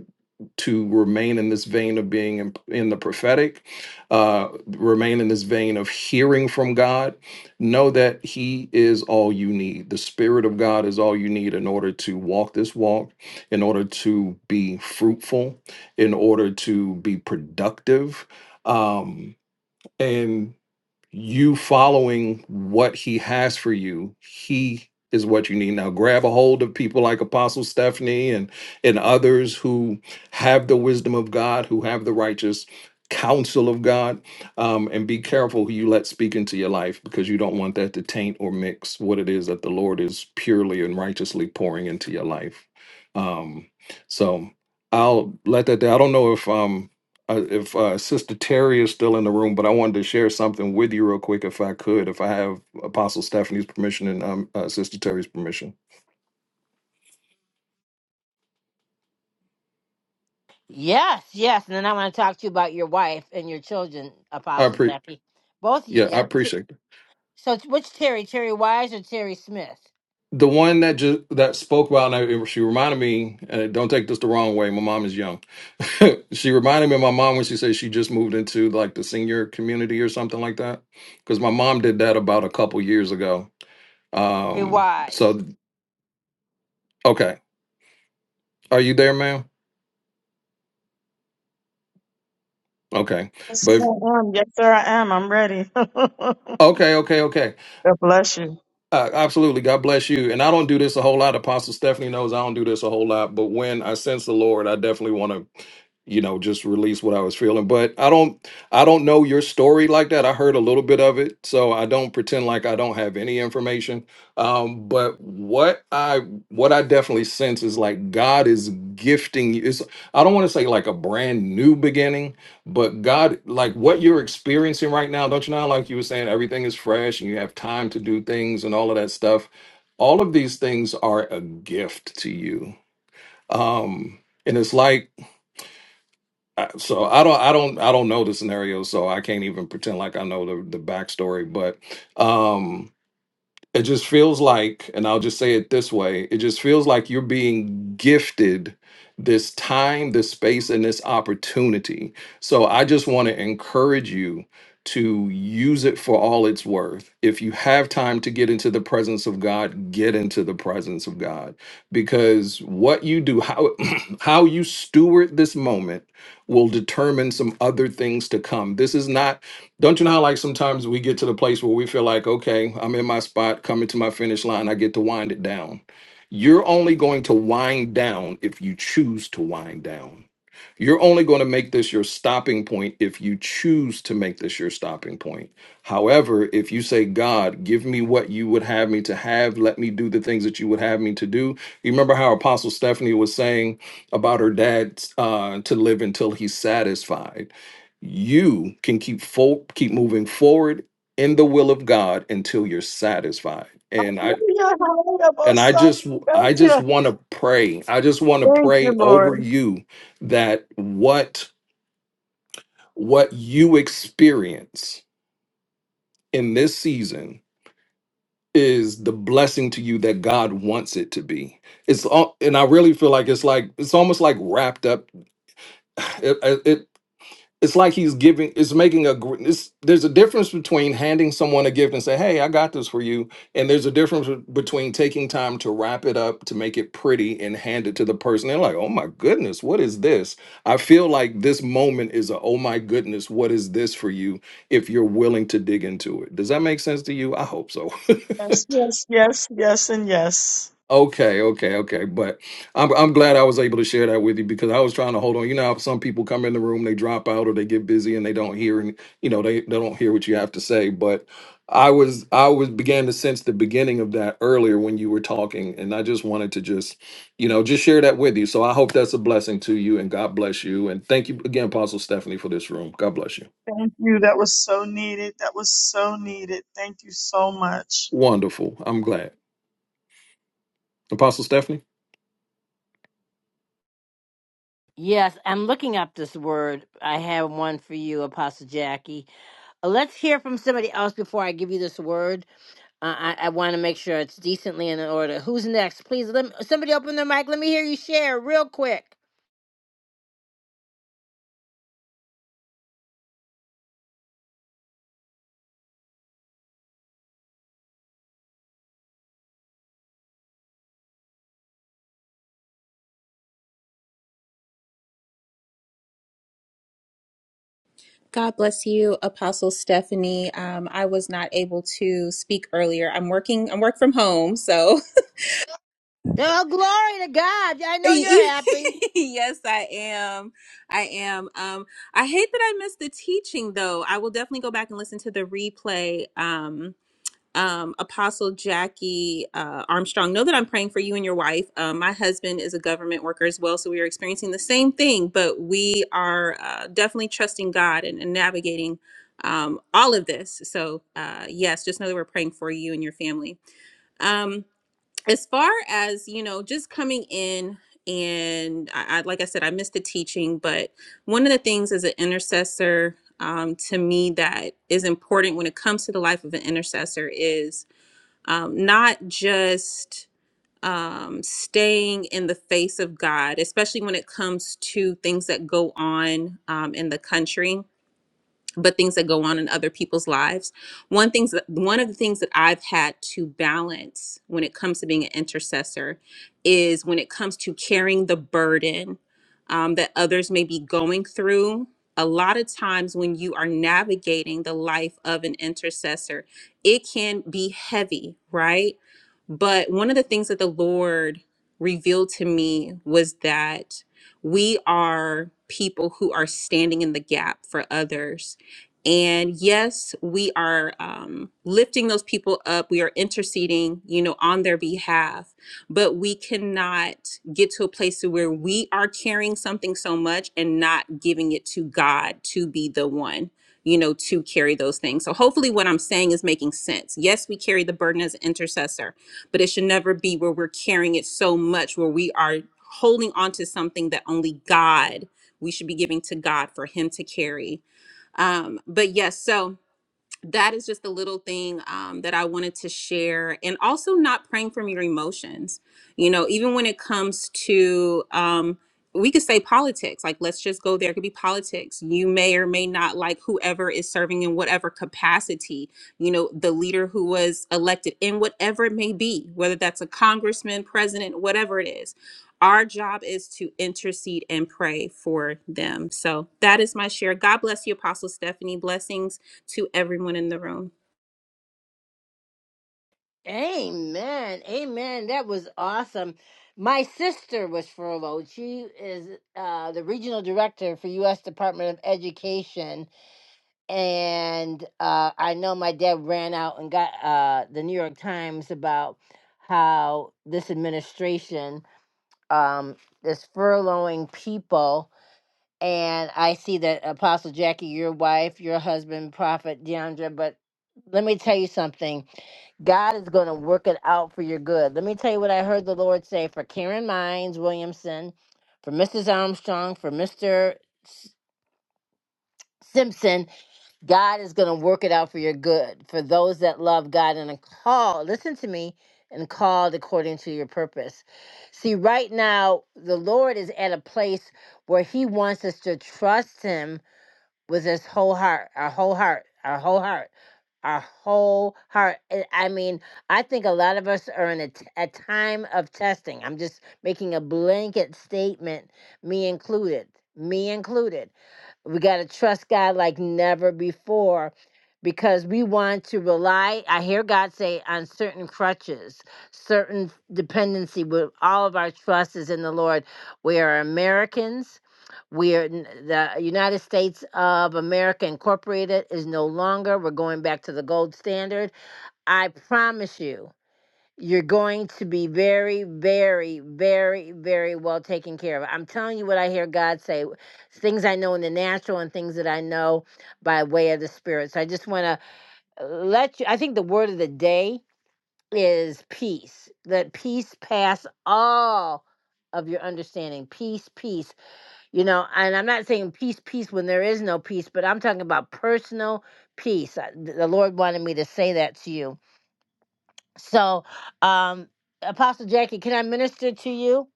Speaker 12: to remain in this vein of being in, in the prophetic, uh, remain in this vein of hearing from God. Know that He is all you need. The Spirit of God is all you need in order to walk this walk, in order to be fruitful, in order to be productive. Um, and you following what he has for you he is what you need now grab a hold of people like apostle stephanie and and others who have the wisdom of god who have the righteous counsel of god um, and be careful who you let speak into your life because you don't want that to taint or mix what it is that the lord is purely and righteously pouring into your life um, so i'll let that there i don't know if um, uh, if uh, Sister Terry is still in the room, but I wanted to share something with you real quick, if I could, if I have Apostle Stephanie's permission and um, uh, Sister Terry's permission.
Speaker 1: Yes, yes. And then I want to talk to you about your wife and your children,
Speaker 12: I
Speaker 1: Apostle
Speaker 12: pre
Speaker 1: Jackie. Both of you.
Speaker 12: yeah, I
Speaker 1: Yes.
Speaker 12: appreciate it.
Speaker 1: So it's- which Terry, Terry Wise or Terry Smith?
Speaker 12: The one that just that spoke about, and I, she reminded me, and don't take this the wrong way. My mom is young. she reminded me of my mom when she said she just moved into like the senior community or something like that, because my mom did that about a couple years ago.
Speaker 1: Terry
Speaker 12: Um,
Speaker 1: Wise.
Speaker 12: so okay, are you there, ma'am? Okay,
Speaker 9: Yes, sir,
Speaker 12: but if-
Speaker 9: I am. Yes, sir, I am. I'm ready. God
Speaker 12: okay, okay, okay.
Speaker 9: bless you.
Speaker 12: Uh, absolutely. God bless you. And I don't do this a whole lot. Apostle Stephanie knows I don't do this a whole lot. But when I sense the Lord, I definitely want to you know just release what i was feeling but i don't i don't know your story like that i heard a little bit of it so i don't pretend like i don't have any information um but what i what i definitely sense is like god is gifting you it's i don't want to say like a brand new beginning but god like what you're experiencing right now don't you know like you were saying everything is fresh and you have time to do things and all of that stuff all of these things are a gift to you um and it's like I- so I don't I don't I don't know the scenario, so I can't even pretend like I know the the backstory. But um, it just feels like, and I'll just say it this way it just feels like you're being gifted this time, this space, and this opportunity. So I just want to encourage you to use it for all it's worth. If you have time to get into the presence of God, get into the presence of God because what you do, how, how you steward this moment will determine some other things to come. This is not don't you know how like sometimes we get to the place where we feel like, okay, I'm in my spot, coming to my finish line, I get to wind it down. You're only going to wind down if you choose to wind down. You're only going to make this your stopping point if you choose to make this your stopping point. However, if you say, God, give me what you would have me to have, let me do the things that you would have me to do. You remember how Apostle Stephanie was saying about her dad uh, to live until he's satisfied. You can keep fo- keep moving forward in the will of God until you're satisfied. And I,
Speaker 9: Hallelujah, hallelujah, both
Speaker 12: and i
Speaker 9: sons.
Speaker 12: just
Speaker 9: Thank
Speaker 12: i
Speaker 9: you.
Speaker 12: just want to pray i just want to
Speaker 9: Thank you,
Speaker 12: pray over
Speaker 9: Lord.
Speaker 12: you that what what you experience in this season is the blessing to you that god wants it to be it's all and i really feel like it's like it's almost like wrapped up It. it's like he's giving it's making a gr- it's, there's a difference between handing someone a gift and say hey i got this for you and there's a difference be- between taking time to wrap it up to make it pretty and hand it to the person they're like oh my goodness what is this i feel like this moment is a oh my goodness what is this for you if you're willing to dig into it does that make sense to you i hope so
Speaker 9: Yes, yes, yes, yes, and yes.
Speaker 12: Okay, okay, okay. But I'm I'm glad I was able to share that with you because I was trying to hold on. You know how some people come in the room, they drop out or they get busy and they don't hear and you know they, they don't hear what you have to say. But I was I was began to sense the beginning of that earlier when you were talking, and I just wanted to just, you know, just share that with you. So I hope that's a blessing to you and God bless you. And thank you again, Apostle Stephanie, for this room. God bless you.
Speaker 9: Thank you. That was so needed. That was so needed. Thank you so much.
Speaker 12: Wonderful. I'm glad. Apostle Stephanie?
Speaker 1: Yes, I'm looking up this word. I have one for you, Apostle Jackie. Uh, Let's hear from somebody else before I give you this word. Uh, I, I want to make sure it's decently in order. Who's next? Please, let me, somebody open their mic. Let me hear you share real quick.
Speaker 13: God bless you, Apostle Stephanie. Um, I was not able to speak earlier. I'm working. I'm work from home, so
Speaker 1: Oh, glory to God. I know you're happy.
Speaker 13: yes, I am. I am. Um, I hate that I missed the teaching, though. I will definitely go back and listen to the replay. Um, um, Apostle Jackie uh, Armstrong, know that I'm praying for you and your wife. Uh, my husband is a government worker as well, so we are experiencing the same thing, but we are uh, definitely trusting God and, and navigating um, all of this. So, uh, yes, just know that we're praying for you and your family. Um, as far as, you know, just coming in, and I, I, like I said, I missed the teaching, but one of the things as an intercessor um, to me that is important when it comes to the life of an intercessor is um, not just um, staying in the face of God, especially when it comes to things that go on um, in the country but things that go on in other people's lives. One things that, one of the things that I've had to balance when it comes to being an intercessor is when it comes to carrying the burden um, that others may be going through. A lot of times when you are navigating the life of an intercessor, it can be heavy, right? But one of the things that the Lord revealed to me was that we are people who are standing in the gap for others and yes, we are um, lifting those people up. We are interceding, you know, on their behalf. But we cannot get to a place where we are carrying something so much and not giving it to God to be the one, you know, to carry those things. So hopefully, what I'm saying is making sense. Yes, we carry the burden as an intercessor, but it should never be where we're carrying it so much where we are holding on to something that only God. We should be giving to God for Him to carry um, but yes, so that is just a little thing um, that I wanted to share. And also, not praying from your emotions. You know, even when it comes to, um, we could say politics, like let's just go there. It could be politics. You may or may not like whoever is serving in whatever capacity, you know, the leader who was elected in whatever it may be, whether that's a congressman, president, whatever it is. Our job is to intercede and pray for them. So that is my share. God bless you, Apostle Stephanie. Blessings to everyone in the room.
Speaker 1: Amen. Amen. That was awesome. My sister was furloughed. She is uh, the regional director for U.S. Department of Education. And uh, I know my dad ran out and got uh, the New York Times about how this administration um, is furloughing people and I see that Apostle Jackie, your wife, your husband, Prophet Deandra, but let me tell you something. God is going to work it out for your good. Let me tell you what I heard the Lord say for Karen Mines Williamson, for Mrs. Armstrong, for Mr. S- Simpson. God is going to work it out for your good. For those that love God and are called, listen to me, and called according to your purpose. See, right now, the Lord is at a place where He wants us to trust Him with his whole heart, our whole heart, our whole heart, our whole heart. And I mean, I think a lot of us are in a, t- a time of testing. I'm just making a blanket statement, me included, me included. We got to trust God like never before because we want to rely, I hear God say, on certain crutches, certain dependency. With all of our trust is in the Lord. We are Americans. We are n- the United States of America Incorporated is no longer. We're going back to the gold standard. I promise you. You're going to be very, very, very, very well taken care of. I'm telling you what I hear God say things I know in the natural and things that I know by way of the Spirit. So I just want to let you, I think the word of the day is peace. Let peace pass all of your understanding. Peace, peace. You know, and I'm not saying peace, peace when there is no peace, but I'm talking about personal peace. I- The Lord wanted me to say that to you so, um, Apostle Jackie, can I minister to you?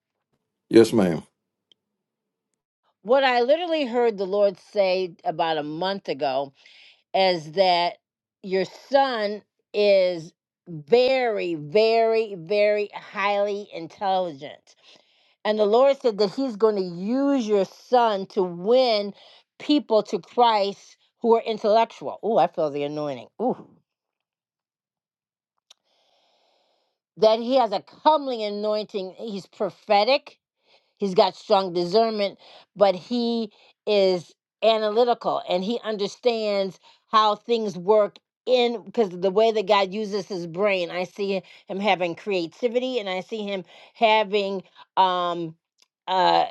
Speaker 12: Yes, ma'am.
Speaker 1: What I literally heard the Lord say about a month ago is that your son is very, very, very highly intelligent. And the Lord said that He's going to use your son to win people to Christ who are intellectual. Oh, I feel the anointing. Ooh. That he has a comely anointing. He's prophetic He's got strong discernment, but he is analytical and he understands how things work in because the way that God uses his brain. I see him having creativity and I see him having um uh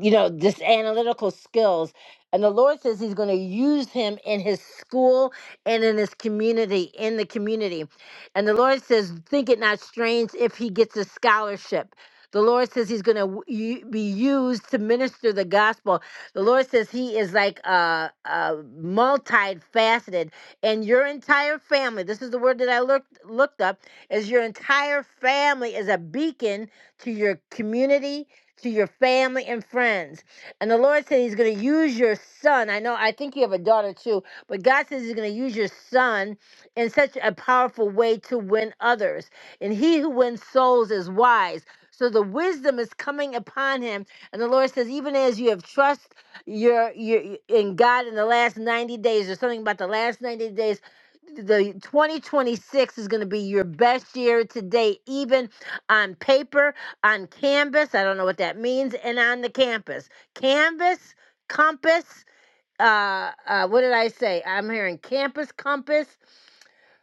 Speaker 1: you know this analytical skills and the lord says he's going to use him in his school and in his community in the community and the lord says think it not strange if he gets a scholarship the Lord says He's going to be used to minister the gospel. The Lord says He is like uh, uh, multifaceted, and your entire family. This is the word that I looked looked up. Is your entire family is a beacon to your community, to your family and friends. And the Lord said He's going to use your son. I know. I think you have a daughter too, but God says He's going to use your son in such a powerful way to win others. And He who wins souls is wise. So the wisdom is coming upon him, and the Lord says, even as you have trust your, your in God in the last ninety days, or something about the last ninety days. The 2026 is going to be your best year to date, even on paper, on canvas. I don't know what that means, and on the campus. Canvas, compass. Uh, uh, what did I say? I'm hearing campus compass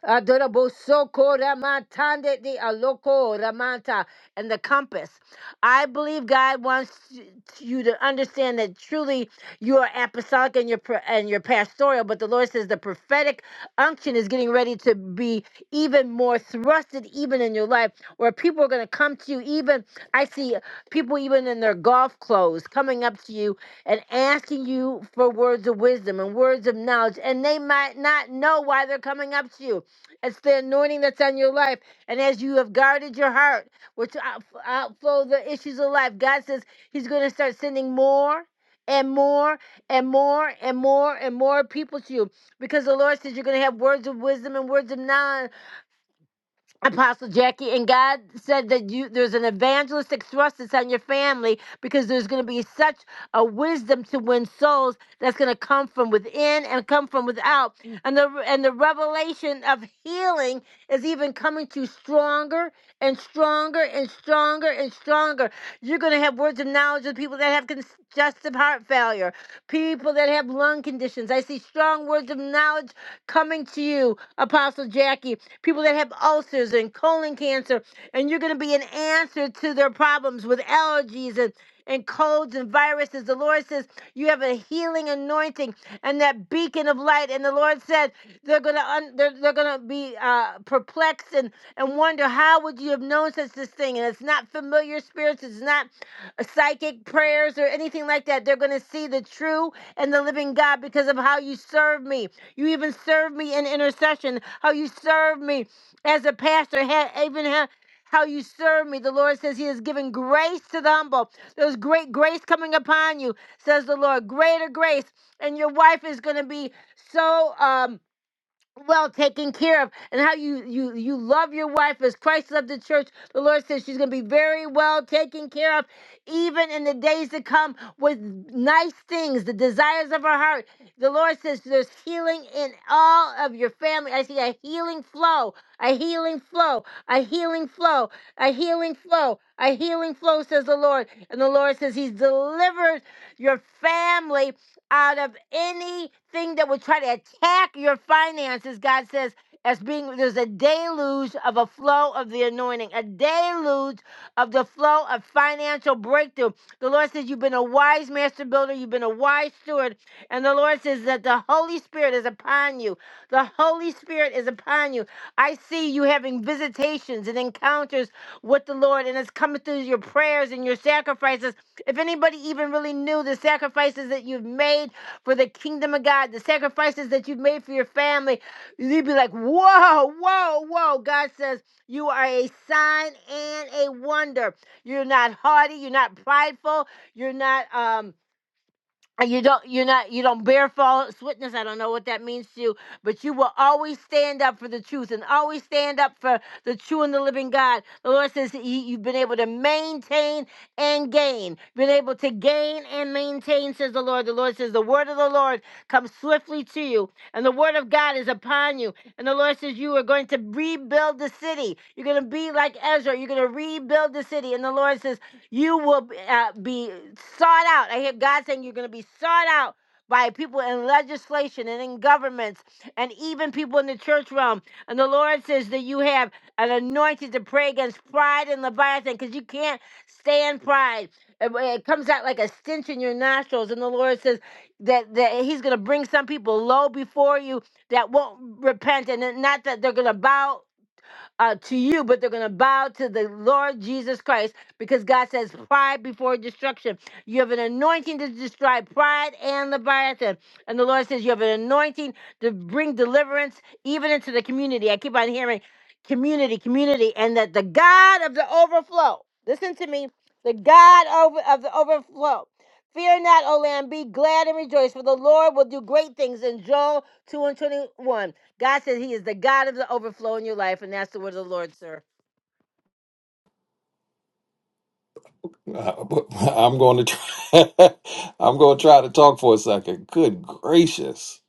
Speaker 1: Adorabosoko ramatande de aloko ramanta and the compass. I believe God wants y- you to understand that truly you are apostolic and your and your pastoral, but the Lord says the prophetic unction is getting ready to be even more thrusted even in your life where people are going to come to you even I see people even in their golf clothes coming up to you and asking you for words of wisdom and words of knowledge and they might not know why they're coming up to you it's the anointing that's on your life. And as you have guarded your heart, which out- outflow the issues of life, God says He's going to start sending more and more and more and more and more people to you because the Lord says you're going to have words of wisdom and words of knowledge Apostle Jackie, and God said that you there's an evangelistic thrust that's on your family because there's going to be such a wisdom to win souls that's going to come from within and come from without, and the and the revelation of healing is even coming to you stronger and stronger and stronger and stronger. You're going to have words of knowledge of people that have congestive heart failure, people that have lung conditions. I see strong words of knowledge coming to you, Apostle Jackie, people that have ulcers and colon cancer, and you're going to be an answer to their problems with allergies and and colds and viruses. The Lord says you have a healing anointing and that beacon of light. And the Lord said they're gonna un- they're, they're gonna be uh, perplexed and and wonder how would you have known such this thing? And it's not familiar spirits. It's not uh, psychic prayers or anything like that. They're gonna see the true and the living God because of how you serve me. You even served me in intercession. How you served me as a pastor, ha- even ha- how you serve me. The Lord says He has given grace to the humble. There's great grace coming upon you, says the Lord. Greater grace, and your wife is going to be so. um, well taken care of and how you you you love your wife as christ loved the church the lord says she's going to be very well taken care of even in the days to come with nice things the desires of her heart the lord says there's healing in all of your family i see a healing flow a healing flow a healing flow a healing flow a healing flow says the lord and the lord says he's delivered your family out of anything that would try to attack your finances. God says, as being there's a deluge of a flow of the anointing, a deluge of the flow of financial breakthrough. The Lord says, You've been a wise master builder, you've been a wise steward. And the Lord says that the Holy Spirit is upon you. The Holy Spirit is upon you. I see you having visitations and encounters with the Lord, and it's coming through your prayers and your sacrifices if anybody even really knew the sacrifices that you've made for the kingdom of God, the sacrifices that you've made for your family, you'd be like, whoa, whoa, whoa. God says, you are a sign and a wonder. You're not haughty. You're not prideful. You're not. Um, and you don't you're not you don't bear false witness i don't know what that means to you but you will always stand up for the truth and always stand up for the true and the living god the lord says that he, you've been able to maintain and gain been able to gain and maintain says the lord the lord says the word of the lord comes swiftly to you and the word of god is upon you and the lord says you are going to rebuild the city you're going to be like ezra you're going to rebuild the city and the lord says you will b- uh, be sought out. I hear God saying you're going to be sought out by people in legislation and in governments and even people in the church realm. And the Lord says that you have an anointing to pray against pride and Leviathan because you can't stand pride. It, it comes out like a stench in your nostrils. And the Lord says that, that He's going to bring some people low before you that won't repent and then not that they're going to bow uh, to you, but they're going to bow to the Lord Jesus Christ because God says, Pride before destruction. You have an anointing to destroy pride and Leviathan. And the Lord says, You have an anointing to bring deliverance even into the community. I keep on hearing community, community, and that the God of the overflow, listen to me, the God over, of the overflow. Fear not, O land, be glad and rejoice, for the Lord will do great things in Joel 2 and 21. God says He is the God of the overflow in your life, and that's the word of the Lord, sir.
Speaker 12: Uh, but I'm going to try, I'm going to try to talk for a second. Good gracious.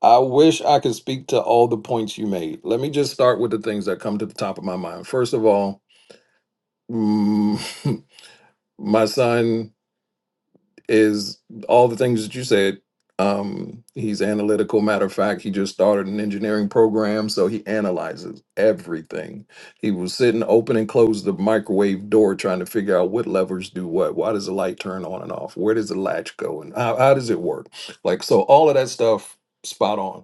Speaker 12: I wish I could speak to all the points you made. Let me just start with the things that come to the top of my mind. First of all, mm, my son is all the things that you said. Um, he's analytical. Matter of fact, he just started an engineering program, so he analyzes everything. He was sitting open and close the microwave door, trying to figure out what levers do what. Why does the light turn on and off? Where does the latch go, and how, how does it work? Like so, all of that stuff, spot on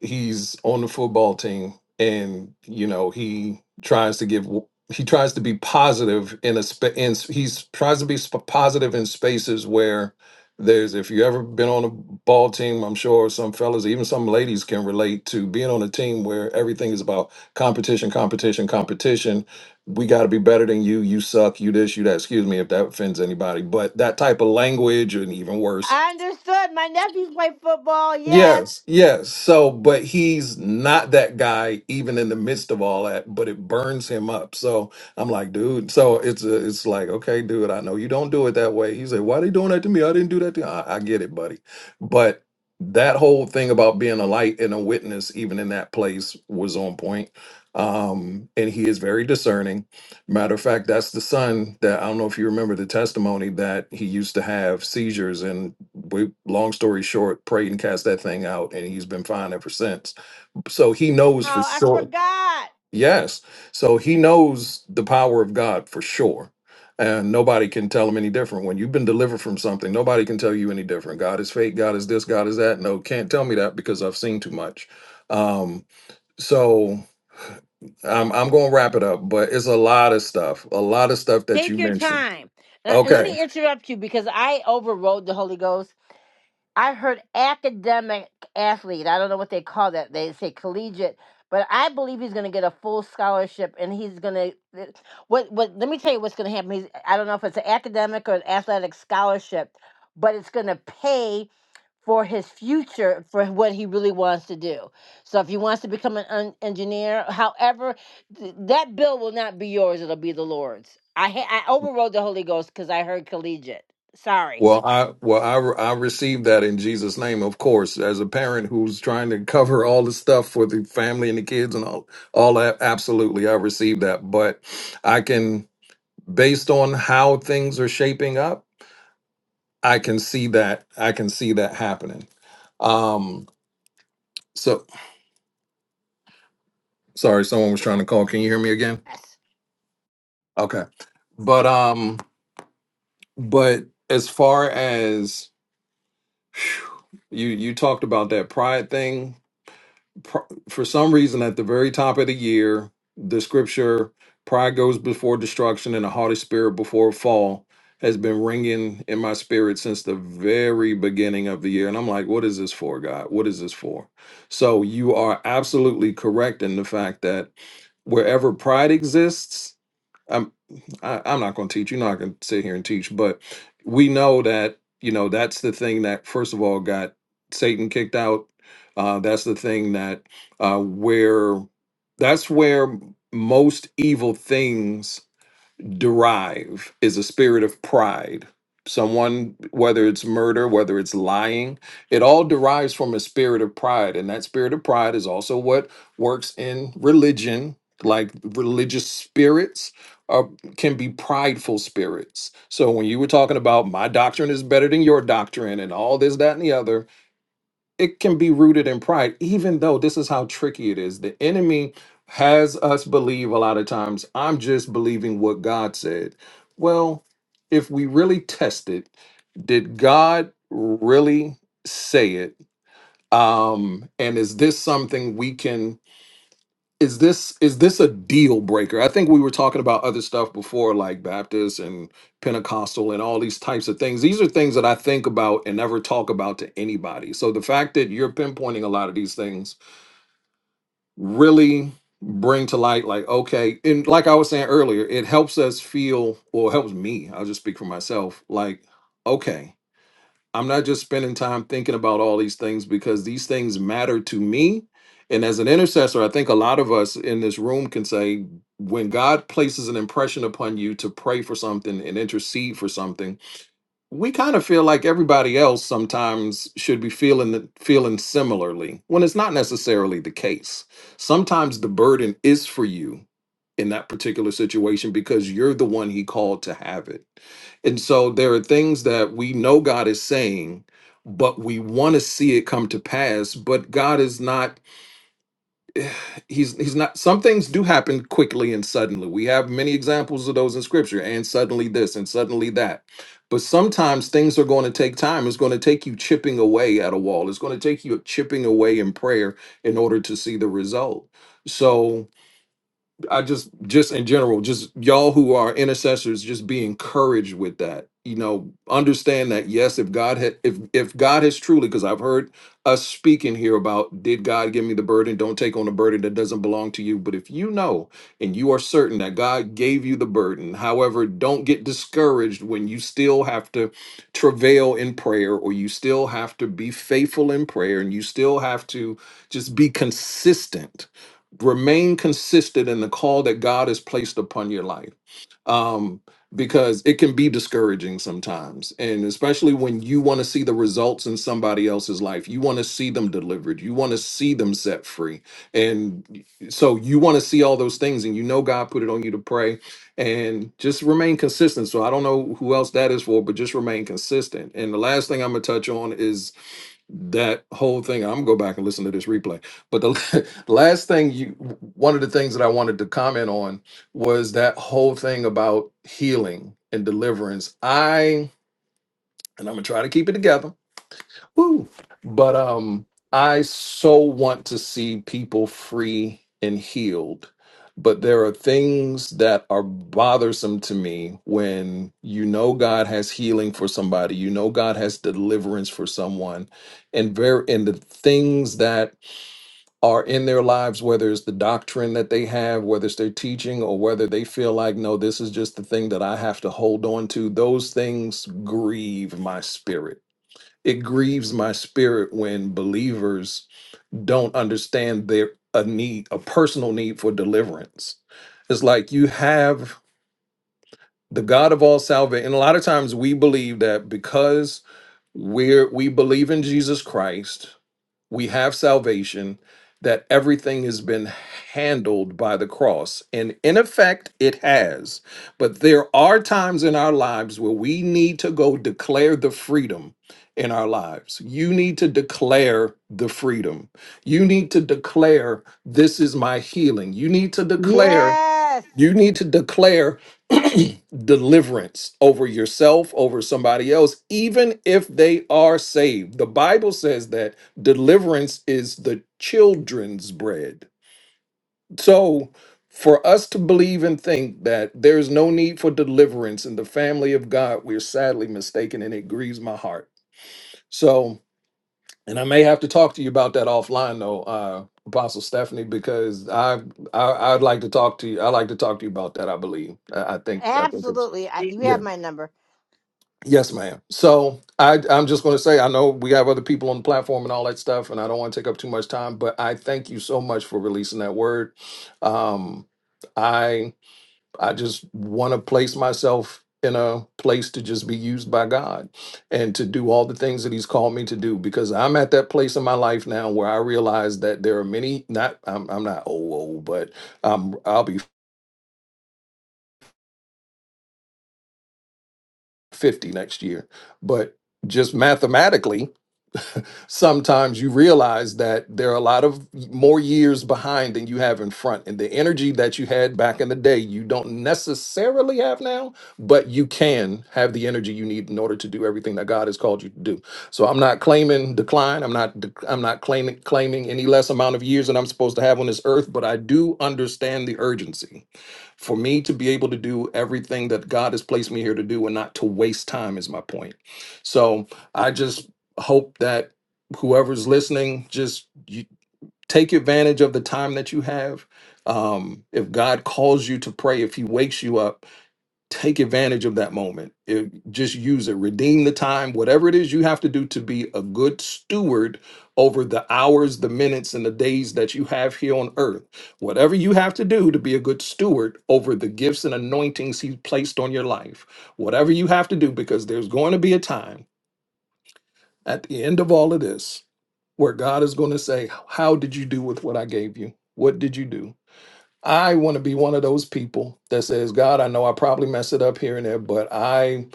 Speaker 12: he's on the football team and you know he tries to give he tries to be positive in a spa- in he's tries to be sp- positive in spaces where there's if you ever been on a ball team i'm sure some fellas even some ladies can relate to being on a team where everything is about competition competition competition we got to be better than you you suck you this you that excuse me if that offends anybody but that type of language and even worse
Speaker 1: I understood. My nephews play football. Yes.
Speaker 12: Yes, yes. So, but he's not that guy even in the midst of all that, but it burns him up. So I'm like, dude, so it's a, it's like, okay, dude, I know you don't do it that way. He said, why are they doing that to me? I didn't do that to you. I, I get it, buddy. But that whole thing about being a light and a witness, even in that place, was on point. Um, and he is very discerning Matter of fact, that's the son that I don't know if you remember the testimony that he used to have seizures and we long story short, prayed and cast that thing out and he's been fine ever since. So he knows
Speaker 1: Oh,
Speaker 12: for
Speaker 1: I
Speaker 12: sure.
Speaker 1: forgot.
Speaker 12: Yes. So he knows the power of God for sure. And nobody can tell him any different. When you've been delivered from something, nobody can tell you any different. God is fake, God is this, God is that. No, can't tell me that because I've seen too much. Um, so I'm I'm gonna wrap it up, but it's a lot of stuff, a lot of stuff that
Speaker 1: Take
Speaker 12: you
Speaker 1: your
Speaker 12: mentioned.
Speaker 1: time. And and let
Speaker 12: Okay.
Speaker 1: me interrupt you because I overrode the Holy Ghost I heard academic athlete. I don't know what they call that. They say collegiate, but I believe he's going to get a full scholarship, and he's going to. What? What? Let me tell you what's going to happen. He's, I don't know if it's an academic or an athletic scholarship, but it's going to pay for his future for what he really wants to do. So if he wants to become an un- engineer, however, th- that bill will not be yours. It'll be the Lord's. I ha- I overrode the Holy Ghost because I heard collegiate. Sorry.
Speaker 12: Well, I well I re- I received that in Jesus' name, of course, as a parent who's trying to cover all the stuff for the family and the kids and all all that. Absolutely, I received that, but I can, based on how things are shaping up, I can see that I can see that happening. Um. So sorry, someone was trying to call. Can you hear me again?
Speaker 1: Yes.
Speaker 12: Okay. But um. But as far as phew, you you talked about that pride thing, pr- for some reason at the very top of the year, the scripture "Pride goes before destruction, and a haughty spirit before a fall" has been ringing in my spirit since the very beginning of the year, and I'm like, "What is this for, God? What is this for?" So you are absolutely correct in the fact that wherever pride exists I'm I, I'm not going to teach. You're not going to sit here and teach, but we know that you know that's the thing that first of all got Satan kicked out. Uh, that's the thing that uh, where that's where most evil things derive is a spirit of pride. Someone, whether it's murder, whether it's lying, it all derives from a spirit of pride. And that spirit of pride is also what works in religion, like religious spirits. Uh, can be prideful spirits. So when you were talking about my doctrine is better than your doctrine and all this, that, and the other, it can be rooted in pride, even though this is how tricky it is. The enemy has us believe a lot of times, I'm just believing what God said. Well, if we really test it, did God really say it? Um, and is this something we can? is this is this a deal breaker? I think we were talking about other stuff before, like Baptist and Pentecostal and all these types of things. These are things that I think about and never talk about to anybody. So the fact that you're pinpointing a lot of these things really bring to light, like, okay, and like I was saying earlier, it helps us feel, or helps me, I'll just speak for myself, like, okay. I'm not just spending time thinking about all these things because these things matter to me. And as an intercessor, I think a lot of us in this room can say, when God places an impression upon you to pray for something and intercede for something, we kind of feel like everybody else sometimes should be feeling the- feeling similarly when it's not necessarily the case. Sometimes the burden is for you in that particular situation because you're the one he called to have it. And so there are things that we know God is saying, but we want to see it come to pass. But God is not, he's he's not some things do happen quickly and suddenly. We have many examples of those in scripture, and suddenly this and suddenly that. But sometimes things are going to take time. It's going to take you chipping away at a wall. It's going to take you chipping away in prayer in order to see the result. So I just just in general, just y'all who are intercessors, just be encouraged with that. You know, understand that yes, if God had if if God has truly, because I've heard us speaking here about did God give me the burden? Don't take on a burden that doesn't belong to you. But if you know and you are certain that God gave you the burden, however, don't get discouraged when you still have to travail in prayer or you still have to be faithful in prayer and you still have to just be consistent remain consistent in the call that God has placed upon your life. Um, because it can be discouraging sometimes. And especially when you want to see the results in somebody else's life, you want to see them delivered, you want to see them set free. And so you want to see all those things, and you know God put it on you to pray and just remain consistent. So I don't know who else that is for, but just remain consistent. And the last thing I'm going to touch on is that whole thing i'm gonna go back and listen to this replay but the last thing you one of the things that i wanted to comment on was that whole thing about healing and deliverance i and i'm gonna try to keep it together Woo. But um, I so want to see people free and healed. But there are things that are bothersome to me when you know God has healing for somebody, you know God has deliverance for someone, and very and the things that are in their lives, whether it's the doctrine that they have, whether it's their teaching, or whether they feel like, no, this is just the thing that I have to hold on to, those things grieve my spirit it grieves my spirit when believers don't understand their a need a personal need for deliverance it's like you have the god of all salvation and a lot of times we believe that because we're we believe in jesus christ we have salvation, that everything has been handled by the cross. And in effect, it has. But there are times in our lives where we need to go declare the freedom in our lives. You need to declare the freedom. You need to declare, This is my healing. You need to declare,
Speaker 1: Yes,
Speaker 12: you need to declare deliverance over yourself, over somebody else, even if they are saved. The Bible says that deliverance is the children's bread. So, for us to believe and think that there's no need for deliverance in the family of God, we're sadly mistaken, and it grieves my heart. So, and I may have to talk to you about that offline though, uh, Apostle Stephanie, because I, I I'd like to talk to you. I like to talk to you about that. I believe. I, I think. I think it's
Speaker 1: absolutely. I, you have
Speaker 12: yeah.
Speaker 1: my number.
Speaker 12: Yes, ma'am. So I I'm just going to say I know we have other people on the platform and all that stuff, and I don't want to take up too much time, but I thank you so much for releasing that word. Um, I just want to place myself in a place to just be used by God and to do all the things that he's called me to do because I'm at that place in my life now where I realize that there are many not I'm I'm not old old but um I'll be 50 next year but just mathematically sometimes you realize that there are a lot of more years behind than you have in front. And the energy that you had back in the day, you don't necessarily have now, but you can have the energy you need in order to do everything that God has called you to do. So I'm not claiming decline. I'm not dec- I'm not claiming claiming any less amount of years that I'm supposed to have on this earth, but I do understand the urgency for me to be able to do everything that God has placed me here to do and not to waste time is my point. So I just hope that whoever's listening, just you take advantage of the time that you have. Um, if God calls you to pray, if He wakes you up, take advantage of that moment. If, just use it, redeem the time, whatever it is you have to do to be a good steward over the hours, the minutes, and the days that you have here on earth. Whatever you have to do to be a good steward over the gifts and anointings He's placed on your life, whatever you have to do, because there's going to be a time at the end of all of this where God is going to say, How did you do with what I gave you? What did you do? I want to be one of those people that says, God, I know I probably mess it up here and there, but I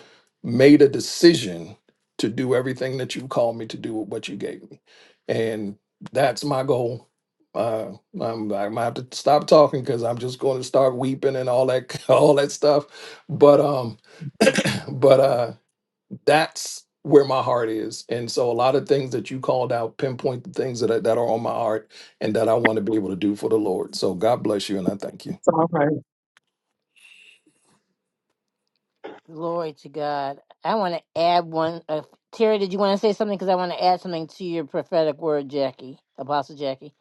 Speaker 12: made a decision to do everything that you called me to do with what you gave me. And that's my goal. Uh, I'm, I might have to stop talking because I'm just going to start weeping and all that, all that stuff. But, um, but, uh, that's where my heart is. And so a lot of things that you called out pinpoint the things that, I, that are on my heart and that I want to be able to do for the Lord. So God bless you and I thank you.
Speaker 9: It's alright.
Speaker 1: Glory to God. I want to add one. Uh, Terry, did you want to say something? Because I want to add something to your prophetic word, Jackie, Apostle Jackie.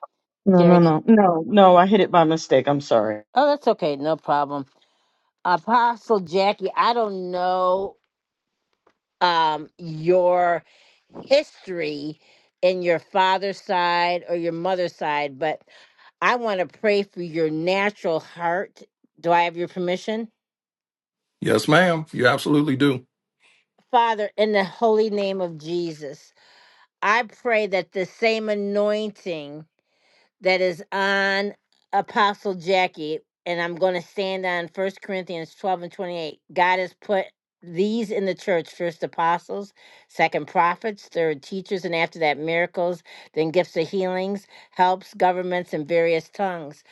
Speaker 9: No,
Speaker 1: Terry,
Speaker 9: no,
Speaker 1: did,
Speaker 9: no. No, no, I hit it by mistake. I'm sorry.
Speaker 1: oh, that's okay, no problem. Apostle Jackie, I don't know um, your history in your father's side or your mother's side, but I want to pray for your natural heart. Do I have your permission?
Speaker 12: Yes, ma'am. You absolutely do.
Speaker 1: Father, in the holy name of Jesus, I pray that the same anointing that is on Apostle Jackie, and I'm going to stand on First Corinthians 12 and 28, God has put these in the church first apostles, second prophets, third teachers, and after that, miracles, then gifts of healings, helps, governments, and various tongues.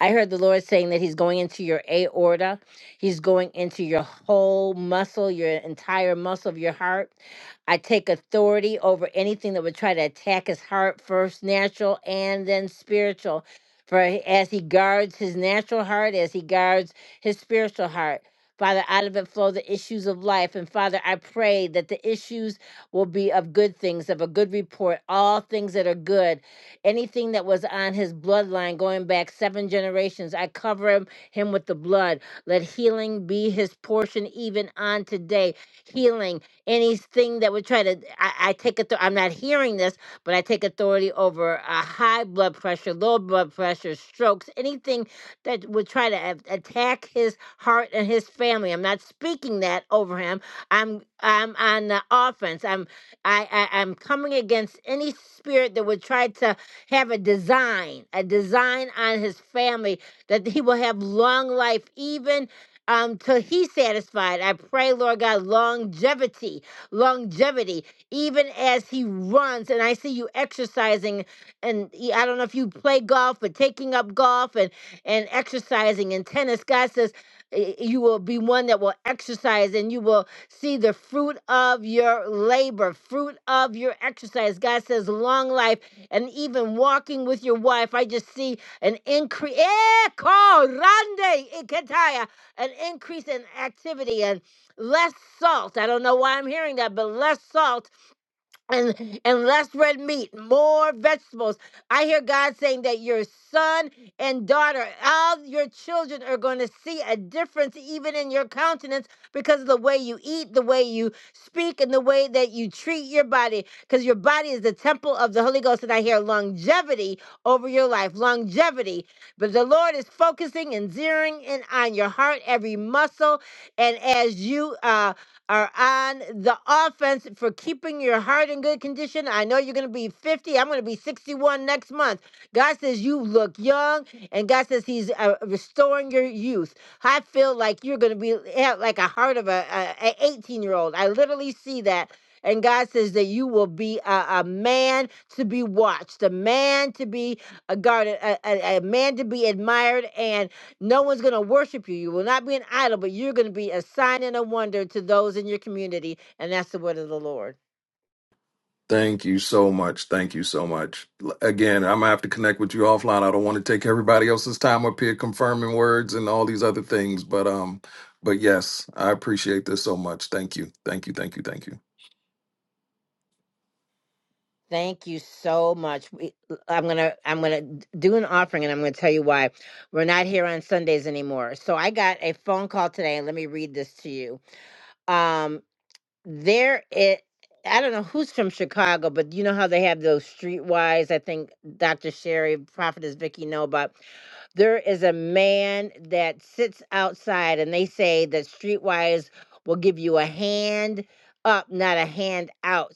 Speaker 1: I heard the Lord saying that He's going into your aorta, He's going into your whole muscle, your entire muscle of your heart. I take authority over anything that would try to attack his heart, first natural and then spiritual. For as he guards his natural heart, as he guards his spiritual heart, Father, out of it flow the issues of life. And Father, I pray that the issues will be of good things, of a good report, all things that are good. Anything that was on his bloodline going back seven generations, I cover him, him with the blood. Let healing be his portion even on today. Healing anything that would try to I, I take it i'm not hearing this but i take authority over uh, high blood pressure low blood pressure strokes anything that would try to a- attack his heart and his family i'm not speaking that over him i'm i'm on the offense i'm i, I i'm coming against any spirit that would try to have a design a design on his family that he will have long life even um, till he's satisfied. I pray, Lord God, longevity, longevity, even as he runs. And I see you exercising, and y- I don't know if you play golf, but taking up golf and and exercising and tennis. God says eh, you will be one that will exercise, and you will see the fruit of your labor, fruit of your exercise. God says long life, and even walking with your wife. I just see an increase. Eh, an increase in activity and less salt. I don't know why I'm hearing that, but less salt and and less red meat, more vegetables. I hear God saying that your son and daughter, all your children are going to see a difference even in your countenance because of the way you eat, the way you speak, and the way that you treat your body. Because your body is the temple of the Holy Ghost. And I hear longevity over your life, longevity. But the Lord is focusing and zeroing in on your heart, every muscle, and as you uh are on the offense for keeping your heart in good condition. I know you're going to be 50. I'm going to be 61 next month. God says you look young, and God says He's uh, restoring your youth. I feel like you're going to be have like a heart of a, a, a 18 year old. I literally see that. And God says that you will be a, a man to be watched, a man to be uh, guarded, a, a, a man to be admired, and no one's going to worship you. You will not be an idol, but you're going to be a sign and a wonder to those in your community, and that's the word of the Lord.
Speaker 12: Thank you so much. Thank you so much. L- Again, I'm gonna have to connect with you offline. I don't want to take everybody else's time up here confirming words and all these other things, but um, but yes, I appreciate this so much. Thank you. Thank you. Thank you. Thank you.
Speaker 1: Thank you so much. We, I'm gonna I'm gonna do an offering, and I'm gonna tell you why we're not here on Sundays anymore. So I got a phone call today, and let me read this to you. Um, there it. I don't know who's from Chicago, but you know how they have those streetwise. I think Dr. Sherry, Prophetess Vicky know about there is a man that sits outside and they say that streetwise will give you a hand up not a hand out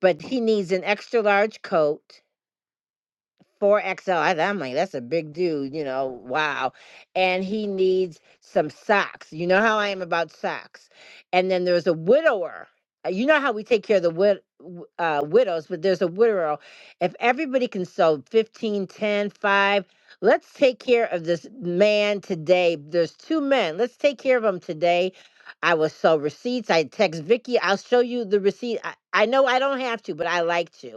Speaker 1: but he needs an extra large coat 4XL. I, am like, that's a big dude, you know, wow. And he needs some socks. You know how I am about socks. And then there's a widower. Uh, You know how we take care of the wid- w- uh, widows, but there's a widower. If everybody can sell fifteen, ten, five, let's take care of this man today. There's two men. Let's take care of them today. I will sell receipts. I text Vicky. I'll show you the receipt. I, I know I don't have to, but I like to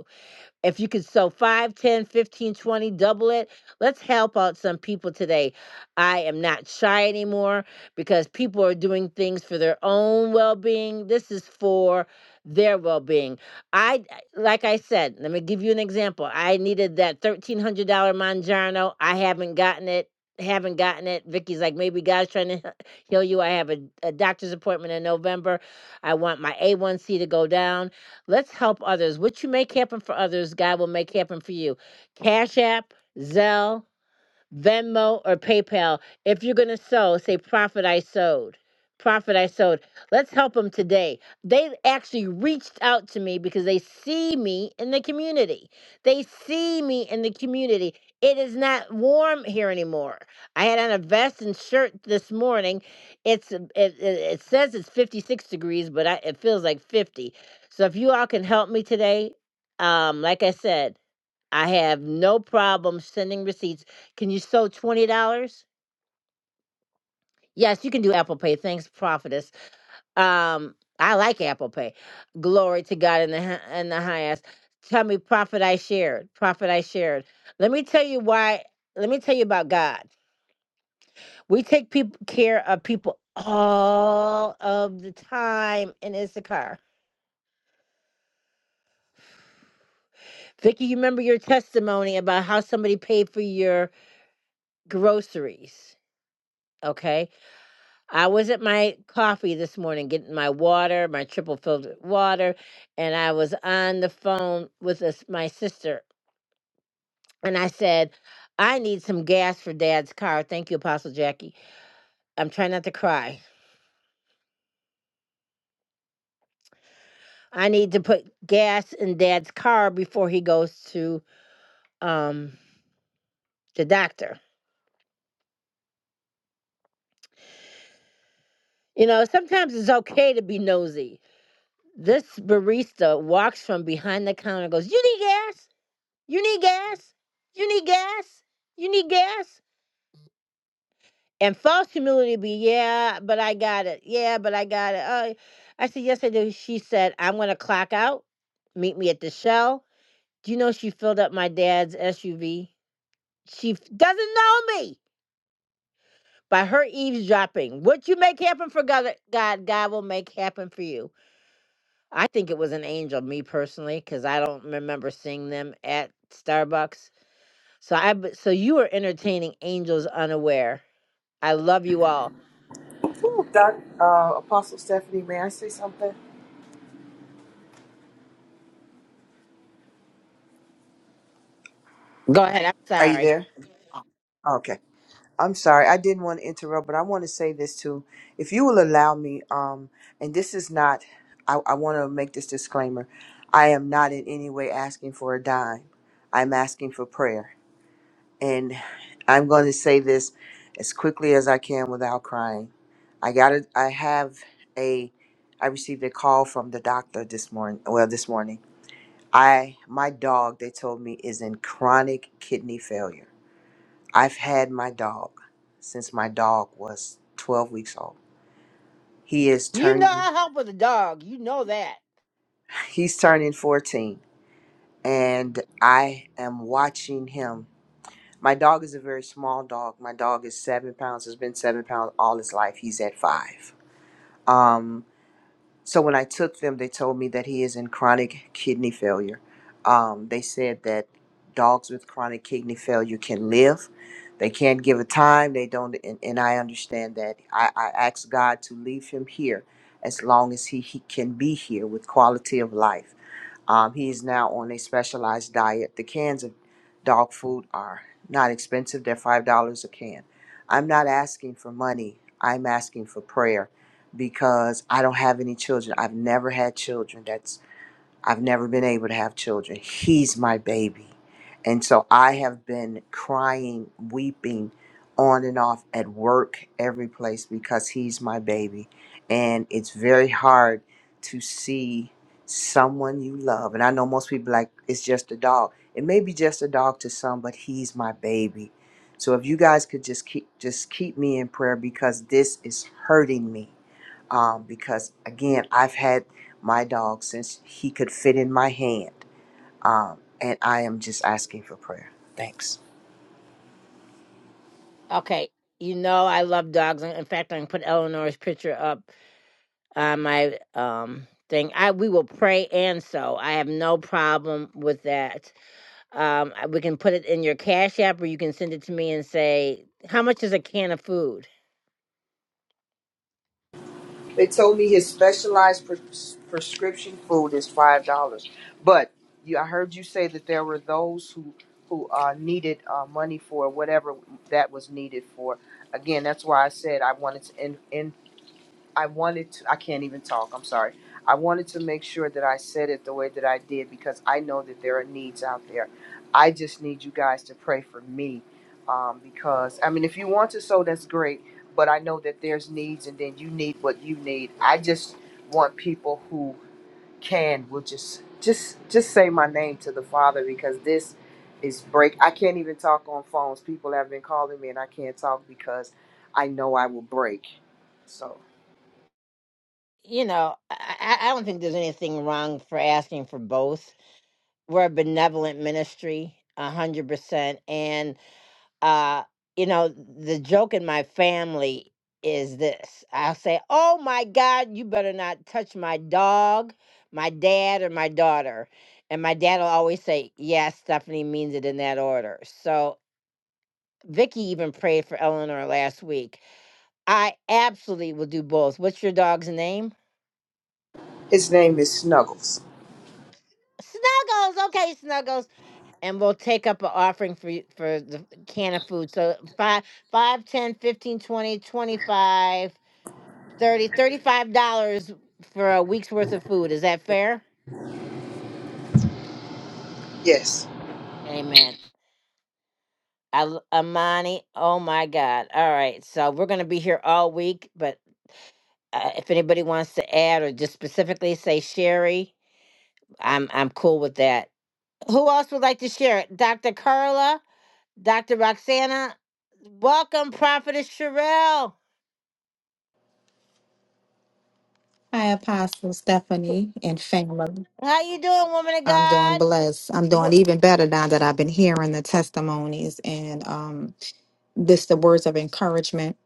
Speaker 1: if you could sew 5, 10, 15, 20, double it, let's help out some people today. I am not shy anymore because people are doing things for their own well being. This is for their well being. I, like I said, let me give you an example. I needed that $1,300 Mangiano. I haven't gotten it. Haven't gotten it. Vicky's like, maybe God's trying to heal you. I have a, a doctor's appointment in November. I want my A1C to go down. Let's help others. What you make happen for others, God will make happen for you. Cash App, Zelle, Venmo or PayPal. If you're going to sow, say, Prophet, I sowed. Prophet, I sowed. Let's help them today. They actually reached out to me because they see me in the community. They see me in the community. It is not warm here anymore. I had on a vest and shirt this morning. It's it, it, it says it's 56 degrees, but I, it feels like 50. So if you all can help me today, um, like I said. I have no problem sending receipts. Can you sew twenty dollars? Yes, you can do Apple Pay. Thanks, prophetess. Um, I like Apple Pay. Glory to God in the hi- in the highest. Tell me, prophet, I shared. Prophet, I shared. Let me tell you why. Let me tell you about God. We take people care of people all of the time in Issachar. Vicky, you remember your testimony about how somebody paid for your groceries, okay? I was at my coffee this morning getting my water, my triple filtered water, and I was on the phone with us, my sister, and I said, I need some gas for dad's car. Thank you, Apostle Jackie. I'm trying not to cry. I need to put gas in dad's car before he goes to um the doctor. You know, sometimes it's okay to be nosy. This barista walks from behind the counter and goes, You need gas? You need gas? You need gas? You need gas? And false humility be, yeah, but I got it. Yeah, but I got it. Oh, I said, yes, I do. She said, I'm going to clock out. Meet me at the shell. Do you know she filled up my dad's SUV? She f- doesn't know me by her eavesdropping. What you make happen for God, God, God will make happen for you. I think it was an angel, me personally, because I don't remember seeing them at Starbucks. So I, b- so you are entertaining angels unaware. I love you all. Whew,
Speaker 7: Doc, uh, Apostle Stephanie, may I say something?
Speaker 1: Go ahead. I'm
Speaker 7: Are you
Speaker 1: sorry.
Speaker 7: there? Okay. I'm sorry. I didn't want to interrupt, but I want to say this too. If you will allow me, um, and this is not, I, I want to make this disclaimer. I am not in any way asking for a dime. I'm asking for prayer. And I'm going to say this as quickly as I can without crying. I got it. I have a. I received a call from the doctor this morning. Well, this morning, I my dog they told me is in chronic kidney failure. I've had my dog since my dog was 12 weeks old. He is
Speaker 1: You know
Speaker 7: turning.
Speaker 1: I help with a dog. You know that.
Speaker 7: He's turning 14, and I am watching him My dog is a very small dog. My dog is seven pounds, has been seven pounds all his life. He's at five. Um, so when I took them, they told me that he is in chronic kidney failure. Um, they said that dogs with chronic kidney failure can live. They can't give a time. They don't, and, and I understand that. I, I asked God to leave him here as long as he, he can be here with quality of life um, he is now on a specialized diet. The cans of dog food are not expensive, they're $5 a can. I'm not asking for money, I'm asking for prayer because I don't have any children. I've never had children. That's I've never been able to have children. He's my baby. And so I have been crying, weeping on and off at work, every place, because he's my baby. And it's very hard to see someone you love. And I know most people like, it's just a dog. It may be just a dog to some, but he's my baby. So if you guys could just keep just keep me in prayer because this is hurting me um, because again, I've had my dog since he could fit in my hand, um, and I am just asking for prayer. Thanks.
Speaker 1: Okay. You know I love dogs. In fact, I can put Eleanor's picture up on my um thing. I we will pray and so I have no problem with that. Um, I- we can put it in your Cash App, or you can send it to me and say, "How much is a can of food?"
Speaker 7: They told me his specialized pres- prescription food is five dollars. But you, I heard you say that there were those who who uh, needed uh, money for whatever that was needed for. Again, that's why I said I wanted to in. I wanted to, I can't even talk, I'm sorry. I wanted to make sure that I said it the way that I did because I know that there are needs out there. I just need you guys to pray for me um, because, I mean, if you want to sow, that's great, but I know that there's needs and then you need what you need. I just want people who can will just just just say my name to the father because this is break i can't even talk on phones people have been calling me and i can't talk because i know i will break so
Speaker 1: You know, I, I I don't think there's anything wrong for asking for both. We're a benevolent ministry, a hundred percent, and uh, you know, the joke in my family is this. I'll say, Oh my God, you better not touch my dog, my dad, or my daughter. And my dad will always say, Yes, Stephanie means it in that order. So Vicky even prayed for Eleanor last week. I absolutely will do both. What's your dog's name?
Speaker 7: His name is Snuggles.
Speaker 1: Snuggles. Okay, Snuggles. And we'll take up an offering for you, for the can of food. So five, five, ten, fifteen, twenty, twenty-five. Thirty thirty five dollars for a week's worth of food. Is that fair?
Speaker 7: Yes.
Speaker 1: Amen. I, l- Amani, oh my God. All right. So we're going to be here all week, but uh, if anybody wants to add or just specifically say Sherry, I'm I'm cool with that. Who else would like to share it? Dr. Carla, Dr. Roxana, welcome, Prophetess Sherelle.
Speaker 14: Hi, Apostle Stephanie and family.
Speaker 1: How you doing, woman of
Speaker 14: I'm doing
Speaker 1: God?
Speaker 14: blessed. I'm doing
Speaker 1: Wh-
Speaker 14: even better now that I've been hearing the testimonies and um, this the words of encouragement.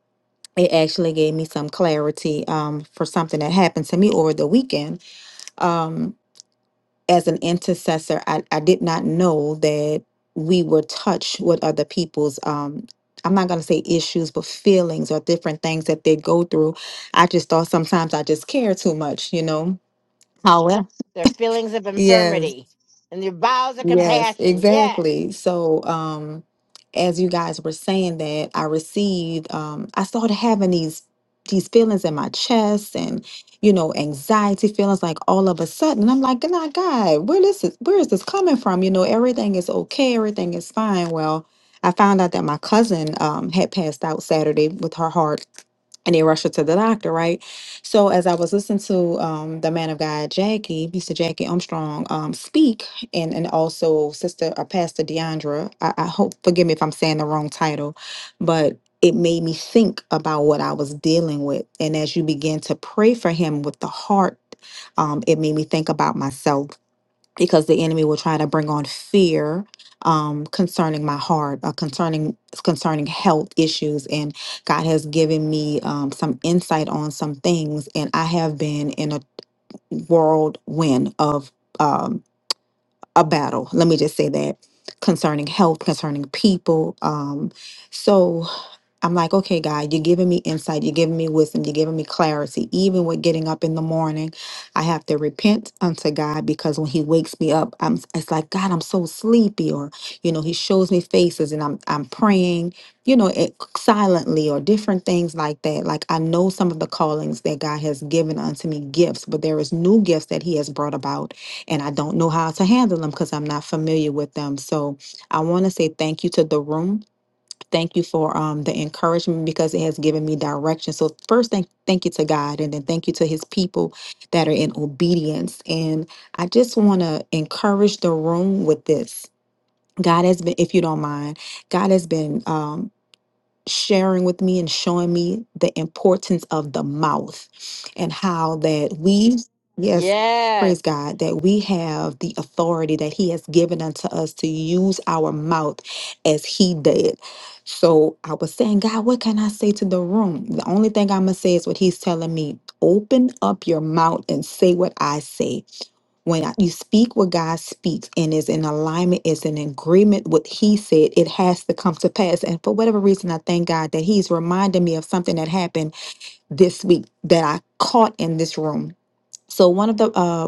Speaker 14: It actually gave me some clarity um, for something that happened to me over the weekend. Um, as an intercessor, I, I did not know that we were touched with other people's. Um, I'm not going to say issues, but feelings or different things that they go through. I just thought sometimes I just care too much, you know. However,
Speaker 1: Their feelings of
Speaker 14: yes.
Speaker 1: infirmity and their bowels of
Speaker 14: Yes,
Speaker 1: compassion. Yes.
Speaker 14: exactly. So, um, as you guys were saying that, I received, um, I started having these these feelings in my chest and, you know, anxiety feelings like all of a sudden. And I'm like, nah, God, where this is where is this coming from? You know, everything is okay, everything is fine. Well, I found out that my cousin um had passed out Saturday with her heart and they rushed her to the doctor, right? So as I was listening to um, the man of God, Jackie, Mr. Jackie Armstrong, um, speak, and and also Sister uh, Pastor Deandra. I, I hope forgive me if I'm saying the wrong title, but it made me think about what I was dealing with. And as you begin to pray for him with the heart, um, it made me think about myself because the enemy will try to bring on fear um, concerning my heart, uh, concerning concerning health issues, and God has given me um, some insight on some things, and I have been in a whirlwind of. Um, a battle. Let me just say that concerning health, concerning people. Um, so I'm like, okay, God, you're giving me insight, you're giving me wisdom, you're giving me clarity. Even with getting up in the morning, I have to repent unto God because when He wakes me up, I'm it's like, God, I'm so sleepy, or you know, He shows me faces and I'm I'm praying, you know, it, silently or different things like that. Like I know some of the callings that God has given unto me gifts, but there is new gifts that He has brought about and I don't know how to handle them because I'm not familiar with them. So I want to say thank you to the room. Thank you for um, the encouragement because it has given me direction. So first, thank thank you to God, and then thank you to His people that are in obedience. And I just want to encourage the room with this. God has been, if you don't mind, God has been. um, sharing with me and showing me the importance of the mouth and how that we, yes,
Speaker 1: Yes.
Speaker 14: praise God, that we have the authority that He has given unto us to use our mouth as He did. So I was saying, God, what can I say to the room? The only thing I'm going to say is what He's telling me open up your mouth and say what I say when I- you speak what God speaks and is in alignment, is in agreement with He said, it has to come to pass. And for whatever reason, I thank God that He's reminding me of something that happened this week that I caught in this room so one of the uh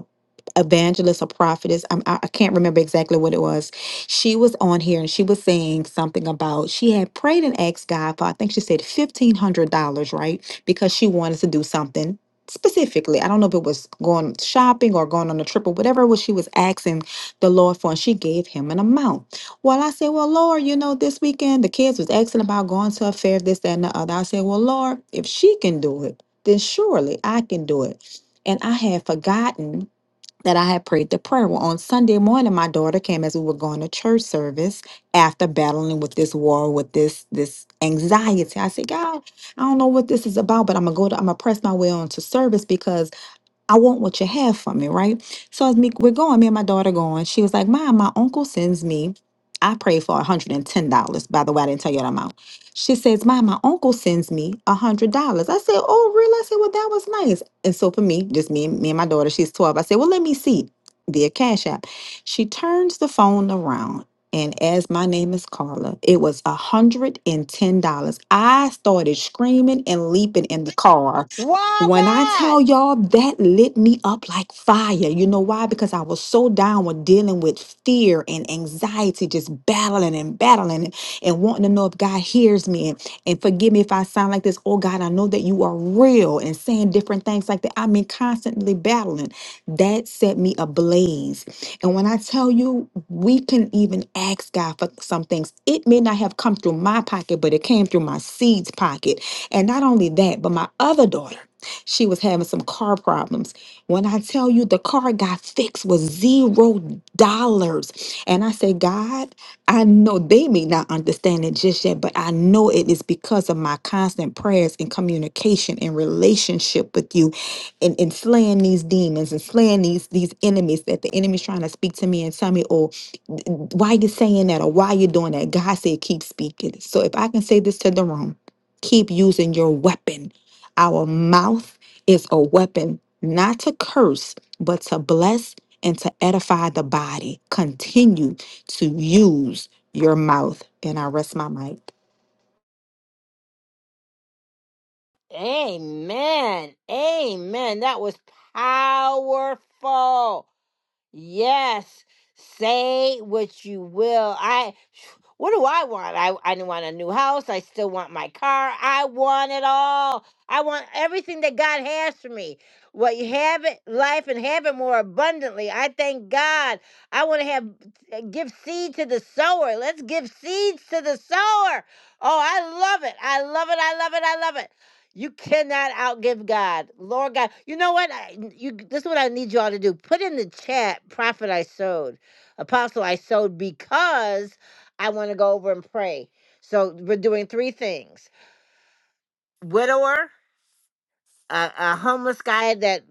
Speaker 14: evangelists or prophetess I'm, i I can't remember exactly what it was she was on here and she was saying something about she had prayed and asked god for i think she said $1500 right because she wanted to do something specifically i don't know if it was going shopping or going on a trip or whatever it was she was asking the lord for and she gave him an amount well i said well lord you know this weekend the kids was asking about going to a fair this that and the other i said well lord if she can do it then surely i can do it and I had forgotten that I had prayed the prayer. Well, on Sunday morning, my daughter came as we were going to church service after battling with this war, with this this anxiety. I said, God, I don't know what this is about, but I'm gonna go to I'm gonna press my way on to service because I want what you have for me, right? So as me, we're going, me and my daughter going. She was like, Mom, my uncle sends me. I pray for $110. By the way, I didn't tell you that amount. She says, Mom, my uncle sends me $100. I said, Oh, really? I said, Well, that was nice. And so for me, just me, and- me and my daughter, she's 12. I said, Well, let me see via Cash App. She turns the phone around. And as my name is Carla, it was $110. I started screaming and leaping in the car
Speaker 1: Wow,
Speaker 14: when I tell
Speaker 1: God.
Speaker 14: y'all that lit me up like fire. You know why? Because I was so down with dealing with fear and anxiety, just battling and battling and, and wanting to know if God hears me. And, and forgive me if I sound like this. Oh God, I know that you are real and saying different things like that. I mean, constantly battling. That set me ablaze. And when I tell you, we can even ask God for some things. It may not have come through my pocket, but it came through my seed's pocket. And not only that, but my other daughter. She was having some car problems. When I tell you the car got fixed with zero dollars. And I say, God, I know they may not understand it just yet, but I know it is because of my constant prayers and communication and relationship with you and, and slaying these demons and slaying these these enemies that the enemy's trying to speak to me and tell me, oh, why you saying that or why you doing that? God said, keep speaking. So if I can say this to the room, keep using your weapon our mouth is a weapon not to curse, but to bless and to edify the body. Continue to use your mouth. And I rest my mic.
Speaker 1: Amen. Amen. That was powerful. Yes. Say what you will. I what do I want? I I want a new house. I still want my car. I want it all. I want everything that God has for me. What you have it, life and have it more abundantly. I thank God. I want to have uh, give seed to the sower. Let's give seeds to the sower. Oh, I love it. I love it. I love it. I love it. You cannot outgive God. Lord God. You know what? I, you this is what I need y'all to do. Put in the chat, prophet I sowed, apostle I sowed because I want to go over and pray. So we're doing three things. Widower, a, a homeless guy that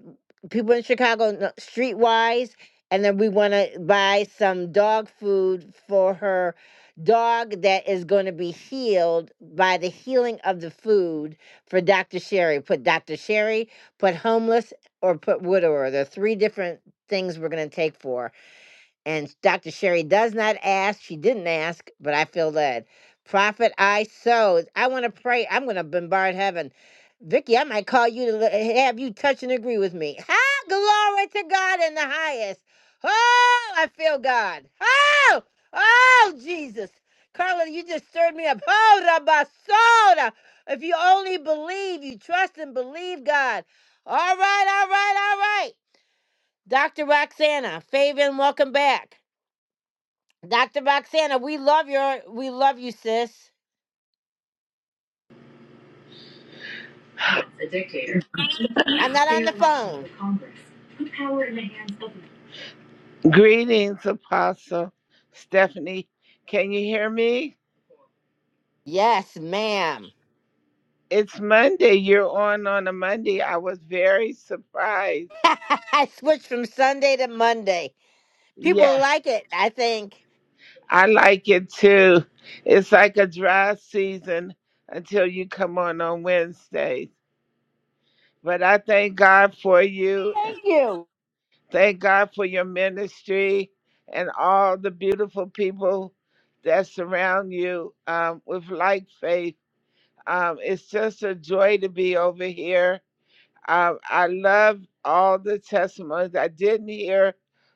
Speaker 1: people in Chicago know, streetwise, and then we want to buy some dog food for her dog that is going to be healed by the healing of the food for Dr. Sherry. Put Dr. Sherry, put homeless, or put widower. There are three different things we're going to take for. And Dr. Sherry does not ask. She didn't ask, but I feel led. Prophet, I sowed. I want to pray. I'm going to bombard heaven. Vicky, I might call you to le- eh, have you touch and agree with me. Ha! Glory to God in the highest. Oh, I feel God. Oh, oh, Jesus. Carla, you just stirred me up. Oh, Rabba Soda. If you only believe, you trust and believe God. All right, all right, all right. Dr. Roxana, Fabian, welcome back. Dr. Roxana, we love your we love you, sis.
Speaker 15: a dictator. Fair
Speaker 1: I'm not on the
Speaker 15: election for
Speaker 1: phone.
Speaker 15: Congress. Put power in the hands of. Greetings, Apostle Stephanie. Can you hear me?
Speaker 1: Yes, ma'am.
Speaker 15: It's Monday. You're on on a Monday. I was very surprised.
Speaker 1: I switched from Sunday to Monday. People
Speaker 15: Yeah,
Speaker 1: like it, I think.
Speaker 15: I like it too. It's like a dry season until you come on on Wednesdays. But I thank God for you
Speaker 1: Thank you.
Speaker 15: Thank God for your ministry and all the beautiful people that surround you um, with like faith. Um, it's just a joy to be over here. Um, I love all the testimonies. I didn't hear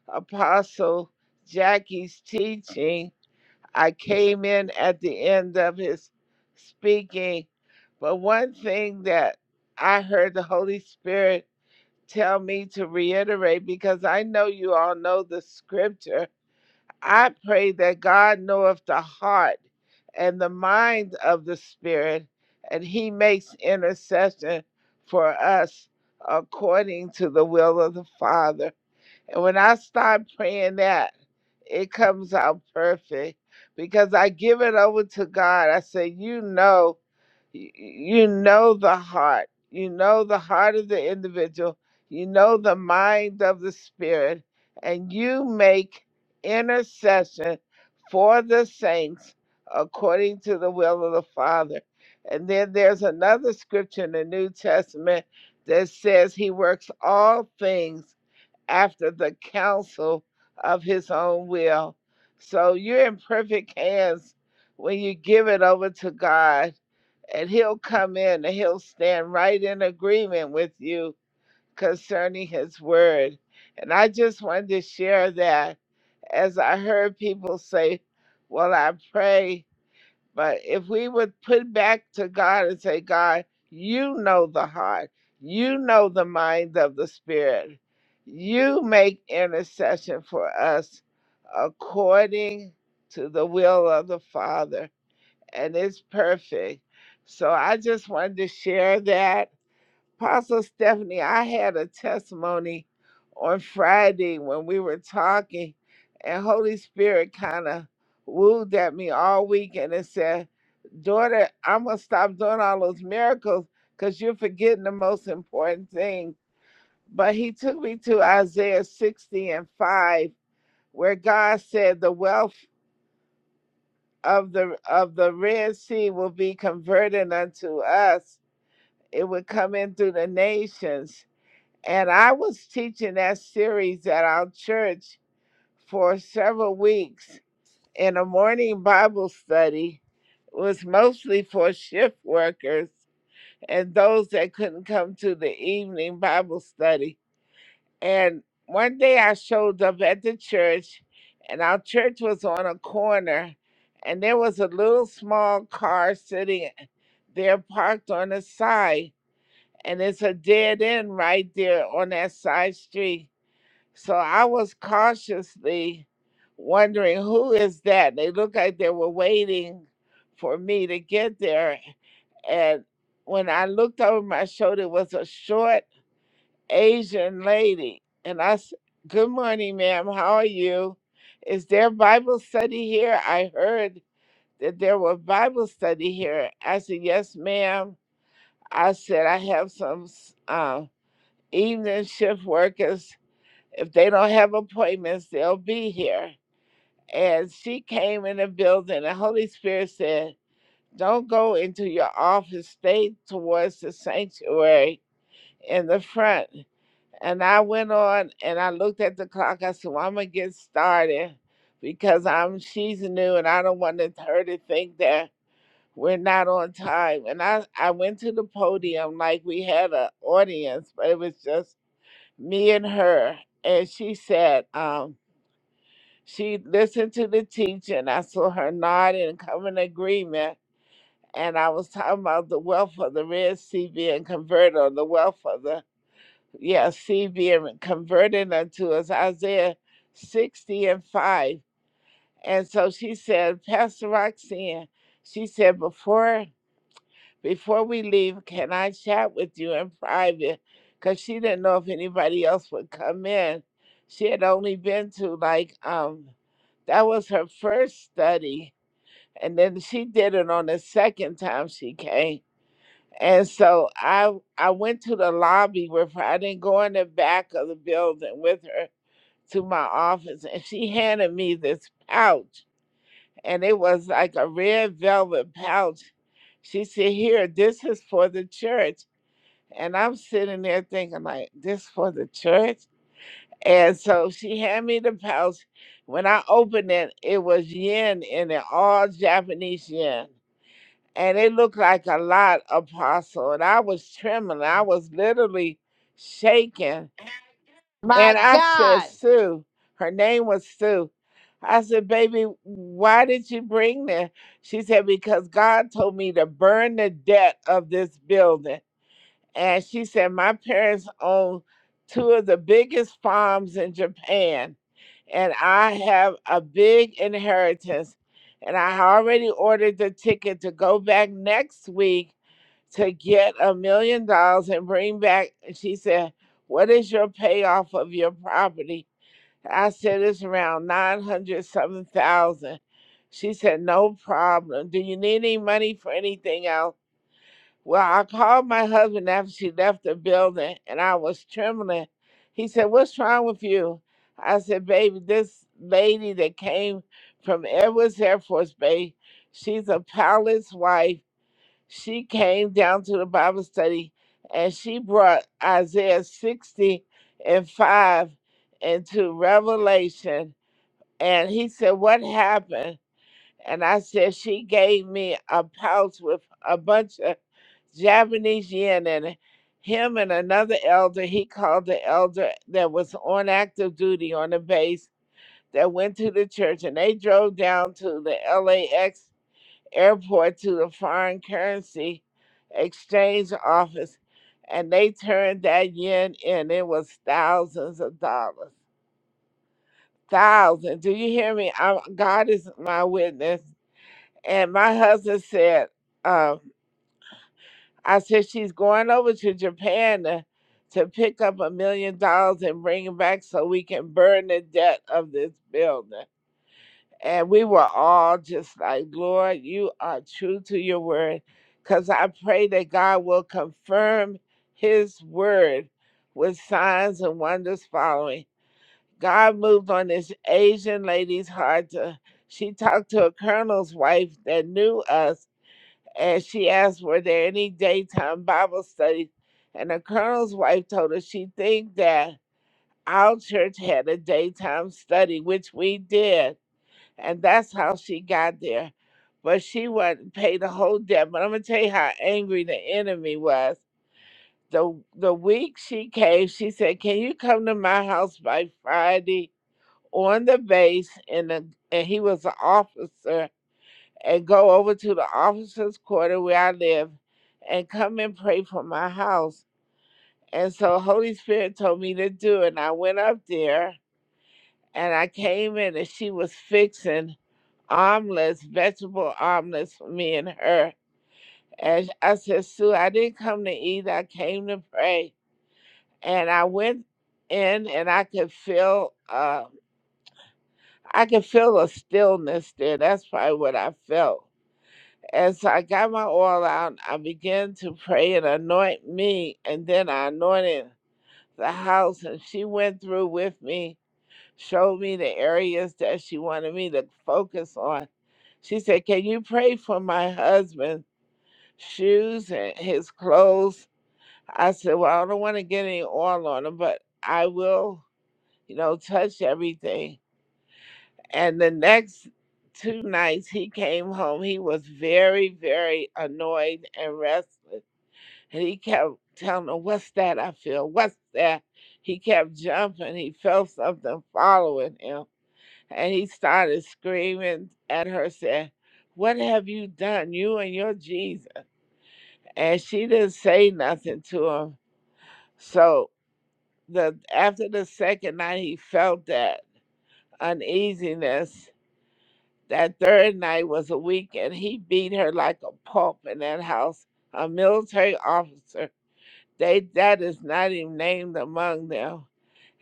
Speaker 15: Apostle Jackie's teaching. I came in at the end of his speaking. But one thing that I heard the Holy Spirit tell me to reiterate because I know you all know the scripture. I pray that God knoweth the heart and the mind of the Spirit, and He makes intercession for us according to the will of the Father. And when I start praying that, it comes out perfect because I give it over to God. I say, You know y- you know the heart you know the heart of the individual you know the mind of the spirit and you make intercession for the saints according to the will of the father and then there's another scripture in the new testament that says he works all things after the counsel of his own will so you're in perfect hands when you give it over to god and he'll come in and he'll stand right in agreement with you concerning his word. And I just wanted to share that as I heard people say, Well, I pray, but if we would put back to God and say, God, you know the heart, you know the mind of the Spirit, you make intercession for us according to the will of the Father and it's perfect. So I just wanted to share that. Apostle Stephanie, I had a testimony on Friday when we were talking, and Holy Spirit kind of wooed at me all week, and it said, Daughter, I'm going to stop doing all those miracles because you're forgetting the most important thing. But he took me to Isaiah 60 and 5, where God said, The wealthy of the of the Red Sea will be converted unto us. It would come in through the nations. And I was teaching that series at our church for several weeks in a morning Bible study. It was mostly for shift workers and those that couldn't come to the evening Bible study. And one day I showed up at the church, and our church was on a corner, and there was a little small car sitting there parked on the side. And it's a dead end right there on that side street. So I was cautiously wondering, who is that? They looked like they were waiting for me to get there. And when I looked over my shoulder, it was a short Asian lady. And I said, Good morning, ma'am. How are you? Is there Bible study here? I heard that there was Bible study here. I said, Yes, ma'am. I said, I have some s- uh, evening shift workers. If they don't have appointments, they'll be here. And she came in the building. The Holy Spirit said, Don't go into your office, stay towards the sanctuary in the front. And I went on and I looked at the clock. I said, well, I'm going to get started because I'm she's new and I don't want to- her to think that we're not on time. And I, I went to the podium like we had an audience, but it was just me and her. And she said, um, she listened to the teaching. I saw her nod and come in agreement. And I was talking about the wealth of the Red Sea being converted, or the wealth of the yeah, see, being converted unto us, Isaiah 60 and 5. And so she said, Pastor Roxanne, she said, before before we leave, can I chat with you in private? Because she didn't know if anybody else would come in. She had only been to like um that was her first study. And then she did it on the second time she came. And so I I went to the lobby with her. I didn't go in the back of the building with her to my office, and she handed me this pouch, and it was like a red velvet pouch. She said, "Here, this is for the church." And I'm sitting there thinking, like, this for the church? And so she handed me the pouch. When I opened it, it was yen in it, all Japanese yen and it looked like a lot apostle and i was trembling i was literally shaking
Speaker 1: My
Speaker 15: and i said
Speaker 1: God.
Speaker 15: sue her name was sue i said baby why did you bring this she said because god told me to burn the debt of this building and she said, My parents own two of the biggest farms in Japan, and I have a big inheritance. And I already ordered the ticket to go back next week to get a million dollars and bring back. And she said, What is your payoff of your property? I said, It's around 907,000. She said, No problem. Do you need any money for anything else? Well, I called my husband after she left the building and I was trembling. He said, What's wrong with you? I said, Baby, this lady that came from Edwards Air Force Base, she's a pilot's wife. She came down to the Bible study and she brought Isaiah 60 and 5 into Revelation. And he said, What happened? and I said she gave me a pouch with a bunch of Japanese yen in it. Him and another elder, he called the elder that was on active duty on the base that went to the church, and they drove down to the LAX airport to the foreign currency exchange office, and they turned that yen in. It was thousands of dollars. Thousands. Do you hear me? i God is my witness. And my husband said, um, I said, she's going over to Japan to, to pick up a million dollars and bring it back so we can burn the debt of this building. And we were all just like, Lord, you are true to your word. Because I pray that God will confirm his word with signs and wonders following. God moved on this Asian lady's heart. To, she talked to a colonel's wife that knew us and she asked were there any daytime bible studies and the colonel's wife told her she think that our church had a daytime study which we did and that's how she got there but she wasn't paid the whole debt but i'm gonna tell you how angry the enemy was the the week she came she said can you come to my house by friday on the base and, the, and he was an officer and go over to the officers' quarter where I live and come and pray for my house. And so Holy Spirit told me to do it. And I went up there and I came in and she was fixing omelets, vegetable omelets for me and her. And I said, Sue, I didn't come to eat, I came to pray. And I went in and I could feel uh I could feel a stillness there. That's probably what I felt As I got my oil out, I began to pray and anoint me, and then I anointed the house. And she went through with me, showed me the areas that she wanted me to focus on. She said, Can you pray for my husband's shoes and his clothes? I said, Well, I don't want to get any oil on him, but I will, you know, touch everything. And the next two nights he came home, he was very, very annoyed and restless. And he kept telling him, What's that I feel? What's that? He kept jumping. He felt something following him. And he started screaming at her, saying, What have you done, you and your Jesus? And she didn't say nothing to him. So the after the second night, he felt that uneasiness. That third night was a weekend. He beat her like a pulp in that house, a military officer They that is not even named among them.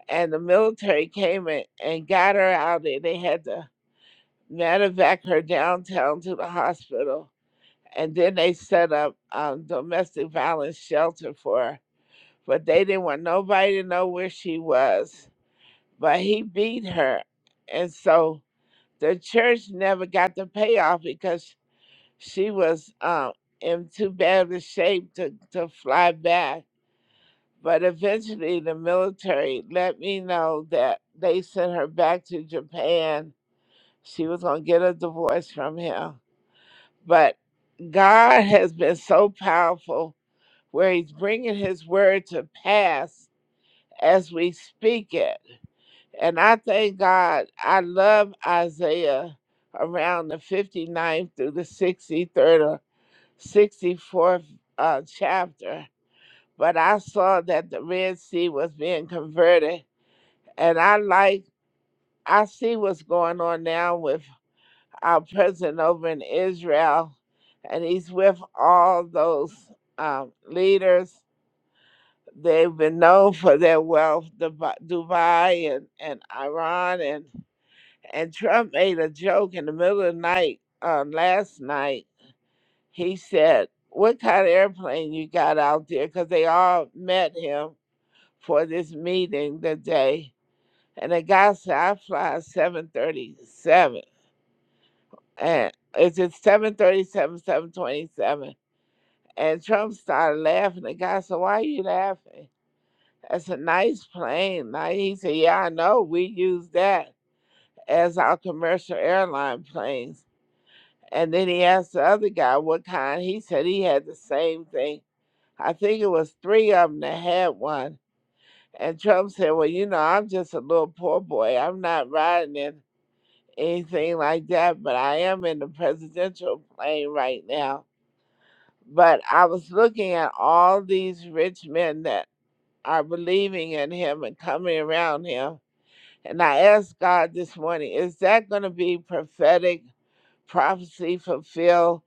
Speaker 15: And the military came in and got her out, and they had to medevac her downtown to the hospital. And then they set up um, domestic violence shelter for her. But they didn't want nobody to know where she was. But he beat her. And so the church never got the payoff because she was um, in too bad of a shape to, to fly back But eventually, the military let me know that they sent her back to Japan. She was going to get a divorce from him. But God has been so powerful where he's bringing his word to pass as we speak it. And I thank God. I love Isaiah around the 59th through the 63rd or 64th uh, chapter. But I saw that the Red Sea was being converted And I like, I see what's going on now with our president over in Israel, and he's with all those um, leaders. They've been known for their wealth, Dubai Dubai and, and Iran. And, and Trump made a joke in the middle of the night uh, last night. He said, What kind of airplane you got out there? Because they all met him for this meeting today And the guy said, I fly at 737. And it's just 737, 727. And Trump started laughing. The guy said, Why are you laughing? That's a nice plane. Now he said, Yeah, I know. We use that as our commercial airline planes. And then he asked the other guy what kind. He said he had the same thing. I think it was three of them that had one. And Trump said, Well, you know, I'm just a little poor boy. I'm not riding in." anything like that, but I am in the presidential plane right now. But I was looking at all these rich men that are believing in him and coming around him. And I asked God this morning, is that going to be prophetic prophecy fulfilled?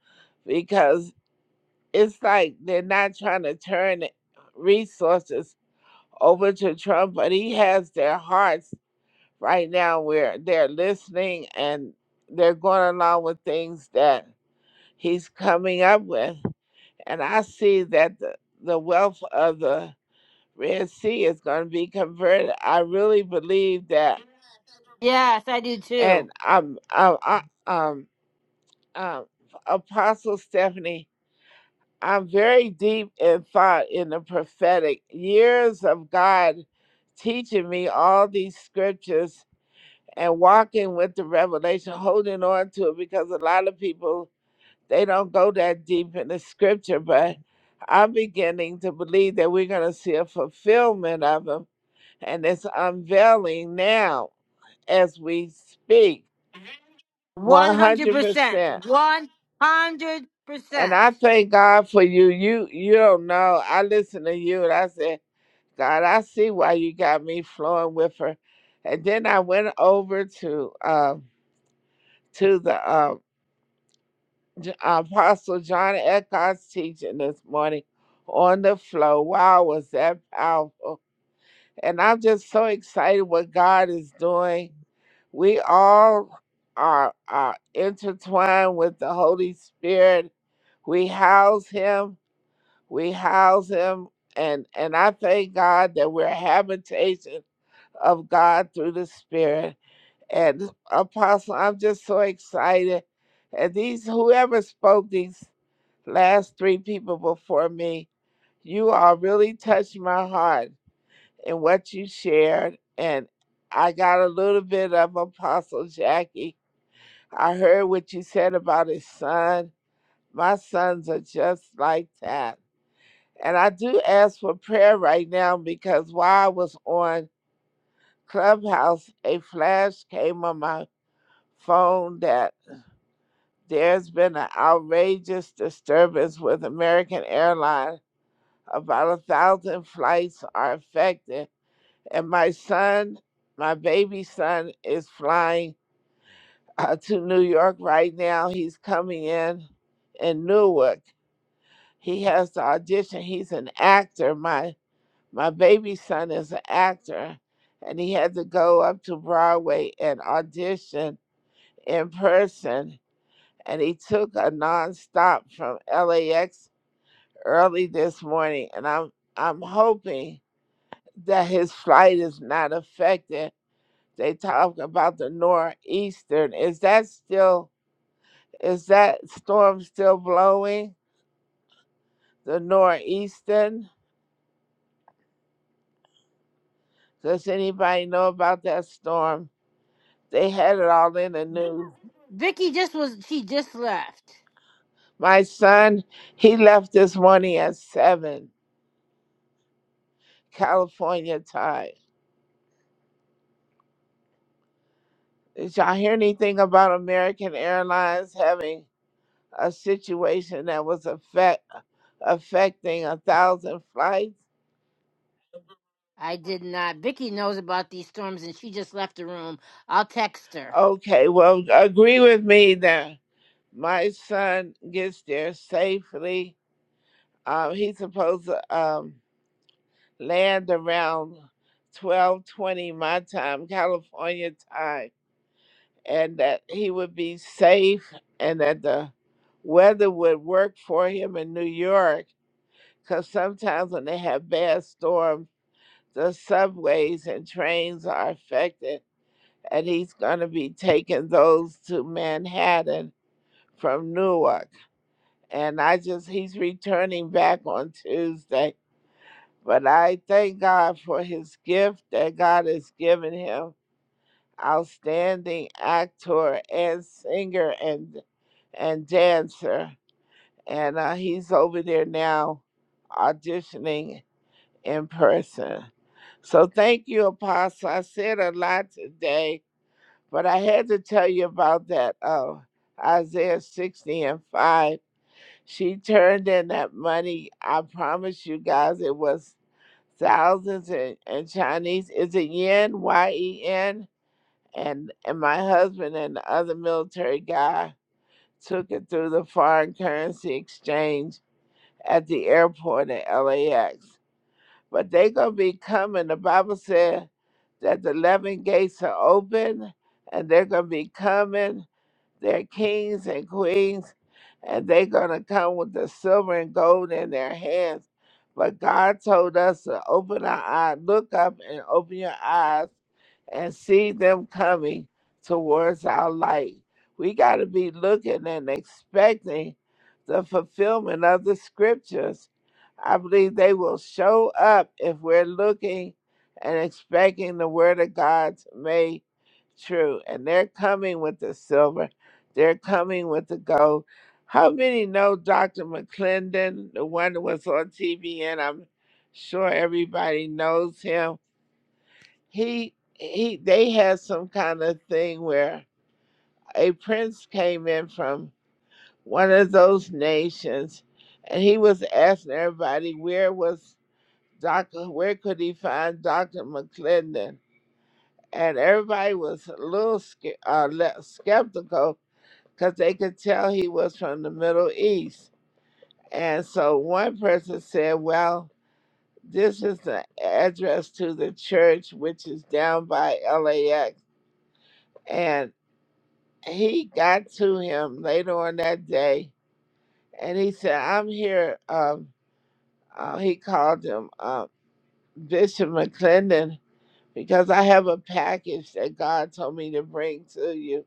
Speaker 15: Because it's like they're not trying to turn resources over to Trump, but he has their hearts right now where they're listening and they're going along with things that he's coming up with. And I see that the, the wealth of the Red Sea is going to be converted. I really believe that.
Speaker 1: Yes, I do too.
Speaker 15: And I'm, I'm I, um, um, Apostle Stephanie, I'm very deep in thought in the prophetic. Years of God teaching me all these scriptures and walking with the revelation, holding on to it, because a lot of people they don't go that deep in the scripture. But I'm beginning to believe that we're going to see a fulfillment of them, and it's unveiling now as we speak. One hundred
Speaker 1: 100%.
Speaker 15: percent.
Speaker 1: 100%.
Speaker 15: And I thank God for you. You you don't know. I listened to you and I said, God, I see why you got me flowing with her. And then I went over to um to the uh, J- Apostle John Eckhart's teaching this morning on the flow. Wow, was that powerful? And I'm just so excited what God is doing. We all are, are intertwined with the Holy Spirit. We house Him. We house Him. And, and I thank God that we're a habitation of God through the Spirit. And Apostle, I'm just so excited. And these, whoever spoke these last three people before me, you all really touched my heart in what you shared. And I got a little bit of Apostle Jackie. I heard what you said about his son. My sons are just like that. And I do ask for prayer right now because while I was on Clubhouse, a flash came on my phone that There's been an outrageous disturbance with American Airlines. About a thousand flights are affected. And my son, my baby son, is flying uh, to New York right now. He's coming in in Newark. He has to audition. He's an actor. My my baby son is an actor, and he had to go up to Broadway and audition in person. And he took a nonstop from LAX early this morning, and I'm I'm hoping that his flight is not affected. They talk about the northeastern. Is that still is that storm still blowing? The northeastern. Does anybody know about that storm? They had it all in the news.
Speaker 1: Vicky just was she just left.
Speaker 15: My son, he left this morning at seven California time. Did y'all hear anything about American Airlines having? a situation that was affect, affecting a thousand flights.
Speaker 1: I did not. Vicky knows about these storms and she just left the room. I'll text her.
Speaker 15: Okay, well, agree with me that my son gets there safely. Um, he's supposed to um, land around twelve twenty my time, California time, and that he would be safe and that the weather would work for him in New York. Because sometimes when they have bad storms The subways and trains are affected, and he's going to be taking those to Manhattan from Newark. And I just, he's returning back on Tuesday. But I thank God for his gift that God has given him outstanding actor and singer and and dancer and uh, he's over there now auditioning in person So thank you, Apostle. I said a lot today, but I had to tell you about that uh, Isaiah 60 and 5. She turned in that money. I promise you guys it was thousands in, in Chinese. Is it yen? Y-E-N? And, and my husband and the other military guy took it through the foreign currency exchange at the airport at LAX but they gonna be coming. The Bible said that the eleven gates are open, and they're gonna be coming. They're kings and queens, and they're going to come with the silver and gold in their hands. But God told us to open our eyes, look up and open your eyes and see them coming towards our light. We got to be looking and expecting the fulfillment of the scriptures. I believe they will show up if we're looking and expecting the word of God made true. And they're coming with the silver they're coming with the gold. How many know Dr. McClendon, the one that was on TV, and I'm sure everybody knows him. He he they had some kind of thing where a prince came in from one of those nations and he was asking everybody where was Dr. where could he find Dr. McClendon? And everybody was a little ske- uh, le- skeptical because they could tell he was from the Middle East And so one person said, Well, this is the address to the church, which is down by LAX. And he got to him later on that day and he said, I'm here. Um, uh, he called him uh, Bishop McClendon because I have a package that God told me to bring to you.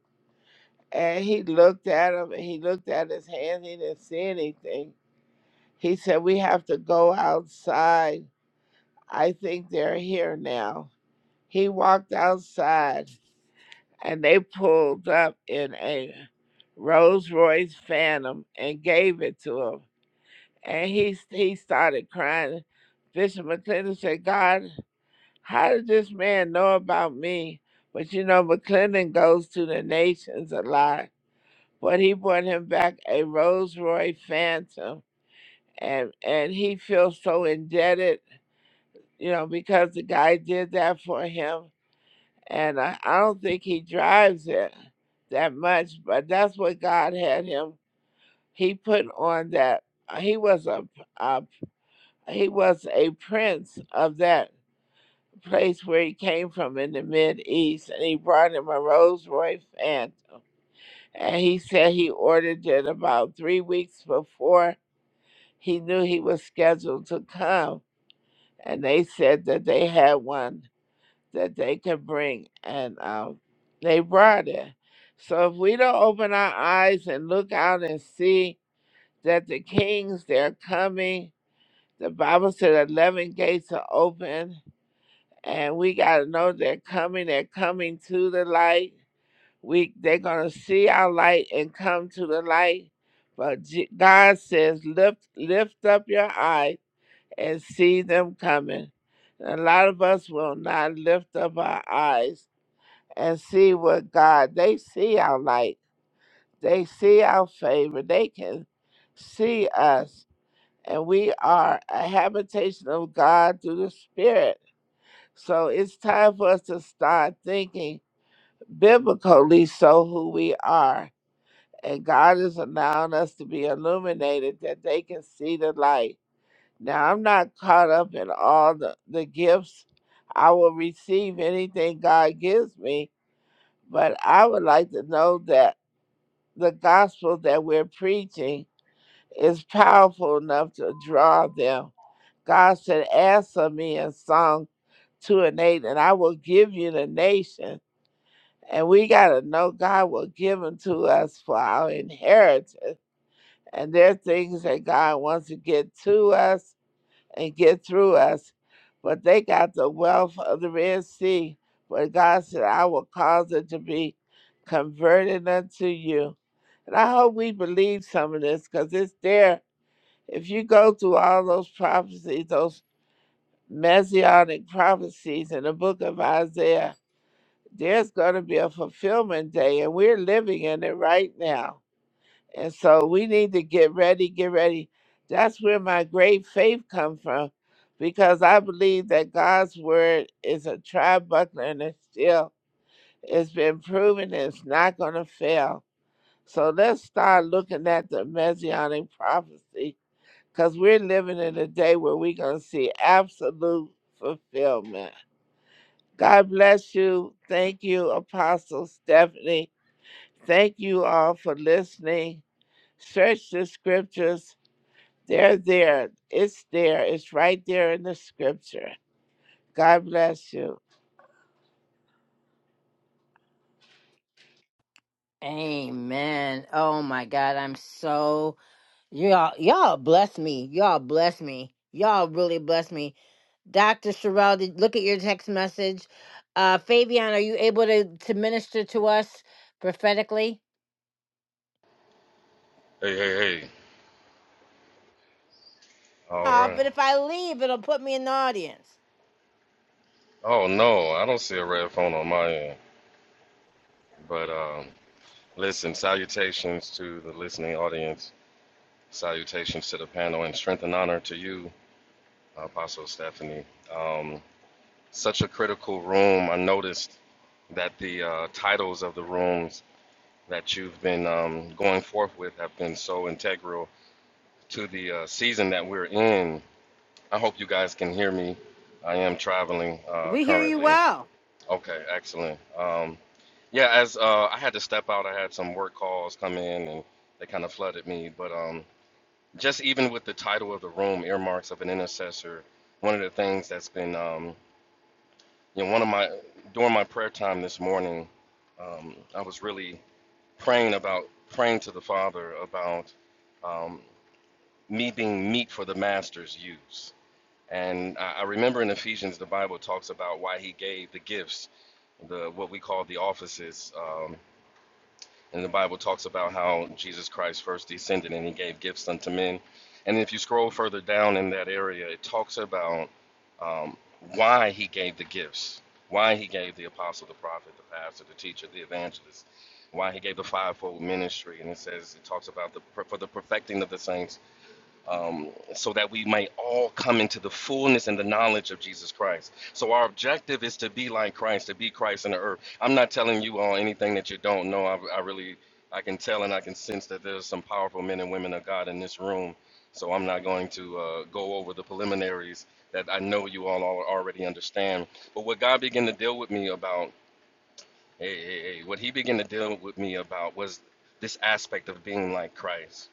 Speaker 15: And he looked at him and he looked at his hand. He didn't see anything. He said, We have to go outside I think they're here now. He walked outside and they pulled up in a Rolls Royce Phantom and gave it to him. And he, he started crying. Bishop McClendon said, God, how did this man know about me? But you know, McClendon goes to the nations a lot. But he brought him back a Rolls Royce Phantom. And, and he feels so indebted, you know, because the guy did that for him and I, I don't think he drives it that much, but that's what God had him. He put on that. uh, He was a, a he was a prince of that place where he came from in the mid east, and he brought him a Rolls Royce and and he said he ordered it about three weeks before he knew he was scheduled to come, and they said that they had one that they could bring, and um, they brought it. So if we don't open our eyes and look out and see that the kings they're coming, the Bible said eleven gates are open, and we gotta know they're coming. They're coming to the light. We they're gonna see our light and come to the light. But J- God says, lift lift up your eyes and see them coming. A lot of us will not lift up our eyes and see what God they see our light, they see our favor, they can see us, and we are a habitation of God through the Spirit. So it's time for us to start thinking biblically, so who we are, and God is allowing us to be illuminated that they can see the light. Now I'm not caught up in all the, the gifts. I will receive anything God gives me, but I would like to know that. the gospel that we're preaching is powerful enough to draw them. God said, Ask of me in Psalm 2 and 8, and I will give you the nation. And we got to know God will give them to us for our inheritance. And there are things that God wants to get to us and get through us. But they got the wealth of the Red Sea. But God said, I will cause it to be converted unto you and I hope we believe some of this because it's there. If you go through all those prophecies, those messianic prophecies in the book of Isaiah, there's going to be a fulfillment day, and we're living in it right now. And so we need to get ready, get ready. That's where my great faith comes from, because I believe that God's word is a tri buckler and it's still, it's been proven it's not going to fail. So let's start looking at the messianic prophecy because we're living in a day where we're going to see absolute fulfillment. God bless you. Thank you, Apostle Stephanie. Thank you all for listening. Search the scriptures. They're there. It's there. It's right there in the scripture. God bless you.
Speaker 1: Amen. Oh my God, I'm so Y'all, y'all bless me. Y'all bless me. Y'all really bless me. Dr. Sherelle, did, look at your text message. Uh, Fabian, are you able to, to minister to us prophetically?
Speaker 3: Hey, hey, hey. All
Speaker 1: Off,
Speaker 3: right.
Speaker 1: but if I leave, it'll put me in the audience.
Speaker 3: Oh, no, I don't see a red phone on my end. But um, listen, salutations to the listening audience. Salutations to the panel and strength and honor to you, Apostle Stephanie. Um, such a critical room. I noticed that the uh, titles of the rooms that you've been um, going forth with have been so integral to the uh, season that we're in. I hope you guys can hear me. I am traveling uh,
Speaker 1: We hear you
Speaker 3: currently.
Speaker 1: well.
Speaker 3: Okay, excellent. Um, yeah, as uh, I had to step out, I had some work calls come in and they kind of flooded me. But um, just even with the title of the room, Earmarks of an Intercessor, one of the things that's been, um, you know, one of my, during my prayer time this morning, um, I was really praying about, praying to the Father about um, me being meat for the Master's use And I, I remember in Ephesians, the Bible talks about why he gave the gifts, the what we call the offices. Um, and the Bible talks about how Jesus Christ first descended and he gave gifts unto men. And if you scroll further down in that area, it talks about um, why he gave the gifts, why he gave the apostle, the prophet, the pastor, the teacher, the evangelist, why he gave the fivefold ministry. And it says, it talks about the for the perfecting of the saints um, so that we might all come into the fullness and the knowledge of Jesus Christ. So our objective is to be like Christ, to be Christ in the earth. I'm not telling you all anything that you don't know. I, I really, I can tell and I can sense that there's some powerful men and women of God in this room. So I'm not going to uh, go over the preliminaries that I know you all al- already understand. But what God began to deal with me about, hey, hey, hey, what He began to deal with me about was this aspect of being like Christ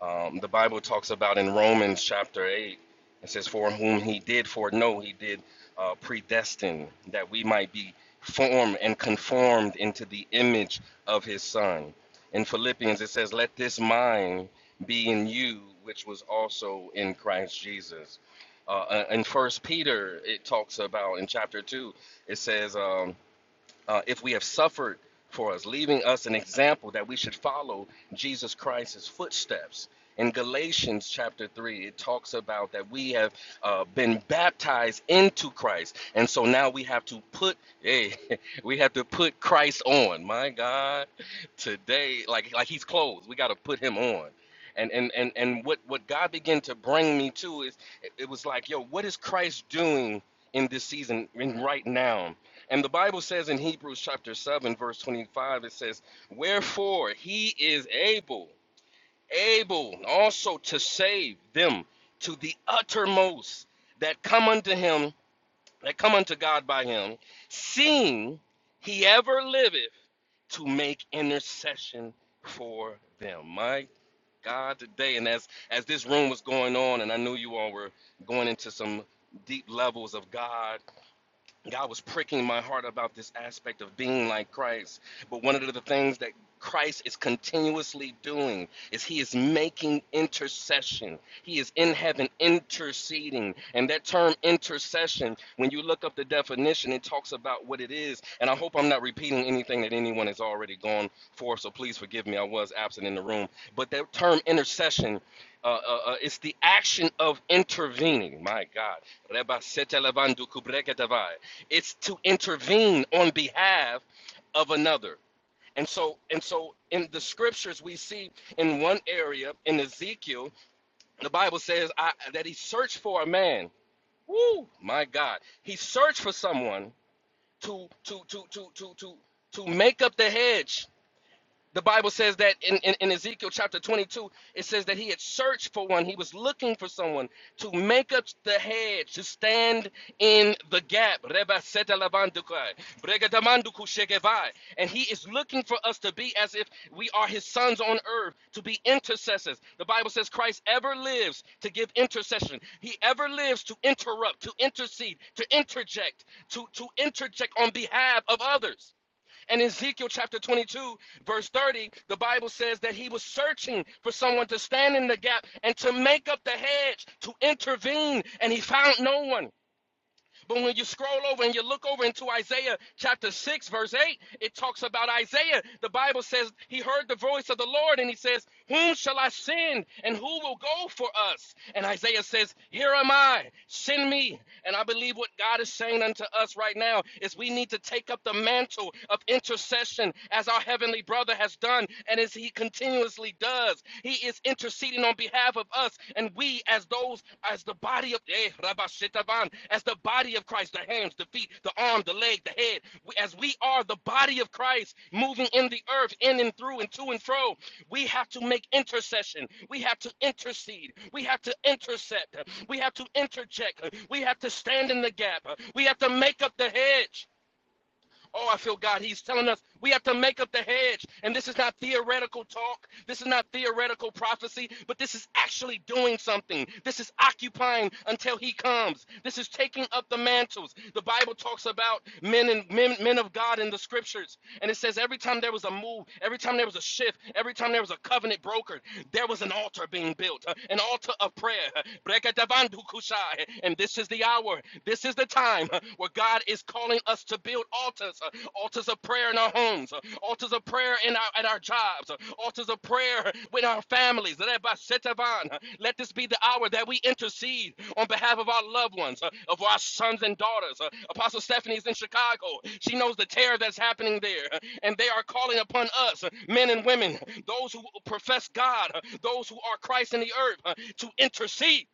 Speaker 3: um, the Bible talks about in Romans chapter 8, it says, For whom he did foreknow, he did uh, predestine that we might be formed and conformed into the image of his Son. In Philippians, it says, Let this mind be in you, which was also in Christ Jesus. Uh, uh, in First Peter, it talks about in chapter 2, it says, um, uh, if we have suffered for us, leaving us an example that we should follow Jesus Christ's footsteps. In Galatians chapter 3, it talks about that we have uh, been baptized into Christ. And so now we have to put, hey, we have to put Christ on. My God, today, like, like he's clothes. We got to put him on. And, and, and, and what, what God began to bring me to is it it was like, yo, what is Christ doing in this season and right now? And the Bible says in Hebrews chapter 7, verse 25, it says, Wherefore he is able, able also to save them to the uttermost that come unto him, that come unto God by him, seeing he ever liveth to make intercession for them. My God, today, and as as this room was going on, and I knew you all were going into some deep levels of God God was pricking my heart about this aspect of being like Christ. But one of the things that Christ is continuously doing is he is making intercession. He is in heaven interceding. And that term intercession, when you look up the definition, it talks about what it is. And I hope I'm not repeating anything that anyone has already gone for, so please forgive me. I was absent in the room. But that term intercession uh, uh, uh, it's the action of intervening. My God. Reba sete levandu kubreke davai. It's to intervene on behalf of another. And so, and so in the scriptures, we see in one area in Ezekiel, the Bible says I, that he searched for a man. Woo, my God. He searched for someone to to to to to to to make up the hedge the Bible says that in, in, in Ezekiel chapter 22, it says that he had searched for one. He was looking for someone to make up the hedge, to stand in the gap. Reba seta labandukai, brega damanduku shekevai. And he is looking for us to be as if we are his sons on earth, to be intercessors. The Bible says Christ ever lives to give intercession. He ever lives to interrupt, to intercede, to interject, to, to interject on behalf of others. And Ezekiel chapter 22, verse 30, the Bible says that he was searching for someone to stand in the gap and to make up the hedge, to intervene, and he found no one. But when you scroll over and you look over into Isaiah chapter 6, verse 8, it talks about Isaiah. The Bible says he heard the voice of the Lord and he says, Whom shall I send and who will go for us? And Isaiah says, Here am I, send me. And I believe what God is saying unto us right now is we need to take up the mantle of intercession as our heavenly brother has done and as he continuously does us. He is interceding on behalf of us, and we, as those, as the body of eh, as the body of Christ, the hands, the feet, the arm, the leg, the head, we, as we are the body of Christ, moving in the earth, in and through, and to and fro, we have to make intercession. We have to intercede. We have to intercept. We have to interject. We have to stand in the gap. We have to make up the hedge. Oh, I feel God. He's telling us we have to make up the hedge. And this is not theoretical talk. This is not theoretical prophecy, but this is actually doing something. This is occupying until he comes. This is taking up the mantles. The Bible talks about men and men, men of God in the scriptures. And it says every time there was a move, every time there was a shift, every time there was a covenant brokered, there was an altar being built, uh, an altar of prayer. And this is the hour. This this is the time uh, where God is calling us to build altars, uh, altars of prayer in our homes, uh, altars of prayer in our at our jobs, uh, altars of prayer with our families. Let by Setavan, uh, let this be the hour that we intercede on behalf of our loved ones, uh, of our sons and daughters. Uh, Apostle Stephanie is in Chicago. She knows the terror that's happening there, uh, and they are calling upon us, uh, men and women, those who profess God, uh, those who are Christ in the earth, uh, to intercede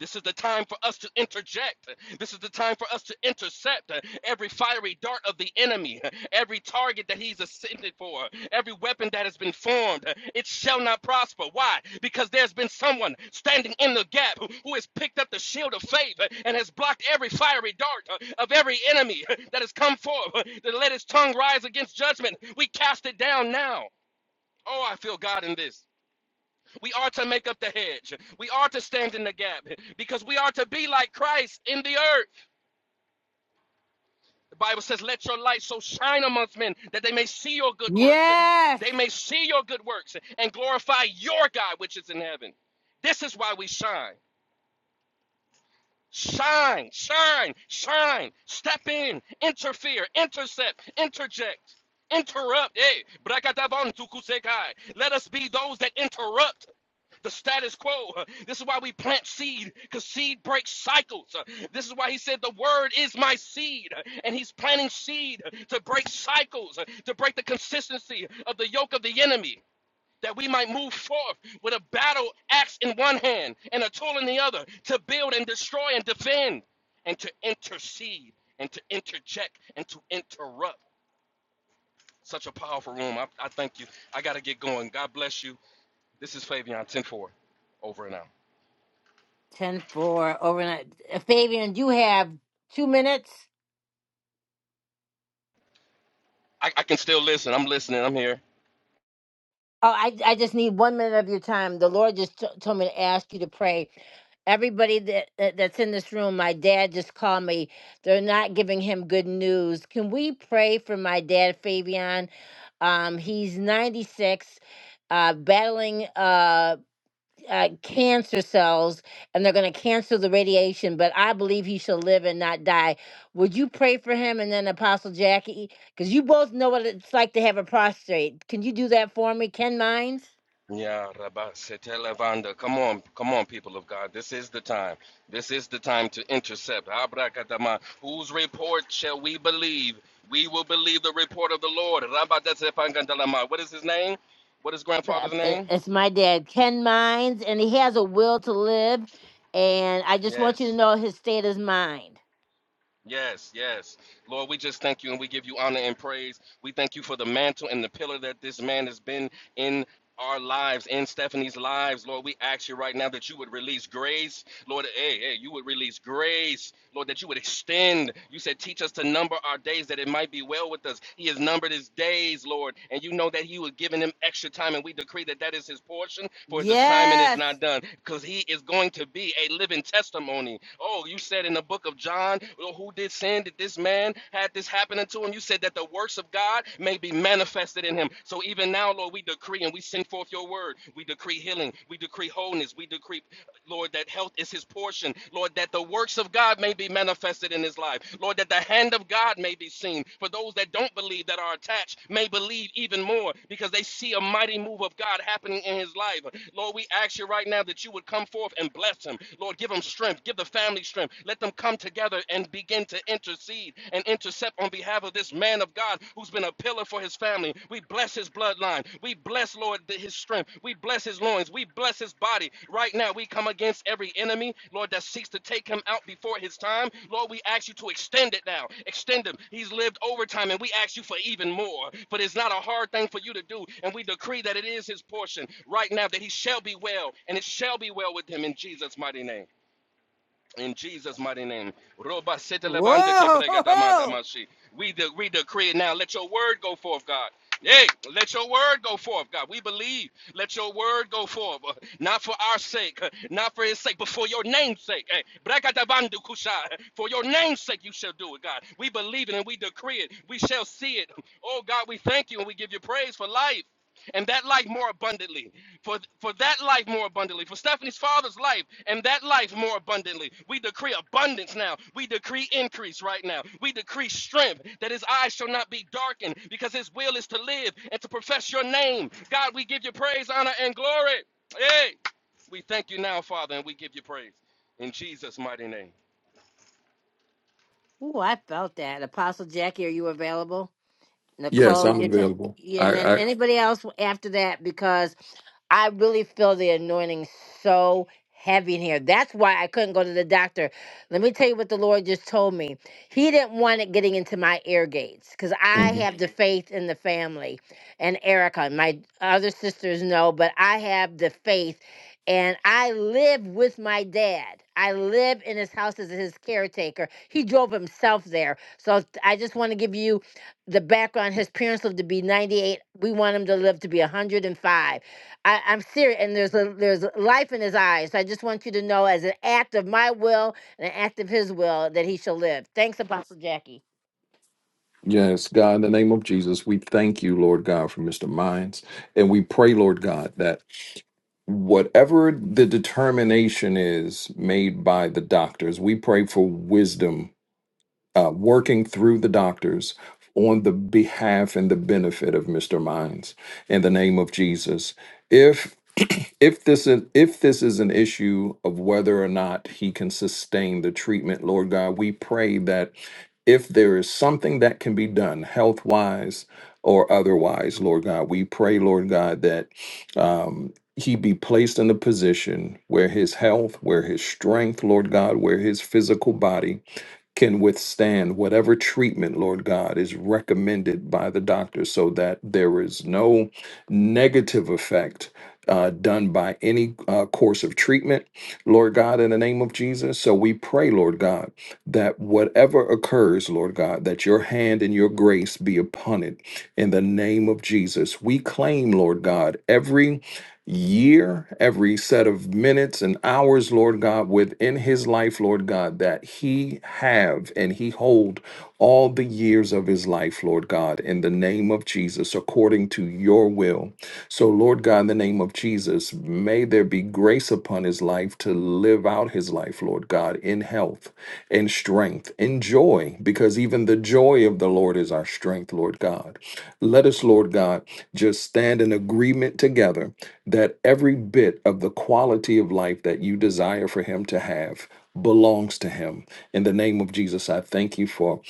Speaker 3: this is the time for us to interject. This is the time for us to intercept uh, every fiery dart of the enemy, uh, every target that he's ascended for, every weapon that has been formed. uh, It shall not prosper. Why? Because there's been someone standing in the gap who, who has picked up the shield of faith uh, and has blocked every fiery dart uh, of every enemy uh, that has come forth uh, to let his tongue rise against judgment. We cast it down now. Oh, I feel God in this. We are to make up the hedge. We are to stand in the gap because we are to be like Christ in the earth. The Bible says, Let your light so shine amongst men that they may see your good works.
Speaker 1: Yes.
Speaker 3: They may see your good works and glorify your God which is in heaven. This is why we shine. Shine, shine, shine. Step in, interfere, intercept, interject, interrupt. Hey, brakatavan tukusekai. Let us be those that interrupt the status quo. This is why we plant seed, because seed breaks cycles. This is why he said, The word is my seed. And he's planting seed to break cycles, to break the consistency of the yoke of the enemy that we might move forth with a battle axe in one hand and a tool in the other to build and destroy and defend and to intercede and to interject and to interrupt such a powerful room. I, I thank you. I got to get going. God bless you. This is Fabian 10 four, over and out.
Speaker 1: 10 4 overnight. Uh, Fabian, you have two minutes.
Speaker 3: I, I can still listen. I'm listening. I'm here.
Speaker 1: Oh, I, I just need one minute of your time. The Lord just t- told me to ask you to pray. Everybody that, that that's in this room, my dad just called me. They're not giving him good news. Can we pray for my dad, Fabian? Um, he's 96, uh, battling. Uh uh, cancer cells and they're going to cancel the radiation, but I believe he shall live and not die. Would you pray for him and then Apostle Jackie? Because you both know what it's like to have a prostate. Can you do that for me? Ken Mines?
Speaker 3: Yeah, Rabba Setelevanda. Come on, come on, people of God. This is the time. This is the time to intercept. Abracadama. Whose report shall we believe? We will believe the report of the Lord. Rabba Desepangadalama. What is his name? What is
Speaker 1: Uh,
Speaker 3: grandfather's
Speaker 1: it-
Speaker 3: name?
Speaker 1: It's my dad, Ken Mines, and he has a will to live. And I just want you to
Speaker 3: Yes.
Speaker 1: know his state of mind.
Speaker 3: Yes, yes. Lord, we just thank you and we give you honor and praise. We thank you for the mantle and the pillar that this man has been in our lives, in Stephanie's lives. Lord, we ask you right now that you would release grace. Lord, hey, hey, you would release grace. Lord, that you would extend. You said, teach us to number our days that it might be well with us. He has numbered his days, Lord, and you know that he was giving him extra time, and we decree that that is his portion, for it's the his assignment is
Speaker 1: Yes.
Speaker 3: not done because he is going to be a living testimony. Oh, you said in the book of John, oh, who did sin? Did this man had this happen unto him? You said that the works of God may be manifested in him. So even now, Lord, we decree and we send forth your word. We decree healing. We decree wholeness. We decree Lord, that health is his portion. Lord, that the works of God may be manifested in his life. Lord, that the hand of God may be seen. For those that don't believe that are attached may believe even more because they see a mighty move of God happening in his life. Lord, we ask you right now that you would come forth and bless him. Lord, give him strength. Give the family strength. Let them come together and begin to intercede and intercept on behalf of this man of God who's been a a pillar for his family. We bless his bloodline. We bless, Lord, his strength. We bless his loins. We bless his body. Right now, we come against every enemy, Lord, that seeks to take him out before his time. Lord, we ask you to extend it now. Extend him. He's lived overtime, and we ask you for even more. But it's not a hard thing for you to do. And we decree that it is his portion right now, that he shall be well, and it shall be well with him in Jesus' mighty name. In Jesus' mighty name. Roba sete levanda que brega dama damashi. We, de- we decree it now. Let your word go forth, God. Hey, let your word go forth, God. We believe. Let your word go forth. uh, Not for our sake, uh, not for his sake, but for your name's sake. Hey, brega kusha. For your name's sake, you shall do it, God. We believe it and we decree it. We shall see it. Oh, God, we thank you and we give you praise for life and that life more abundantly. For, for that life more abundantly. For Stephanie's father's life and that life more abundantly. We decree abundance now. We decree increase right now. We decree strength that his eyes shall not be darkened because his will is to live and to profess your name. God, we give you praise, honor, and glory. Hey, we thank you now, Father, and we give you praise. In Jesus' mighty name.
Speaker 1: Ooh, I felt that. Apostle Jackie, are you available?
Speaker 12: Yes,
Speaker 1: Nicole,
Speaker 12: I'm
Speaker 1: you t-
Speaker 12: available.
Speaker 1: yeah, and
Speaker 12: I
Speaker 1: then
Speaker 12: I
Speaker 1: anybody else after that because I really feel the anointing so heavy in here. That's why I couldn't go to the doctor. Let me tell you what the Lord just told me. He didn't want it getting into my ear gates because I
Speaker 12: mhm.
Speaker 1: have the Mhm. faith in the family. And Erica, my other sisters know, but I have the faith. And I live with my dad. I live in his house as his caretaker. He drove himself there. So I just want to give you the background his parents lived to be 98 we want him to live to be 105 I, i'm serious and there's a there's life in his eyes so i just want you to know as an act of my will and an act of his will that he shall live thanks apostle jackie
Speaker 12: Yes, God, in the name of Jesus, we thank you, Lord God, for Mr. Mines. And we pray, Lord God, that whatever the determination is made by the doctors, we pray for wisdom uh, working through the doctors on the behalf and the benefit of Mr. Mines in the name of Jesus. If if this is if this is an issue of whether or not he can sustain the treatment, Lord God, we pray that if there is something that can be done health wise or otherwise, Lord God, we pray, Lord God, that um, he be placed in a position where his health, where his strength, Lord God, where his physical body can withstand whatever treatment, Lord God, is recommended by the doctor so that there is no negative effect. Uh, done by any uh, course of treatment, Lord God, in the name of Jesus. So we pray, Lord God, that whatever occurs, Lord God, that your hand and your grace be upon it in the name of Jesus. We claim, Lord God, every year, every set of minutes and hours, Lord God, within his life, Lord God, that he have and he hold all the years of his life, Lord God, in the name of Jesus, according to your will. So, Lord God, in the name of Jesus, may there be grace upon his life to live out his life, Lord God, in health health and strength and joy, because even the joy of the Lord is our strength, Lord God. Let us, Lord God, just stand in agreement together that every bit of the quality of life that you desire for Him to have belongs to Him. In the name of Jesus, I thank you for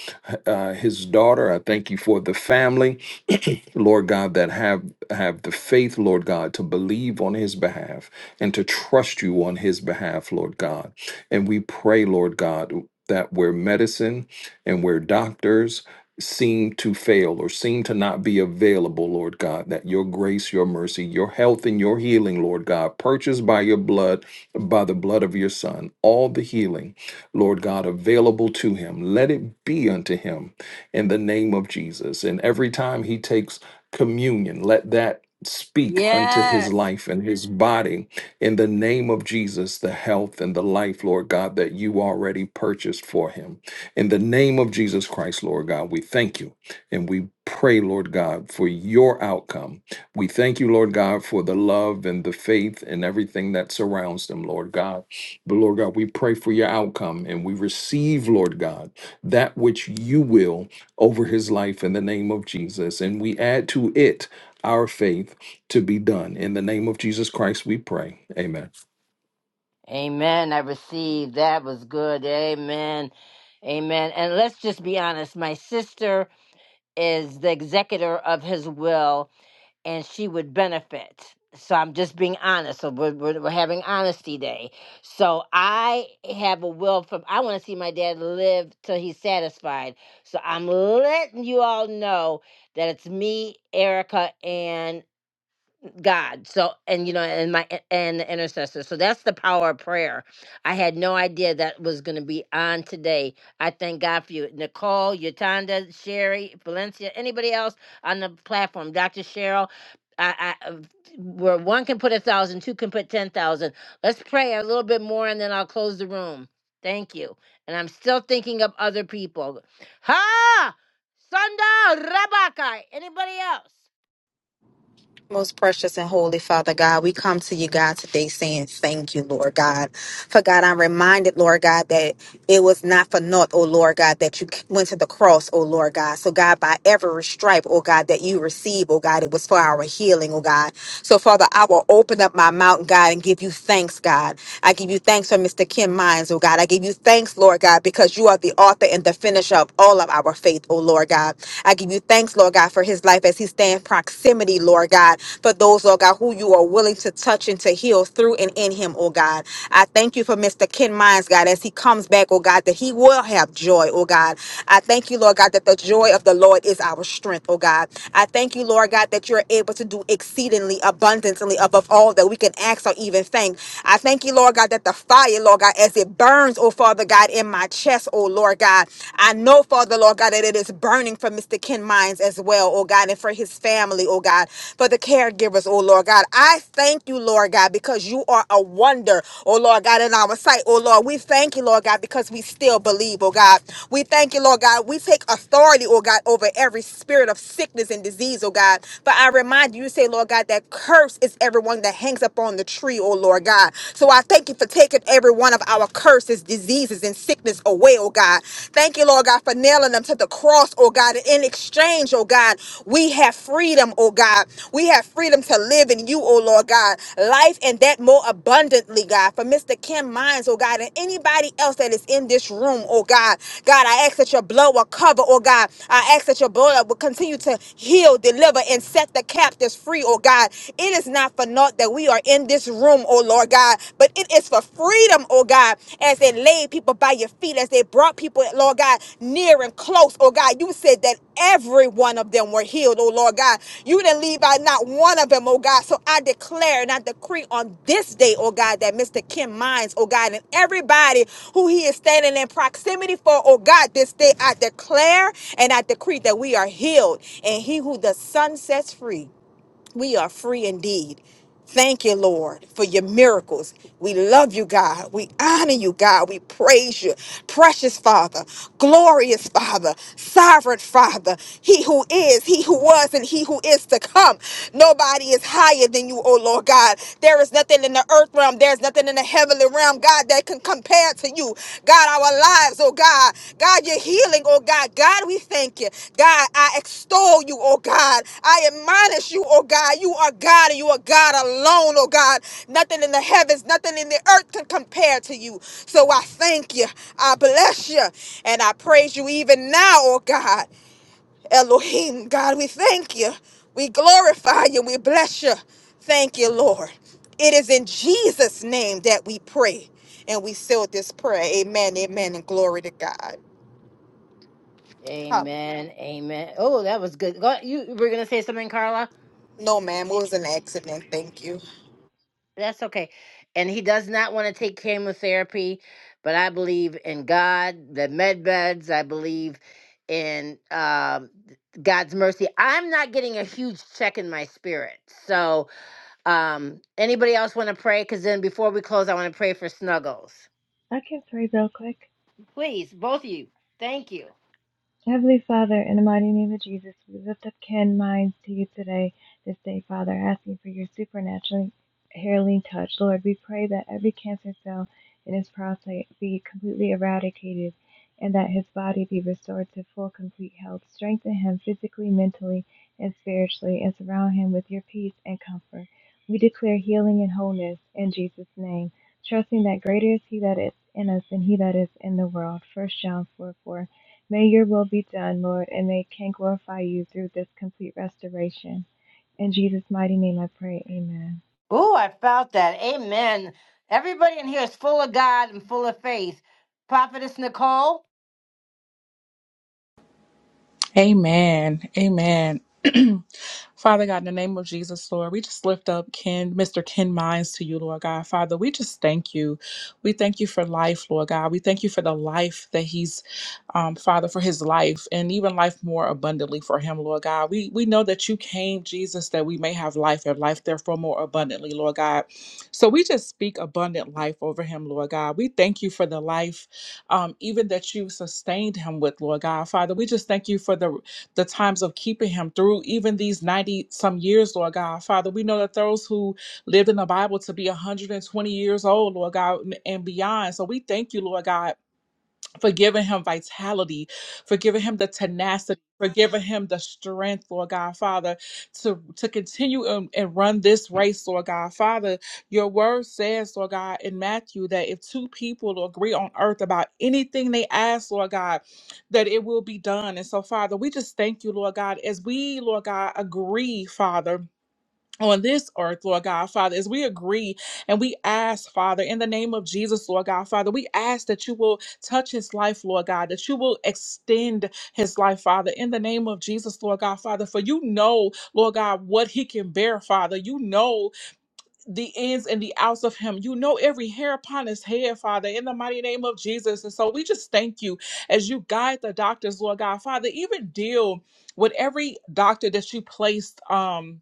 Speaker 12: uh, His daughter. I thank you for the family. Lord God, that have have the faith, Lord God, to believe on his behalf and to trust you on his behalf, Lord God. And we pray, Lord God, that where medicine and where doctors seem to fail or seem to not be available, Lord God, that your grace, your mercy, your health and your healing, Lord God, purchased by your blood, by the blood of your son, all the healing, Lord God, available to him. Let it be unto him in the name of Jesus. And every time he takes communion. Let that speak unto his
Speaker 1: Yes.
Speaker 12: life and his body in the name of Jesus, the health and the life, Lord God, that you already purchased for him. In the name of Jesus Christ, Lord God, we thank you and we pray, Lord God, for your outcome. We thank you, Lord God, for the love and the faith and everything that surrounds them, Lord God. But Lord God, we pray for your outcome and we receive, Lord God, that which you will over his life in the name of Jesus. And we add to it our faith to be done. In the name of Jesus Christ, we pray. Amen.
Speaker 1: Amen. I received. That was good. Amen. Amen. And let's just be honest. My sister is the executor of his will. and she would benefit. So I'm just being honest. So we're, we're, we're having honesty day. So I have a will from, I want to see my dad live till he's satisfied. So I'm letting you all know that it's me, Erica, and God. So and you know and my and the intercessor. So that's the power of prayer. I had no idea that was going to be on today. I thank God for you, Nicole, Yatanda, Sherry, Valencia, anybody else on the platform, Dr. Cheryl. I, I um, where one can put a thousand, two can put ten thousand. Let's pray a little bit more, and then I'll close the room. Thank you. And I'm still thinking of other people. Ha! Sunda Rabakai. Anybody else?
Speaker 14: Most precious and holy Father God, we come to you, God, today saying thank you, Lord God. For God, I'm reminded, Lord God, that it was not for naught, oh Lord God, that you went to the cross, oh Lord God. So, God, by every stripe, oh God, that you receive, oh God, it was for our healing, oh God. So, Father, I will open up my mouth, God, and give you thanks, God. I give you thanks for Mr. Kim Mines, oh God. I give you thanks, Lord God, because you are the author and the finisher of all of our faith, oh Lord God. I give you you thanks, Lord God, for his life as he stands proximity, Lord God, for those, Lord God, who you are willing to touch and to heal through and in him, oh God. I thank you for Mr. Ken Mines, God, as he comes back, oh God, that he will have joy, oh God. I thank you, Lord God, that the joy of the Lord is our strength, oh God. I thank you, Lord God, that you're able to do exceedingly abundantly above all that we can ask or even think. I thank you, Lord God, that the fire, Lord God, as it burns, oh Father God, in my chest, oh Lord God. I know, Father, Lord God, that it is burning for Mr. Ken Mines as well, oh God, and for his family, oh God, for the caregivers, oh Lord God. I thank you, Lord God, because you are a wonder, oh Lord God, in our sight, oh Lord. We thank you, Lord God, because we still believe, oh God. We thank you, Lord God. We take authority, oh God, over every spirit of sickness and disease, oh God. But I remind you, you say, Lord God, that curse is everyone that hangs up on the tree, oh Lord God. So I thank you for taking every one of our curses, diseases, and sickness away, oh God. Thank you, Lord God, for nailing them to the cross, oh God. And in exchange, oh God, we have freedom, oh God. We have freedom to live in you, oh Lord God. Life and that more abundantly, God. For Mr. Kim Mines, oh God, and anybody else that is in this room, oh God. God, I ask that your blood will cover, oh God. I ask that your blood will continue to heal, deliver, and set the captives free, oh God. It is not for naught that we are in this room, oh Lord God, but it is for freedom, oh God, as they laid people by your feet, as they brought people, Lord God, near and close, oh God. You said that every one of them were healed, oh Lord God. You didn't leave out not one of them, oh God. So I declare and I decree on this day, oh God, that Mr. Kim Mines, oh God, and everybody who he is standing in proximity for, oh God, this day I declare and I decree that we are healed. And he who the sun sets free we are free indeed. Thank you, Lord, for your miracles. We love you, God. We honor you, God. We praise you. Precious Father, glorious Father, sovereign Father, He who is, He who was, and He who is to come. Nobody is higher than you, O Lord God. There is nothing in the earth realm. There is nothing in the heavenly realm, God, that can compare to you. God, our lives, oh God. God, your healing, oh God. God, we thank you. God, I extol you, oh God. I admonish you, oh God. You are God and you are God alone, oh God. Nothing in the heavens, nothing in the earth can compare to you. So I thank you. I bless you. And I praise you even now, oh God. Elohim, God, we thank you. We glorify you. We bless you. Thank you, Lord. It is in Jesus' name that we pray. And we seal this prayer. Amen, amen, and glory to God. Huh.
Speaker 1: Amen. Amen. Oh, that was good. Go, you were gonna say something, Carla?
Speaker 14: No, ma'am, it was an accident. Thank you.
Speaker 1: That's okay. And he does not want to take chemotherapy, but I believe in God, the med beds. I believe in um, God's mercy. I'm not getting a huge check in my spirit. So, um, anybody else want to pray? Because then before we close, I want to pray for Snuggles.
Speaker 4: I can pray real quick.
Speaker 1: Please, both of you. Thank you.
Speaker 4: Heavenly Father, in the mighty name of Jesus, we lift up Ken's Mines to you today, this day, Father, asking for your supernatural healing touch. Lord, we pray that every cancer cell in his prostate be completely eradicated and that his body be restored to full, complete health. Strengthen him physically, mentally, and spiritually, and surround him with your peace and comfort. We declare healing and wholeness in Jesus' name, trusting that greater is he that is in us than he that is in the world. First John 4:4. May your will be done, Lord, and they can glorify you through this complete restoration. In Jesus' mighty name I pray, amen.
Speaker 1: Oh, I felt that. Amen. Everybody in here is full of God and full of faith. Prophetess Nicole,
Speaker 5: Amen. Amen. Father God, in the name of Jesus, Lord, we just lift up Ken, Mr. Ken Mines to you, Lord God. Father, we just thank you. We thank you for life, Lord God. We thank you for the life that he's, um, Father, for his life and even life more abundantly for him, Lord God. We we know that you came, Jesus, that we may have life and life therefore more abundantly, Lord God. So we just speak abundant life over him, Lord God. We thank you for the life um, even that you sustained him with, Lord God. Father, we just thank you for the the times of keeping him through even these 90 some years, Lord God. Father, we know that those who lived in the Bible to be 120 years old, Lord God, and and beyond. So we thank you, Lord God for giving him vitality, for giving him the tenacity, for giving him the strength, Lord God Father, to, to continue and, and run this race, Lord God Father. Your word says, Lord God, in Matthew, that if two people agree on earth about anything they ask, Lord God, that it will be done. And so, Father, we just thank you, Lord God, as we, Lord God, agree, Father on this earth, Lord God, Father, as we agree and we ask, Father, in the name of Jesus, Lord God, Father, we ask that you will touch his life, Lord God, that you will extend his life, Father, in the name of Jesus, Lord God, Father, for you know, Lord God, what he can bear, Father. You know the ins and the outs of him. You know every hair upon his head, Father, in the mighty name of Jesus. And so we just thank you as you guide the doctors, Lord God, Father, even deal with every doctor that you placed, um,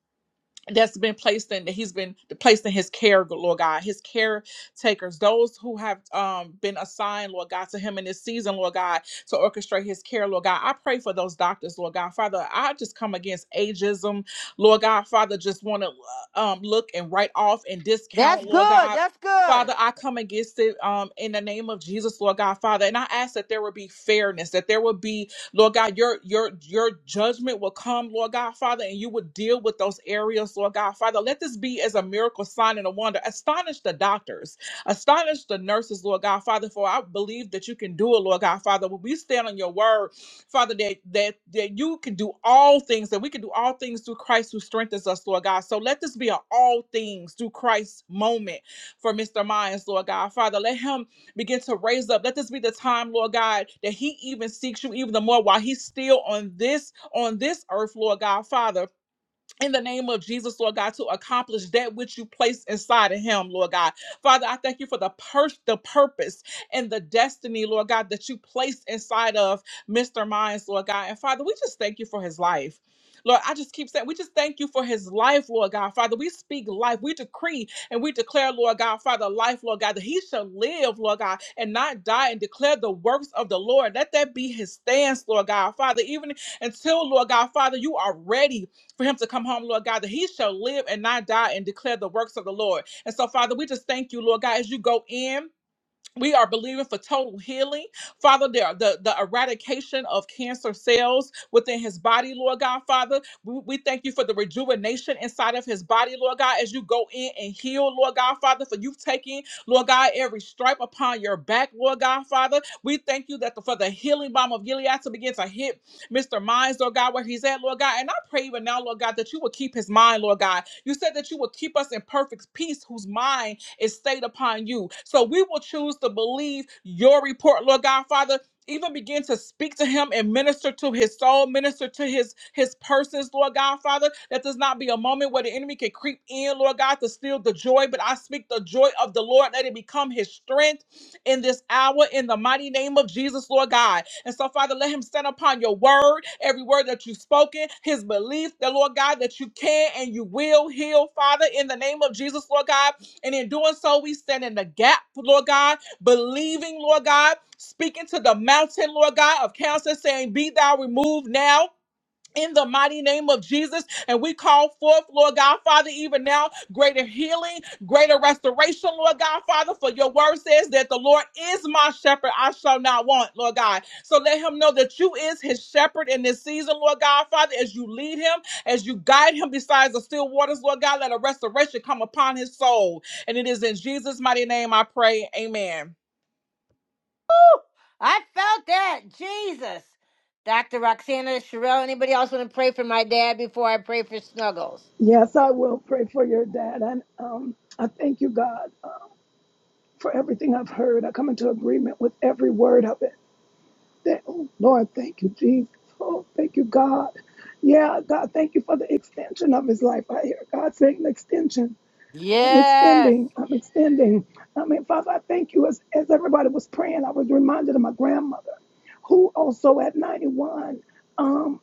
Speaker 5: that's been placed in that he's been placed in his care, Lord God, his caretakers, those who have um, been assigned, Lord God, to him in this season, Lord God, to orchestrate his care, Lord God. I pray for those doctors, Lord God. Father, I just come against ageism, Lord God. Father, just want to um, look and write off and discount,
Speaker 1: that's
Speaker 5: Lord
Speaker 1: good.
Speaker 5: God.
Speaker 1: That's good.
Speaker 5: Father, I come against it um, in the name of Jesus, Lord God, Father. And I ask that there will be fairness, that there will be Lord God, your your your judgment will come, Lord God, Father, and you will deal with those areas, Lord God, Father. Let this be as a miracle sign and a wonder. Astonish the doctors, astonish the nurses, Lord God, Father, for I believe that you can do it, Lord God, Father. When we stand on your word, Father, that that that you can do all things, that we can do all things through Christ who strengthens us, Lord God. So let this be an all things through Christ moment for Mr. Myers, Lord God, Father. Let him begin to raise up. Let this be the time, Lord God, that he even seeks you even the more while he's still on this on this earth, Lord God, Father in the name of Jesus, Lord God, to accomplish that which you placed inside of him, Lord God. Father, I thank you for the pur- the purpose and the destiny, Lord God, that you placed inside of Mr. Minds, Lord God. And Father, we just thank you for his life. Lord, I just keep saying, we just thank you for his life, Lord God. Father, we speak life. We decree and we declare, Lord God, Father, life, Lord God, that he shall live, Lord God, and not die and declare the works of the Lord. Let that be his stance, Lord God. Father, even until, Lord God, Father, you are ready for him to come home, Lord God, that he shall live and not die and declare the works of the Lord. And so, Father, we just thank you, Lord God, as you go in we are believing for total healing, Father. The, the, the eradication of cancer cells within his body, Lord God, Father. We, we thank you for the rejuvenation inside of his body, Lord God, as you go in and heal, Lord God, Father, for you've taken, Lord God, every stripe upon your back, Lord God, Father. We thank you that the, for the healing bomb of Gilead to begin to hit Mr. Minds, Lord God, where he's at, Lord God. And I pray even now, Lord God, that you will keep his mind, Lord God. You said that you will keep us in perfect peace, whose mind is stayed upon you. So we will choose to believe your report, Lord God, Father. Even begin to speak to him and minister to his soul, minister to his his persons, Lord God, Father. That does not be a moment where the enemy can creep in, Lord God, to steal the joy. But I speak the joy of the Lord. Let it become his strength in this hour in the mighty name of Jesus, Lord God. And so, Father, let him stand upon your word, every word that you've spoken, his belief, the Lord God, that you can and you will heal, Father, in the name of Jesus, Lord God. And in doing so, we stand in the gap, Lord God, believing, Lord God, speaking to the mountain, Lord God, of cancer, saying, Be thou removed now in the mighty name of Jesus. And we call forth, Lord God, Father, even now, greater healing, greater restoration, Lord God, Father, for your word says that the Lord is my shepherd. I shall not want, Lord God. So let him know that you is his shepherd in this season, Lord God, Father, as you lead him, as you guide him besides the still waters, Lord God, let a restoration come upon his soul. And it is in Jesus' mighty name I pray. Amen.
Speaker 1: I felt that. Jesus. Dr. Roxana, Sherelle, anybody else want to pray for my dad before I pray for Snuggles?
Speaker 16: Yes, I will pray for your dad. And um, I thank you, God, uh, for everything I've heard. I come into agreement with every word of it. Thank, oh, Lord, thank you, Jesus. Oh, thank you, God. Yeah, God, thank you for the extension of his life. I hear God saying extension. I'm
Speaker 1: Yes.
Speaker 16: extending. I'm extending. I mean, Father, I thank you. As, as everybody was praying, I was reminded of my grandmother, who also at 91. um,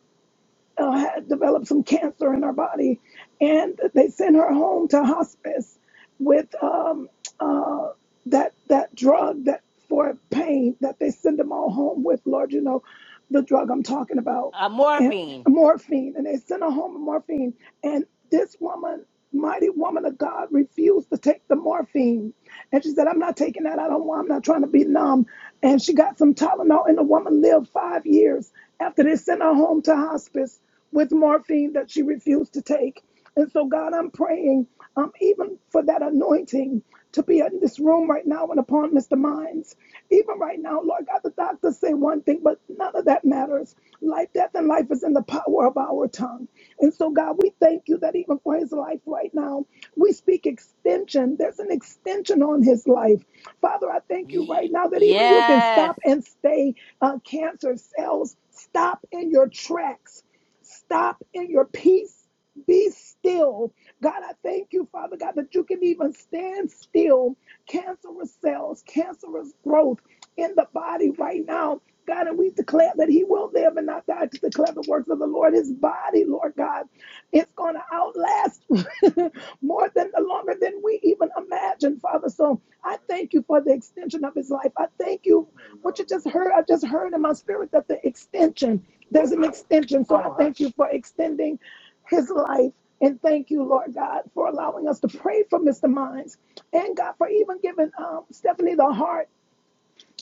Speaker 16: uh, had developed some cancer in her body, and they sent her home to hospice with um, uh, that that drug that for pain that they send them all home with. Lord, you know the drug I'm talking about,
Speaker 1: Uh,
Speaker 16: and
Speaker 1: morphine.
Speaker 16: morphine, and they sent her home with morphine. And this woman, mighty woman of God, refused to take the morphine, and she said, "I'm not taking that. I don't want. I'm not trying to be numb." And she got some Tylenol, and the woman lived five years after they sent her home to hospice with morphine that she refused to take. And so, God, I'm praying um, even for that anointing to be in this room right now and upon Mr. Mines. Even right now, Lord God, the doctors say one thing, but none of that matters. Life, death, and life is in the power of our tongue. And so, God, we thank you that even for his life right now, we speak extension. There's an extension on his life. Father, I thank you right
Speaker 1: Ye-
Speaker 16: now that even you can
Speaker 1: yes.
Speaker 16: stop and stay uh, cancer cells. Stop in your tracks Stop in your peace. Be still. God, I thank you, Father God, that you can even stand still. Cancerous cells, cancerous growth in the body right now. God, and we declare that he will live and not die to declare the works of the Lord. His body, Lord God, it's going to outlast more more than the longer than we even imagine, Father. So I thank you for the extension of his life. I thank you. What you just heard, I just heard in my spirit that the extension, there's an extension. So I thank you for extending his life. And thank you, Lord God, for allowing us to pray for Mr. Mines and God for even giving um, Stephanie the heart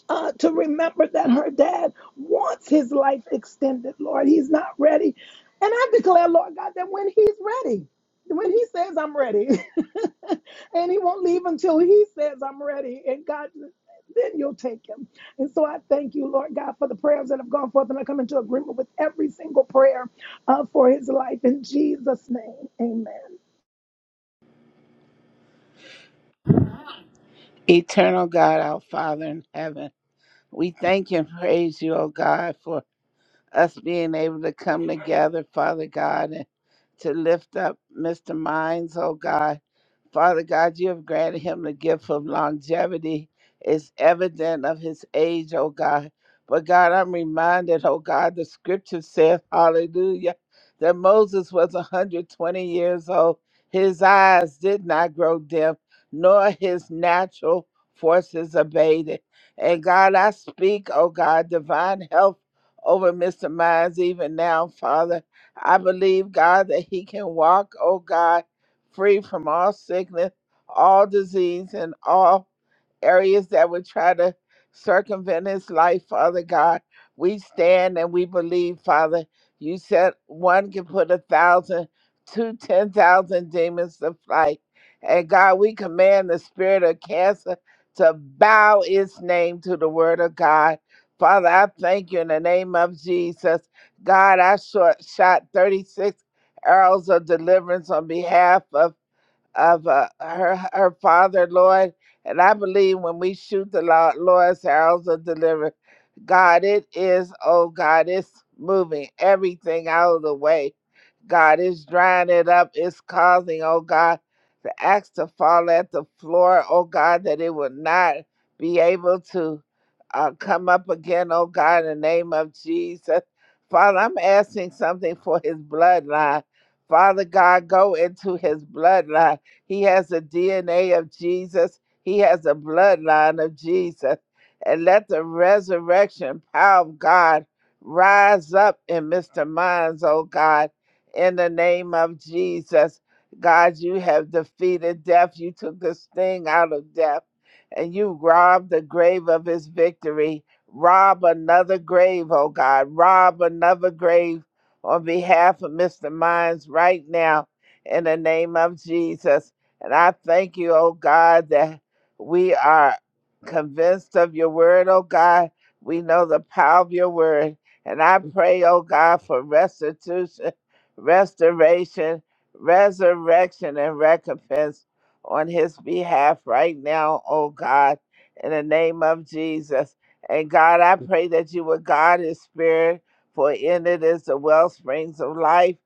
Speaker 16: uh, to remember that her dad wants his life extended, Lord. He's not ready. And I declare, Lord God, that when he's ready, when he says, I'm ready, and he won't leave until he says, I'm ready, and God, then you'll take him. And so I thank you, Lord God, for the prayers that have gone forth, and I come into agreement with every single prayer uh, for his life. In Jesus' name, amen.
Speaker 15: Eternal God, our Father in heaven, we thank and praise you, O God, for us being able to come together, Father God, and to lift up Mr. Mines, oh God. Father God, you have granted him the gift of longevity. It's evident of his age, oh God. But God, I'm reminded, oh God, the scripture says, hallelujah, that Moses was 120 years old. His eyes did not grow dim, nor his natural forces abated. And God, I speak, oh God, divine health over Mr. Mines even now, Father. I believe, God, that he can walk, oh God free from all sickness, all disease, and all areas that would try to circumvent his life, Father God. We stand and we believe, Father. You said one can put a thousand, two, ten thousand demons to flight. And God, we command the spirit of cancer to bow its name to the word of God. Father, I thank you in the name of Jesus. God, I short, shot 36 arrows of deliverance on behalf of of uh, her her father, Lord. And I believe when we shoot the Lord, Lord's arrows are delivered. God, it is, oh God, it's moving everything out of the way. God, it's drying it up. It's causing, oh God, the axe to fall at the floor, oh God, that it will not be able to uh, come up again, oh God, in the name of Jesus. Father, I'm asking something for his bloodline. Father God, go into his bloodline. He has the DNA of Jesus. He has the bloodline of Jesus. And let the resurrection power of God rise up in Mr. Minds, oh God, in the name of Jesus. God, you have defeated death. You took the sting out of death and you robbed the grave of his victory. Rob another grave, oh God. Rob another grave on behalf of Mr. Minds right now in the name of Jesus. And I thank you, oh God, that we are convinced of your word, oh God. We know the power of your word. And I pray, oh God, for restitution, restoration, resurrection, and recompense on his behalf right now, oh God, in the name of Jesus. And God, I pray that you would guard his spirit, for in it is the wellsprings of life.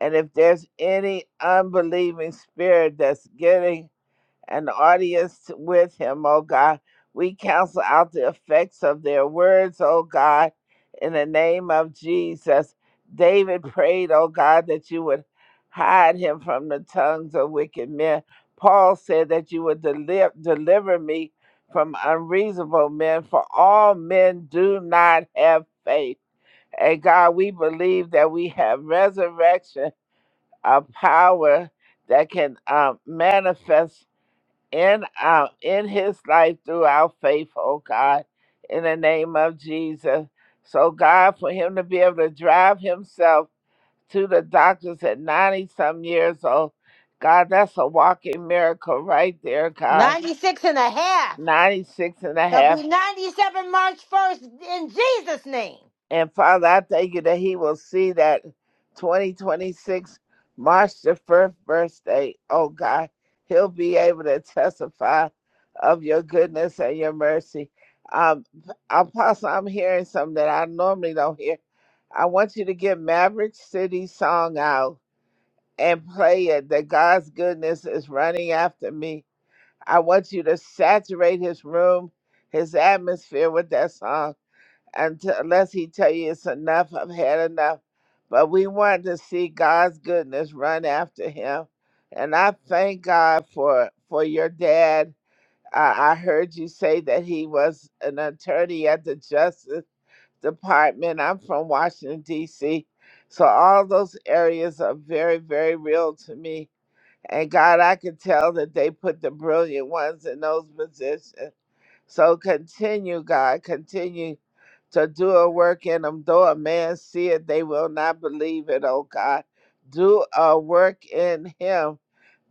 Speaker 15: And if there's any unbelieving spirit that's getting an audience with him, oh God, we cancel out the effects of their words, oh God, in the name of Jesus. David prayed, oh God, that you would hide him from the tongues of wicked men. Paul said that you would deliver, deliver me from unreasonable men, for all men do not have faith. And God, we believe that we have resurrection a power that can um, manifest in uh, in his life through our faith, oh God, in the name of Jesus. So God, for him to be able to drive himself to the doctors at 90 some years old, God, that's a walking miracle right there, God.
Speaker 1: 96 and a half.
Speaker 15: 96 and a half.
Speaker 1: He'll be 97 March 1st in Jesus' name.
Speaker 15: And Father, I thank you that he will see that 2026, March the first birthday. Oh God, he'll be able to testify of your goodness and your mercy. Um, Apostle, I'm hearing something that I normally don't hear. I want you to get Maverick City song out and play it. That God's goodness is running after me. I want you to saturate his room, his atmosphere with that song until, unless he tell you it's enough, I've had enough. But we want to see God's goodness run after him. And I thank God for for your dad. I, I heard you say that he was an attorney at the Justice Department. I'm from Washington, D.C. So all those areas are very, very real to me. And God, I could tell that they put the brilliant ones in those positions. So continue, God, continue to do a work in them. Though a man see it, they will not believe it, oh God. Do a work in him.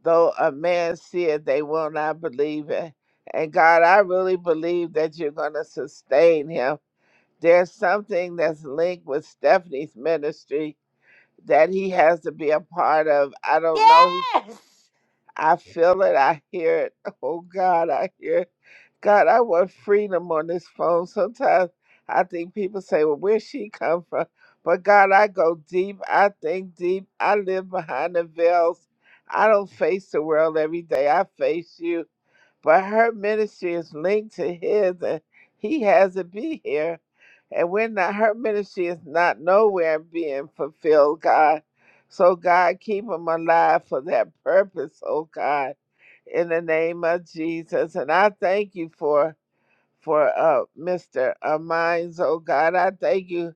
Speaker 15: Though a man see it, they will not believe it. And God, I really believe that you're going to sustain him. There's something that's linked with Stephanie's ministry that he has to be a part of. I don't know
Speaker 1: Yes.
Speaker 15: I feel it. I hear it. Oh God, I hear it. God, I want freedom on this phone. Sometimes I think people say, well, where she come from? But God, I go deep. I think deep. I live behind the veils. I don't face the world every day. I face you but her ministry is linked to his and he has to be here and we're not her ministry is not nowhere being fulfilled god so god keep him alive for that purpose oh god in the name of jesus and i thank you for for uh, Mr. Uh, Mines. Oh God, I thank you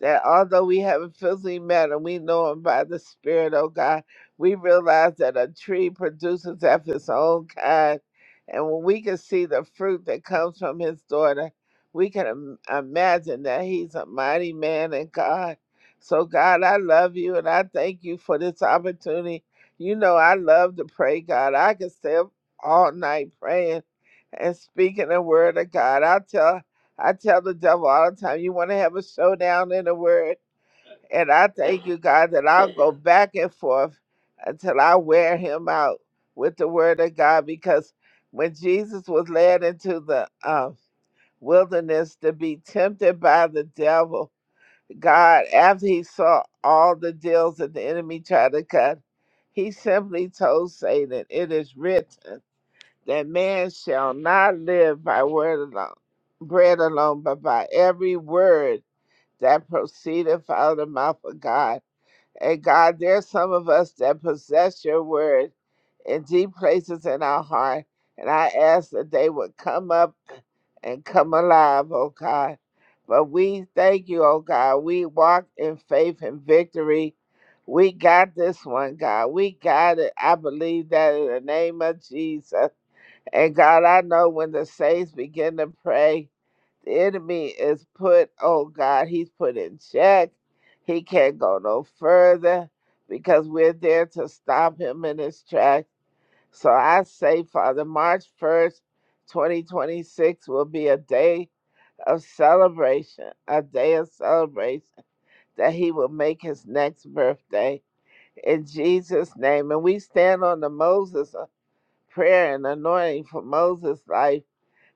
Speaker 15: that although we haven't physically met him, we know him by the Spirit, oh God. We realize that a tree produces after its own kind. And when we can see the fruit that comes from his daughter, we can Im- imagine that he's a mighty man in God. So, God, I love you and I thank you for this opportunity. You know, I love to pray, God. I can stay up all night praying and speaking the word of God. I tell I tell the devil all the time, you want to have a showdown in the word. And I thank you, God, that I'll go back and forth until I wear him out with the word of God. Because when Jesus was led into the um, wilderness to be tempted by the devil, God, after he saw all the deals that the enemy tried to cut, he simply told Satan, It is written that man shall not live by word alone, bread alone, but by every word that proceedeth out of the mouth of God. And God, there's some of us that possess your word in deep places in our heart. And I ask that they would come up and come alive, oh God. But we thank you, oh God. We walk in faith and victory. We got this one, God. We got it. I believe that in the name of Jesus. And God, I know when the saints begin to pray, the enemy is put, oh God, he's put in check. He can't go no further because we're there to stop him in his tracks. So I say, Father, March 1st, 2026 will be a day of celebration, a day of celebration that he will make his next birthday in Jesus' name. And we stand on the Moses uh, prayer and anointing for Moses' life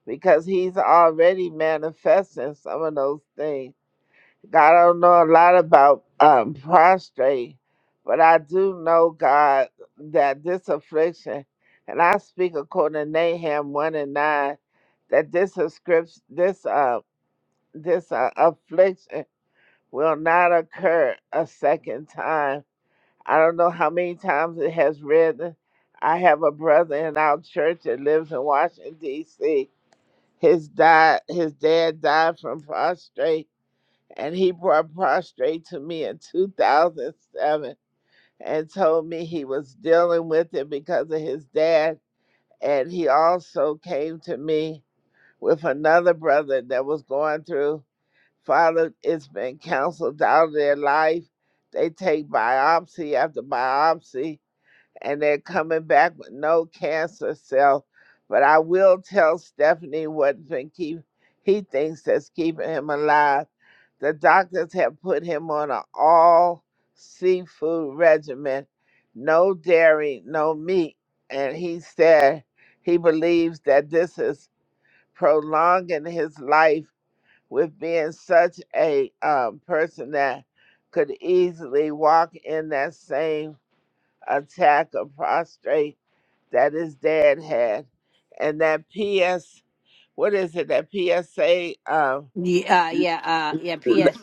Speaker 15: because he's already manifesting some of those things. God, I don't know a lot about um, prostrate, but I do know, God, that this affliction, and I speak according to Nahum 1 and 9, that this script, this uh, this uh, affliction will not occur a second time. I don't know how many times it has risen. I have a brother in our church that lives in Washington, D.C his dad, his dad died from prostrate, and he brought prostrate to me in 2007 and told me he was dealing with it because of his dad. And he also came to me with another brother that was going through. Father, it's been counseled out of their life. They take biopsy after biopsy and they're coming back with no cancer cell. But I will tell Stephanie what's been keep he thinks that's keeping him alive. The doctors have put him on an all seafood regimen, no dairy, no meat, and he said he believes that this is prolonging his life with being such a um, person that could easily walk in that same attack of prostrate that his dad had. And that PS, what is it? That PSA, um,
Speaker 1: Yeah, uh, yeah, uh, yeah.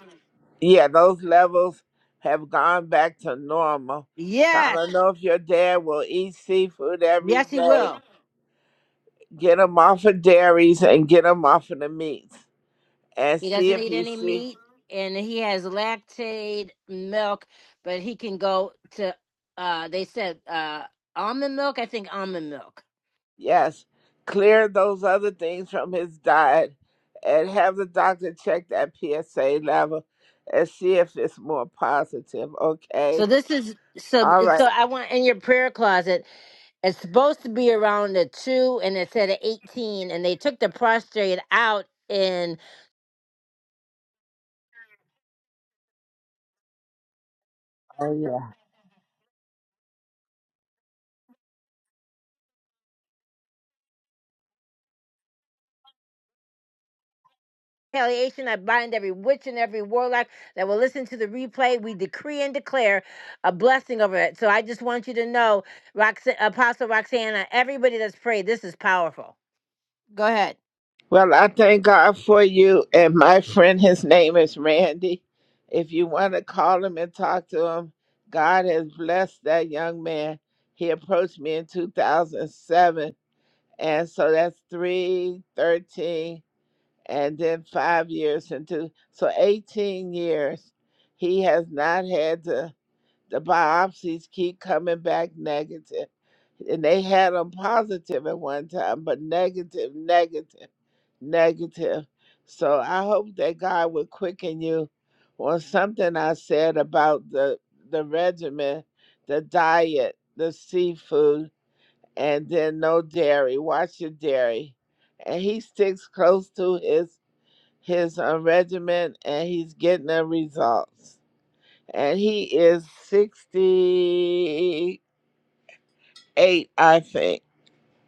Speaker 15: yeah, those levels have gone back to normal. So I
Speaker 1: Yes.
Speaker 15: don't know if your dad will eat seafood every
Speaker 1: Yes, he
Speaker 15: day.
Speaker 1: will.
Speaker 15: Get him off of dairies and get him off of the meats, and
Speaker 1: He
Speaker 15: see
Speaker 1: doesn't
Speaker 15: if
Speaker 1: eat
Speaker 15: you
Speaker 1: any
Speaker 15: see.
Speaker 1: meat and he has lactate milk, but he can go to uh they said uh almond milk, I think almond milk.
Speaker 15: Yes, clear those other things from his diet and have the doctor check that PSA level and see if it's more positive.
Speaker 1: So
Speaker 15: Okay.
Speaker 1: this is so
Speaker 15: All
Speaker 1: so
Speaker 15: right.
Speaker 1: I want in your prayer closet, it's supposed to be around the two and it said a eighteen and they took the prostrate out in. retaliation. I bind every witch and every warlock that will listen to the replay. We decree and declare a blessing over it. So I just want you to know, Rox- Apostle Roxanna, everybody that's prayed, this is powerful. Go ahead.
Speaker 15: Well, I thank God for you. And my friend, his name is Randy. If you want to call him and talk to him, God has blessed that young man. He approached me in 2007. And so that's 313 and then five years into so 18 years he has not had to the biopsies keep coming back negative and they had him positive at one time but negative negative negative so i hope that god will quicken you on something i said about the the regimen the diet the seafood and then no dairy watch your dairy and he sticks close to his his uh, regiment and he's getting the results. And he is 68, I think,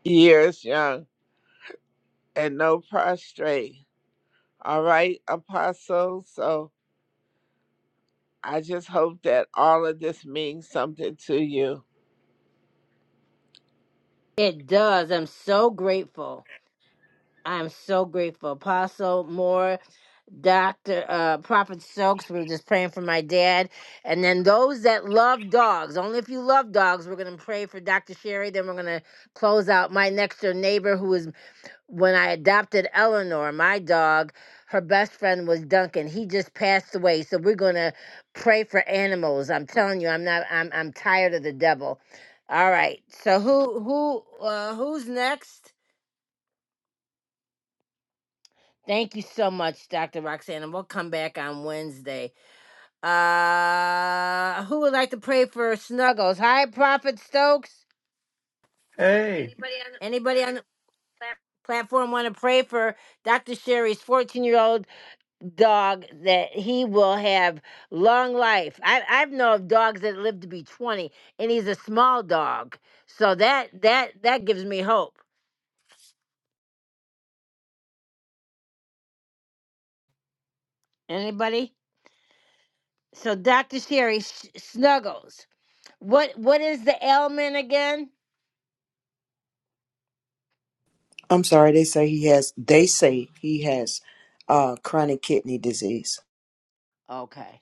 Speaker 15: years young and no prostrate. All right, Apostle. So I just hope that all of this means something to you.
Speaker 1: It does. I'm so grateful. I'm so grateful. Apostle Moore, Dr. Uh, Prophet Stokes, we were just praying for my dad. And then those that love dogs, only if you love dogs, we're going to pray for Dr. Sherry. Then we're going to close out my next door neighbor who is when I adopted Eleanor, my dog, her best friend was Duncan. He just passed away, so we're gonna pray for animals. I'm telling you, I'm not. I'm I'm tired of the devil. All right, so who who uh, who's next? Thank you so much, Dr. Roxanne, and we'll come back on Wednesday. Uh, who would like to pray for Snuggles? Hi, Prophet Stokes.
Speaker 17: Hey,
Speaker 1: Anybody on the platform want to pray for Dr. Sherry's 14 year old dog that he will have long life. I I know of dogs that live to be 20 and he's a small dog. So that that that gives me hope. Anybody? So Dr. Sherry Sh- Snuggles. What what is the ailment again?
Speaker 7: I'm sorry. They say he has. They say he has uh, chronic kidney disease.
Speaker 1: Okay.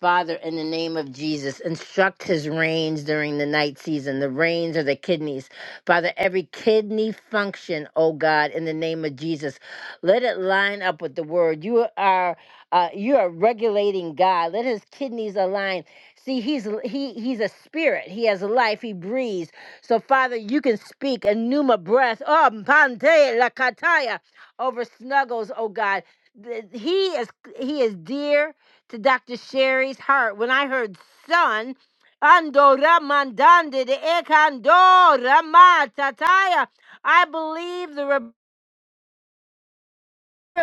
Speaker 1: Father, in the name of Jesus, instruct his reins during the night season. The reins are the kidneys. Father, every kidney function, oh God, in the name of Jesus, let it line up with the word. You are uh, you are regulating God. Let his kidneys align. See, he's he he's a spirit. He has life. He breathes. So, Father, you can speak a pneuma breath. Oh, pante lakataya over snuggles, oh God. Th- He is he is dear to Dr. Sherry's heart when I heard son. Andora mandande de ekandora matataya. I believe the re-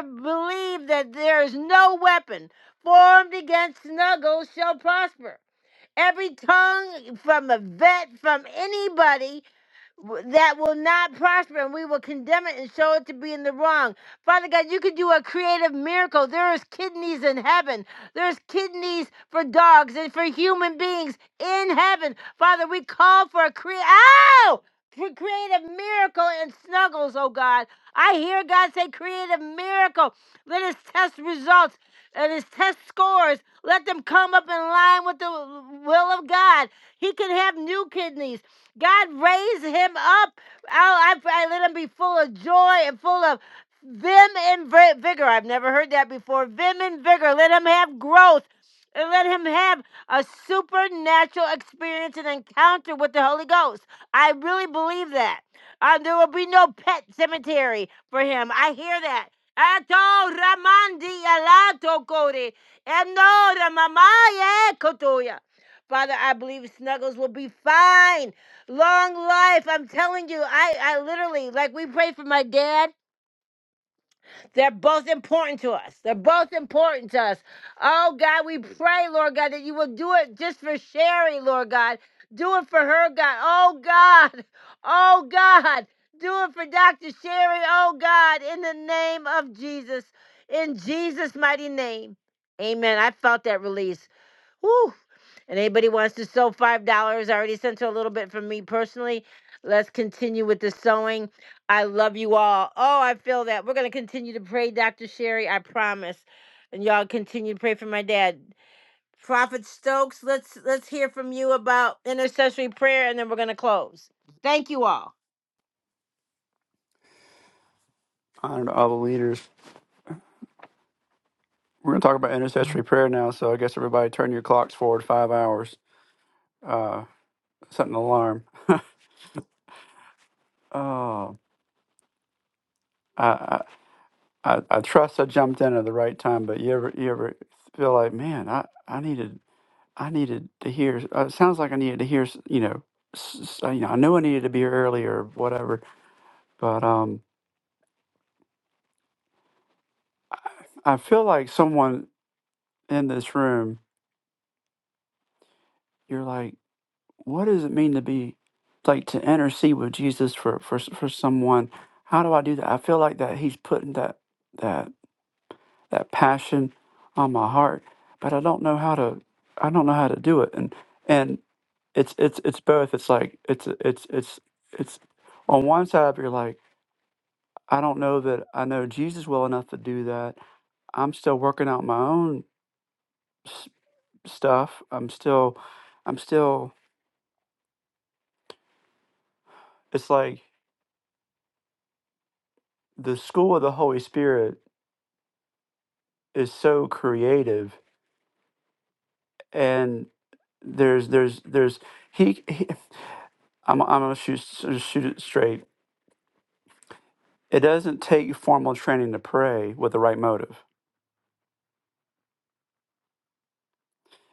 Speaker 1: believe that there is no weapon formed against Snuggles shall prosper. Every tongue from a vet, from anybody that will not prosper and we will condemn it and show it to be in the wrong. Father God, you can do a creative miracle. There is kidneys in heaven. There's kidneys for dogs and for human beings in heaven. Father, we call for a cre- Ow! for creative miracle and snuggles, oh God. I hear God say creative miracle. Let his test results and his test scores, let them come up in line with the will of God. He can have new kidneys. God raised him up. I, I, I let him be full of joy and full of vim and vigor. I've never heard that before. Vim and vigor. Let him have growth. And let him have a supernatural experience and encounter with the Holy Ghost. I really believe that. Uh, there will be no pet cemetery for him. I hear that. Ato ramandi alato kore. Eno ramamaye kotoya. Father, I believe Snuggles will be fine. Long life. I'm telling you, I, I literally, like, we pray for my dad. They're both important to us. They're both important to us. Oh, God, we pray, Lord God, that you will do it just for Sherry, Lord God. Do it for her, God. Oh, God. Oh, God. Do it for Dr. Sherry. Oh, God, in the name of Jesus. In Jesus' mighty name. Amen. I felt that release. Whew. And anybody wants to sew five dollars? I already sent her a little bit from me personally. Let's continue with the sewing. I love you all. Oh, I feel that. We're gonna continue to pray, Dr. Sherry. I promise. And y'all continue to pray for my dad. Prophet Stokes, let's let's hear from you about intercessory prayer and then we're gonna close. Thank you all.
Speaker 17: honored all the leaders. We're going to talk about intercessory prayer now, so I guess everybody turn your clocks forward five hours. Uh, set an alarm. oh, I, I I I trust I jumped in at the right time, but you ever you ever feel like, man, I I needed I needed to hear. Uh, it sounds like I needed to hear. s- You know, s- s- you know, I knew I needed to be early or whatever, but um, I, I feel like someone in this room. You're like. what does it mean to be like to intercede with Jesus for for s- for someone? How do I do that? I feel like that He's putting that that that passion on my heart, but I don't know how to I don't know how to do it. And and it's it's it's both. It's like it's it's it's it's on one side you're like I don't know that I know Jesus well enough to do that. I'm still working out my own s- stuff. I'm still I'm still. It's like the school of the Holy Spirit is so creative and there's there's there's he, he I'm, I'm gonna shoot, shoot it straight it doesn't take formal training to pray with the right motive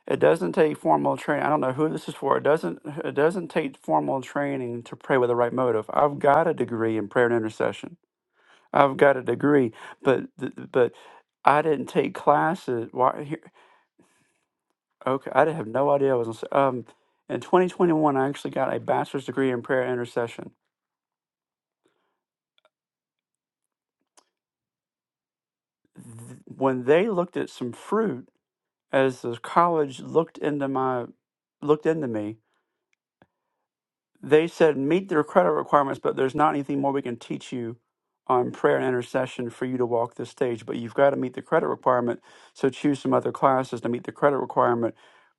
Speaker 17: it doesn't take formal training i don't know who this is for it doesn't it doesn't take formal training to pray with the right motive i've got a degree in prayer and intercession i've got a degree but th- but i didn't take classes why here okay i didn't have no idea i was gonna say- um in 2021 i actually got a bachelor's degree in prayer and intercession th- when they looked at some fruit as the college looked into my looked into me they said meet their credit requirements but there's not anything more we can teach you on prayer and intercession for you to walk this stage but you've got to meet the credit requirement so choose some other classes to meet the credit requirement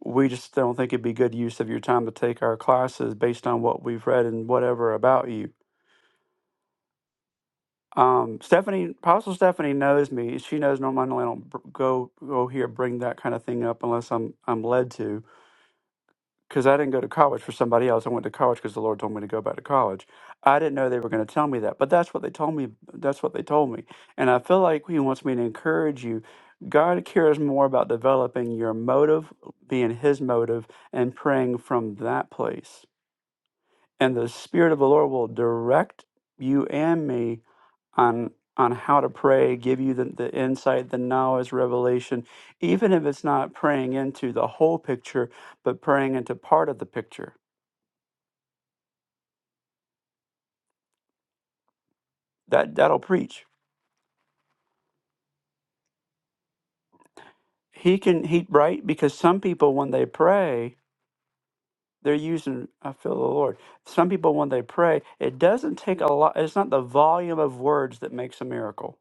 Speaker 17: we just don't think it'd be good use of your time to take our classes based on what we've read and whatever about you Um, Stephanie, Apostle Stephanie knows me. She knows normally I don't br- go go here bring that kind of thing up unless I'm I'm led to. Because I didn't go to college for somebody else. I went to college because the Lord told me to go back to college. I didn't know they were going to tell me that, but that's what they told me. That's what they told me, and I feel like He wants me to encourage you. God cares more about developing your motive, being His motive, and praying from that place. And the Spirit of the Lord will direct you and me on on how to pray, give you the, the insight, the knowledge, revelation, even if it's not praying into the whole picture, but praying into part of the picture. That that'll preach. He can he right because some people when they pray, they're using I feel the Lord. Some people when they pray, it doesn't take a lot it's not the volume of words that makes a miracle.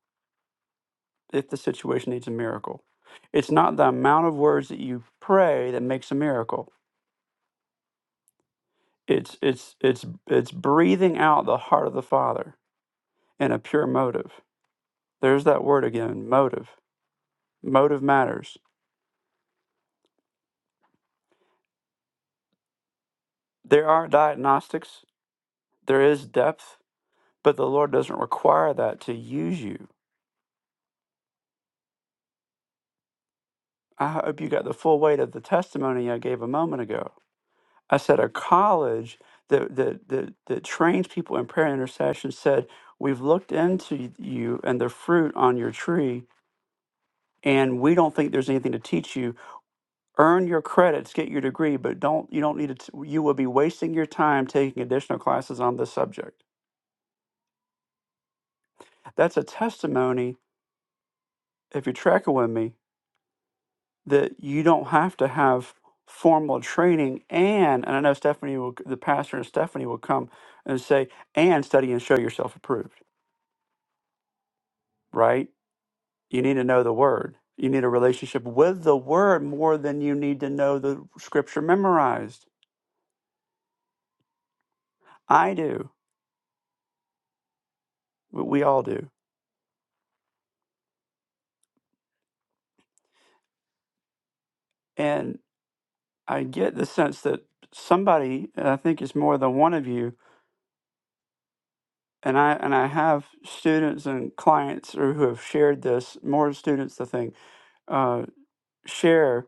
Speaker 17: If the situation needs a miracle. It's not the amount of words that you pray that makes a miracle it's it's it's it's breathing out the heart of the father in a pure motive there's that word again motive motive matters there are diagnostics there is depth but the lord doesn't require that to use you i hope you got the full weight of the testimony i gave a moment ago i said a college that that that, that trains people in prayer and intercession said we've looked into you and the fruit on your tree and we don't think there's anything to teach you earn your credits, get your degree, but don't you don't need to? You will be wasting your time taking additional classes on this subject. That's a testimony, if you're tracking with me, that you don't have to have formal training and and I know Stephanie will the pastor and Stephanie will come and say and study and show yourself approved, right? You need to know the word. You need a relationship with the word more than you need to know the scripture memorized. I do. We we all do. And. I get the sense that somebody, and I think it's more than one of you, and I and I have students and clients who who have shared this. More students, I think, uh, share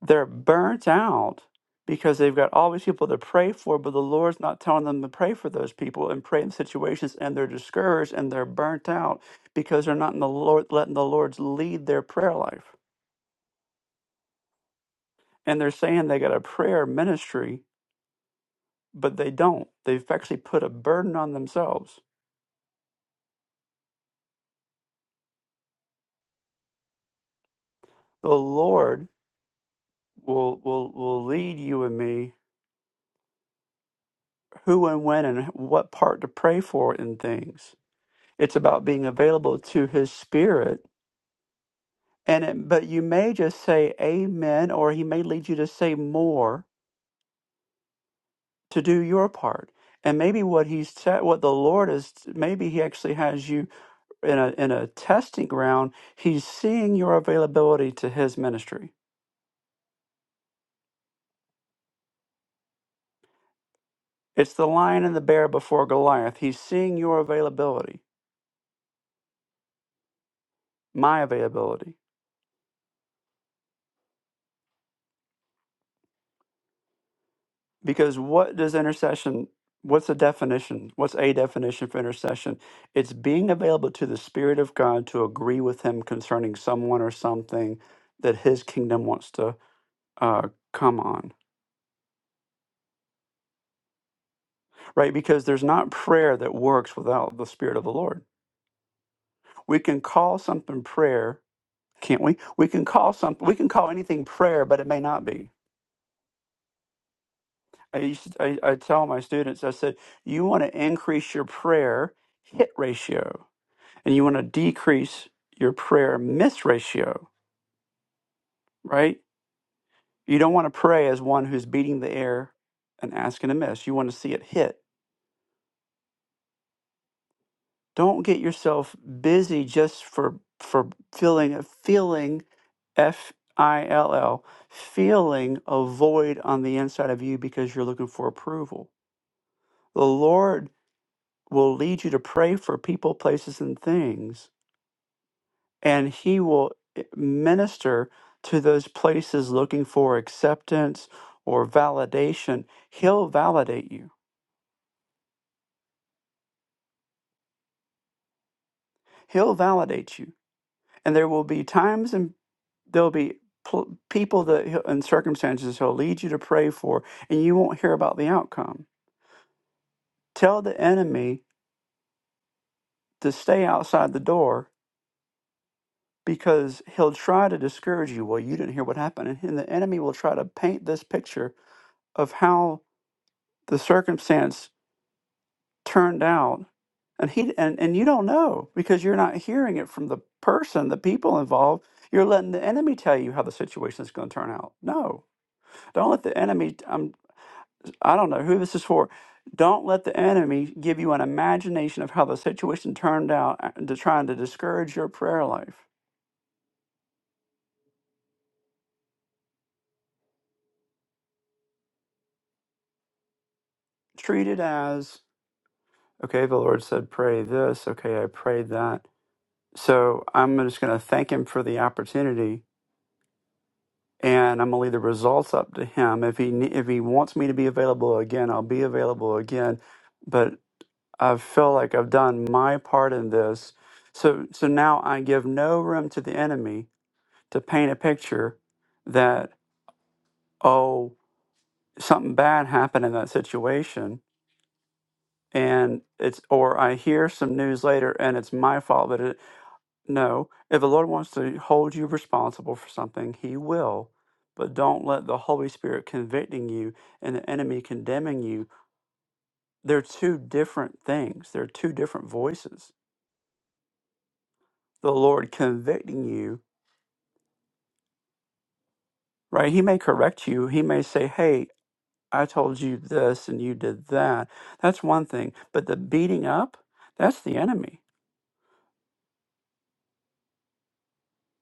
Speaker 17: they're burnt out because they've got all these people to pray for, but the Lord's not telling them to pray for those people and pray in situations, and they're discouraged and they're burnt out because they're not in the Lord letting the Lord's lead their prayer life, and they're saying they got a prayer ministry, but they don't. They've actually put a burden on themselves the Lord will will will lead you and me who and when and what part to pray for in things. It's about being available to His Spirit, and it, but you may just say Amen, or He may lead you to say more to do your part. And maybe what he's said, what the Lord is, maybe he actually has you in a in a testing ground. He's seeing your availability to his ministry. It's the lion and the bear before Goliath. He's seeing your availability, my availability Because what does intercession, what's the definition? What's a definition for intercession? It's being available to the Spirit of God to agree with Him concerning someone or something that His kingdom wants to uh, come on, right? Because there's not prayer that works without the Spirit of the Lord. We can call something prayer, can't we? We can call something, we can call anything prayer, but it may not be. I, used to, I, I tell my students, I said, you want to increase your prayer hit ratio and you want to decrease your prayer miss ratio, right? You don't want to pray as one who's beating the air and asking to miss. You want to see it hit. Don't get yourself busy just for for feeling feeling F I L L feeling a void on the inside of you because you're looking for approval. The Lord will lead you to pray for people, places, and things and he will eh, minister to those places looking for acceptance or validation. He'll validate you. He'll validate you. And there will be times and there'll be pl- people that he'll, and circumstances he'll lead you to pray for, and you won't hear about the outcome. Tell the enemy to stay outside the door because he'll try to discourage you. Well, you didn't hear what happened. And the enemy will try to paint this picture of how the circumstance turned out and he and, and you don't know because you're not hearing it from the person the people involved you're letting the enemy tell you how the situation is going to turn out no don't let the enemy I'm, i don't know who this is for don't let the enemy give you an imagination of how the situation turned out uh, to trying to discourage your prayer life treat it as okay the lord said pray this okay i prayed that so i'm just going to thank him for the opportunity and I'm gonna leave the results up to him. If he ne- if he wants me to be available again, I'll be available again. But I feel like I've done my part in this. So so now I give no room to the enemy to paint a picture that oh something bad happened in that situation and it's or I hear some news later and it's my fault that No, if the Lord wants to hold you responsible for something, He will. But don't let the Holy Spirit convicting you and the enemy condemning you. They're two different things, they're two different voices. The Lord convicting you, right? He may correct you, He may say, Hey, I told you this and you did that. That's one thing. But the beating up, that's the enemy.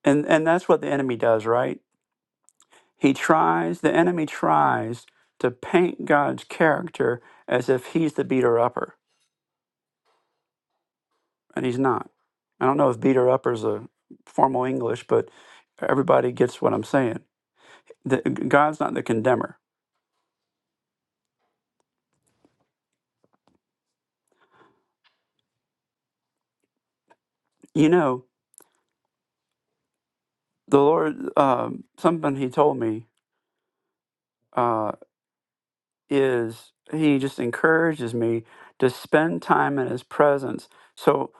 Speaker 17: And, and that's what the enemy does, right? He tries, the enemy tries to paint God's character as if he's the beater upper, and he's not. I don't know if beater upper is a formal English, but everybody gets what I'm saying. The, God's not the condemner. You know, the Lord, um, something He told me uh, is He just encourages me to spend time in His presence. So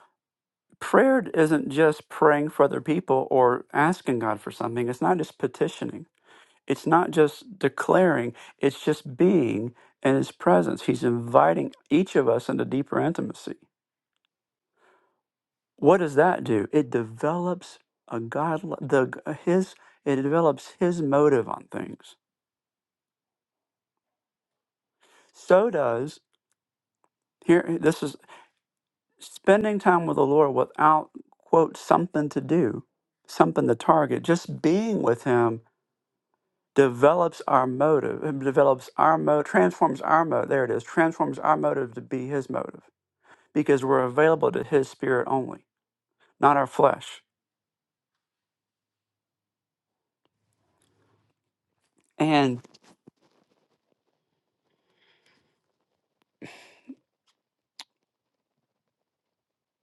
Speaker 17: prayer isn't just praying for other people or asking God for something, it's not just petitioning It's not just declaring, it's just being in his presence. He's inviting each of us into deeper intimacy. What does that do? It develops a God the his it develops his motive on things. So does here this is spending time with the Lord without quote something to do, something to target. Just being with him develops our motive, it develops our mo transforms our motive. There it is, transforms our motive to be his motive because we're available to his spirit only, not our flesh. And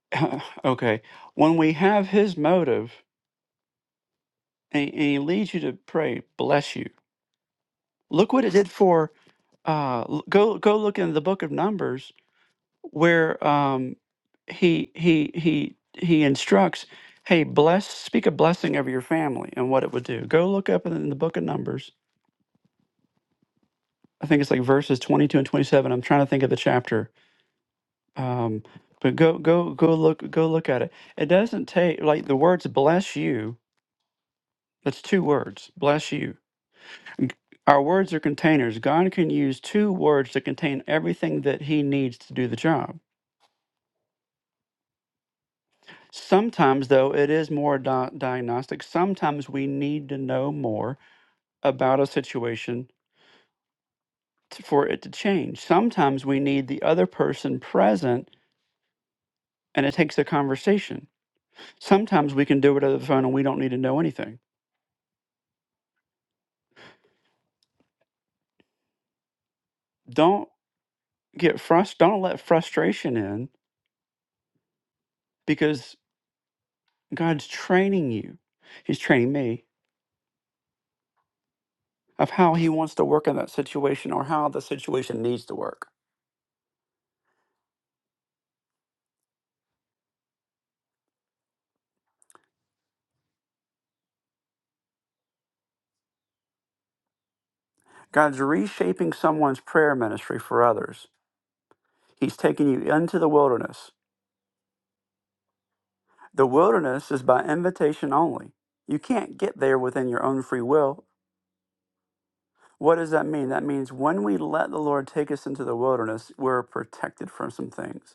Speaker 17: okay, when we have his motive and, and he leads you to pray, bless you. Look what it did for uh l- go go look in the book of Numbers where um he he he he instructs, hey, bless speak a blessing over your family and what it would do. Go look up in the book of Numbers. I think it's like verses 22 and 27. I'm trying to think of the chapter Um, but go go go look go look at it. It doesn't take like the words bless you. That's two words. Bless you. G- Our words are containers. God can use two words to contain everything that he needs to do the job. Sometimes though it is more di- diagnostic. Sometimes we need to know more about a situation t- for it to change. Sometimes we need the other person present and it takes a conversation. Sometimes we can do it over the phone and we don't need to know anything. Don't get frust don't let frustration in because God's training you. He's training me of how he wants to work in that situation or how the situation needs to work. God's reshaping someone's prayer ministry for others. He's taking you into the wilderness. The wilderness is by invitation only. You can't get there within your own free will. What does that mean? That means when we let the Lord take us into the wilderness, we're protected from some things.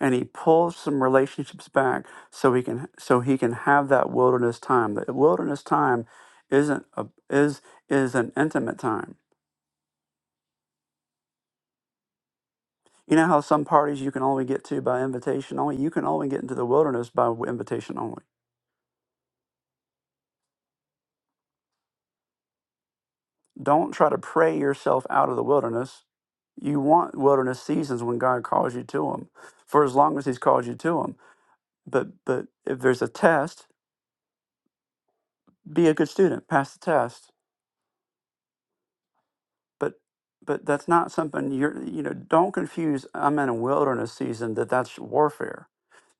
Speaker 17: and he pulls some relationships back so he can so he can have that wilderness time. The wilderness time isn't a, is is an intimate time. You know how some parties you can only get to by invitation only. You can only get into the wilderness by w- invitation only. Don't try to pray yourself out of the wilderness. You want wilderness seasons when God calls you to them, for as long as He's called you to them. But but if there's a test, be a good student, pass the test but but that's not something you're you know don't confuse i'm in a wilderness season that that's warfare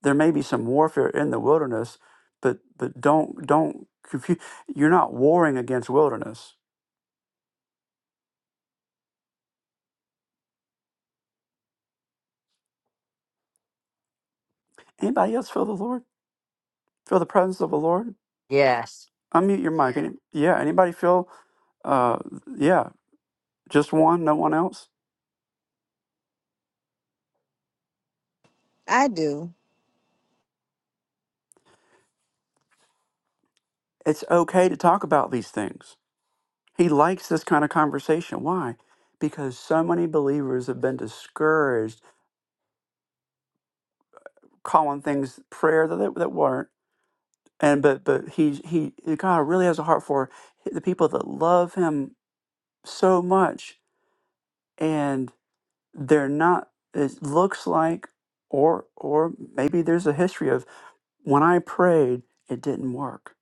Speaker 17: there may be some warfare in the wilderness but but don't don't confuse you're not warring against wilderness anybody else feel the lord feel the presence of the lord unmute your mic Any, yeah anybody feel uh yeah just one no one else
Speaker 14: I do.
Speaker 17: it's okay to talk about these things he likes this kind of conversation why because so many believers have been discouraged calling things prayer that they, that weren't. And but but he he God really has a heart for the people that love him so much, and they're not. It looks like, or or maybe there's a history of when I prayed, it didn't work,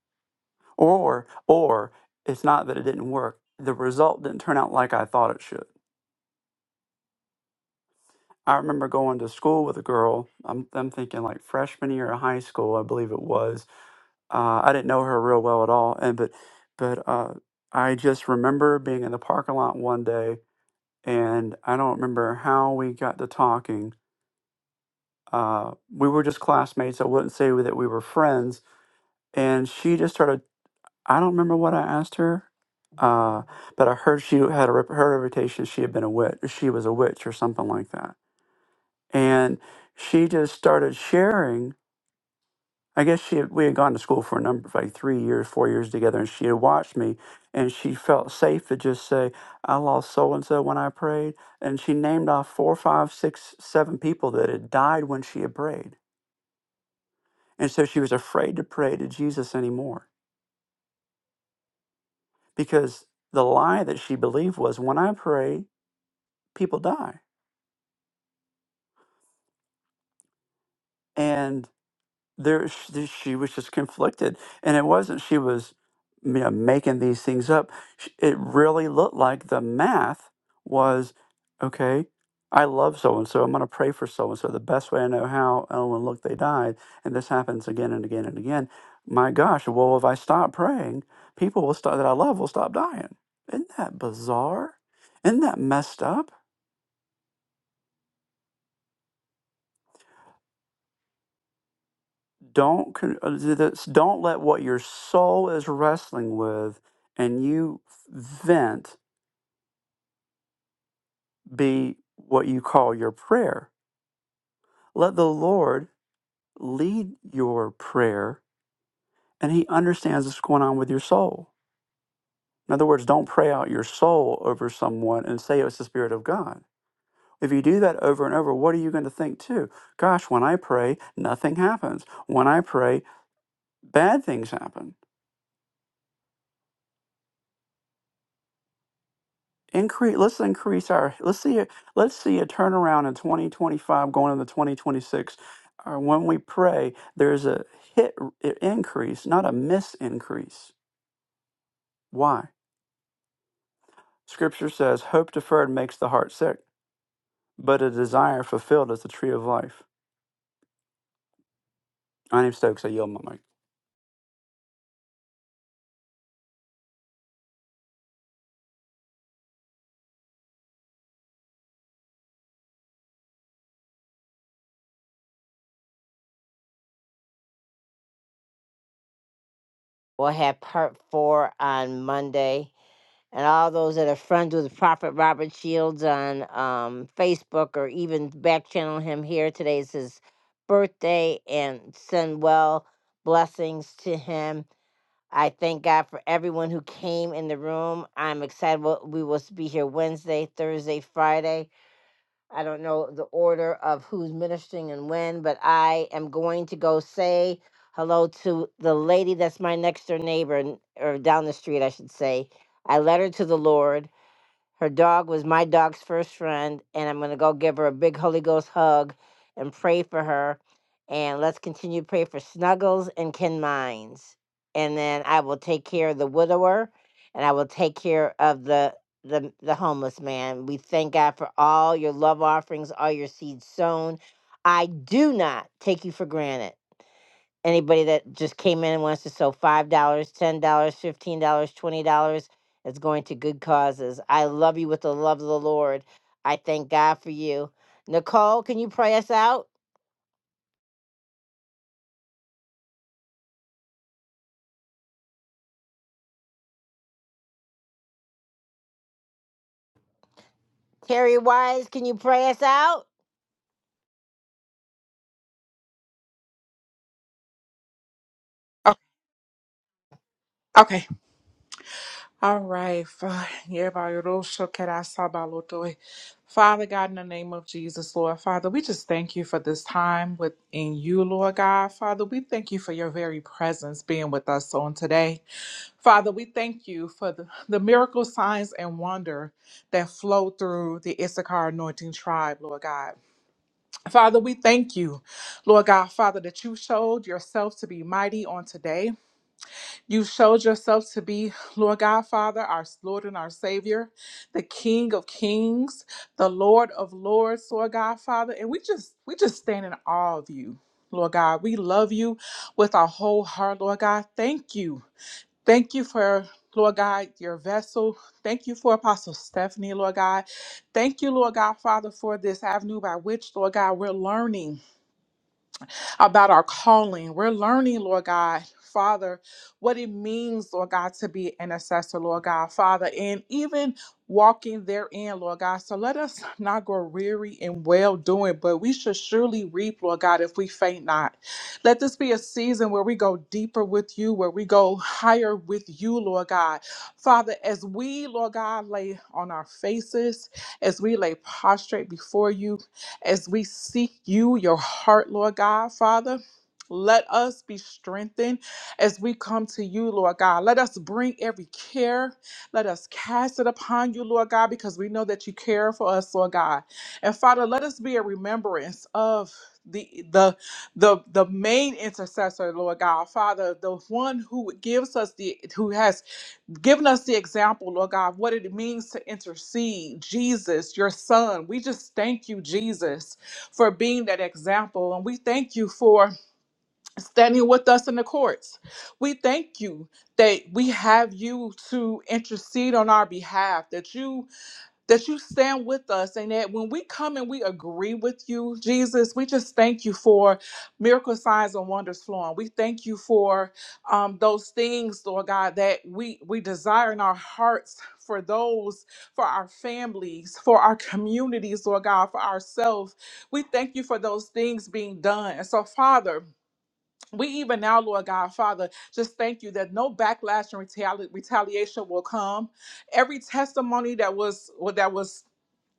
Speaker 17: or or it's not that it didn't work. The result didn't turn out like I thought it should. I remember going to school with a girl. I'm I'm thinking like freshman year of high school, I believe it was, Uh, I didn't know her real well at all, and but but uh, I just remember being in the parking lot one day, and I don't remember how we got to talking. Uh, we were just classmates. I wouldn't say that we were friends, and she just started. I don't remember what I asked her, uh, but I heard she had a rep- her reputation. She had been a witch. She was a witch or something like that, and she just started sharing. I guess she had, we had gone to school for a number of like three years, four years together, and she had watched me, and she felt safe to just say, "I lost so and so when I prayed," and she named off four, five, six, seven people that had died when she had prayed, and so she was afraid to pray to Jesus anymore because the lie that she believed was, "When I pray, people die," and there sh- she was just conflicted and it wasn't she was you know making these things up Sh- it really looked like the math was okay i love so and so i'm going to pray for so and so the best way i know how oh and look they died and this happens again and again and again my gosh well if i stop praying people will start that i love will stop dying isn't that bizarre isn't that messed up don't con- uh, th- that's- don't let what your soul is wrestling with and you vent be what you call your prayer let the lord lead your prayer and he understands what's going on with your soul in other words don't pray out your soul over someone and say "Oh, it's the spirit of god if you do that over and over what are you going to think too gosh when i pray nothing happens when i pray bad things happen increase let's increase our let's see a let's see a turnaround in 2025 going into 2026 uh, when we pray there's a hit r- i- increase not a miss increase why scripture says hope deferred makes the heart sick but a desire fulfilled is the tree of life my name's stokes i yield my mic
Speaker 1: We'll have part four on Monday. and all those that are friends with Prophet Robert Shields on um, Facebook or even back channel him here. Today is his birthday and send well blessings to him. I thank God for everyone who came in the room. I'm excited. what- We will be here Wednesday, Thursday, Friday. I don't know the order of who's ministering and when, but I am going to go say hello to the lady that's my next door neighbor, n- or down the street, I should say. I led her to the Lord. Her dog was my dog's first friend, and I'm going to go give her a big Holy Ghost hug and pray for her. And let's continue to pray for Snuggles and Ken Mines. And then I will take care of the widower, and I will take care of the the, the homeless man. We thank God for all your love offerings, all your seeds sown. I do not take you for granted anybody that just came in and wants to sow five dollars, ten dollars, fifteen dollars, twenty dollars. It's going to good causes. I love you with the love of the Lord. I thank God for you. Nicole, can you pray us out? Terry Wise, can you pray us out?
Speaker 5: Oh, okay. All right, Fa- Yebaroshokerasabalotoy. Father God, in the name of Jesus, Lord, Father, we just thank you for this time within you, Lord God. Father, we thank you for your very presence being with us on today. Father, we thank you for the, the miracle signs and wonder that flow through the Issachar anointing tribe, Lord God. Father, we thank you, Lord God, Father, that you showed yourself to be mighty on today. You showed yourself to be, Lord God, Father, our Lord and our Savior, the King of Kings, the Lord of Lords, Lord God, Father. And we just we just stand in awe of you, Lord God. We love you with our whole heart, Lord God. Thank you. Thank you for Lord God, your vessel. Thank you for Apostle Stephanie, Lord God. Thank you, Lord God, Father, for this avenue by which, Lord God, we're learning about our calling. We're learning, Lord God, Father, what it means, Lord God, to be an intercessor, Lord God, Father, and even walking therein, Lord God. So let us not grow weary in well doing, but we should surely reap, Lord God, if we faint not. Let this be a season where we go deeper with you, where we go higher with you, Lord God. Father, as we, Lord God, lay on our faces, as we lay prostrate before you, as we seek you, your heart, Lord God, Father, let us be strengthened as we come to you, Lord God. Let us bring every care. Let us cast it upon you, Lord God, because we know that you care for us, Lord God. And Father, let us be a remembrance of the the the the main intercessor, Lord God, Father, the one who gives us the who has giving us the example, Lord God, of what it means to intercede. Jesus, your son, we just thank you, Jesus, for being that example. And we thank you for standing with us in the courts. We thank you that we have you to intercede on our behalf, that you that you stand with us and that when we come and we agree with you, Jesus, we just thank you for miracle signs and wonders flowing. We thank you for um, those things, Lord God, that we we desire in our hearts for those, for our families, for our communities, Lord God, for ourselves. We thank you for those things being done. And so, Father, we even now, Lord God, Father, just thank you that no backlash and retali- retaliation will come every testimony that was that was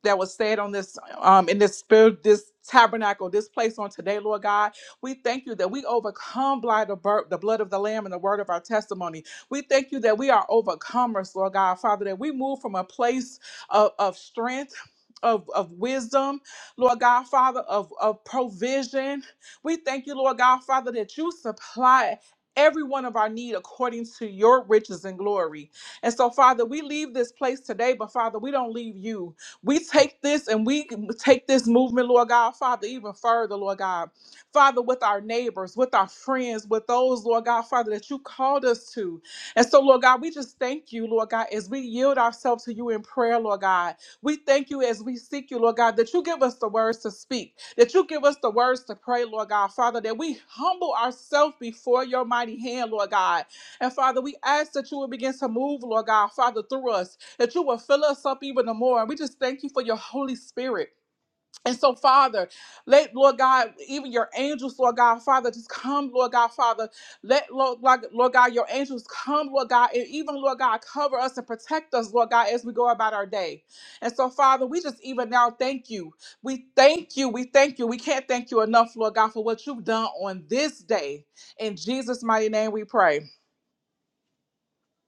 Speaker 5: that was said on this um in this spirit this tabernacle this place on today lord god we thank you that we overcome by the, bur- the blood of the lamb and the word of our testimony we thank you that we are overcomers lord god father that we move from a place of, of strength of, of wisdom, Lord God, Father, of, of provision. We thank you, Lord God, Father, that you supply every one of our need according to your riches and glory. And so, Father, we leave this place today, but Father, we don't leave you. We take this and we take this movement, Lord God, Father, even further, Lord God. Father, with our neighbors, with our friends, with those, Lord God, Father, that you called us to. And so, Lord God, we just thank you, Lord God, as we yield ourselves to you in prayer, Lord God. We thank you as we seek you, Lord God, that you give us the words to speak, that you give us the words to pray, Lord God, Father, that we humble ourselves before your mighty hand, Lord God. And Father, we ask that you will begin to move, Lord God, Father, through us that you will fill us up even the more. And we just thank you for your Holy Spirit. And so, Father, let Lord God, even your angels, Lord God, Father, just come, Lord God, Father. Let Lord, Lord Lord God, your angels come, Lord God, and even Lord God, cover us and protect us, Lord God, as we go about our day. And so, Father, we just even now thank you. We thank you. We thank you. We can't thank you enough, Lord God, for what you've done on this day. In Jesus' mighty name, we pray.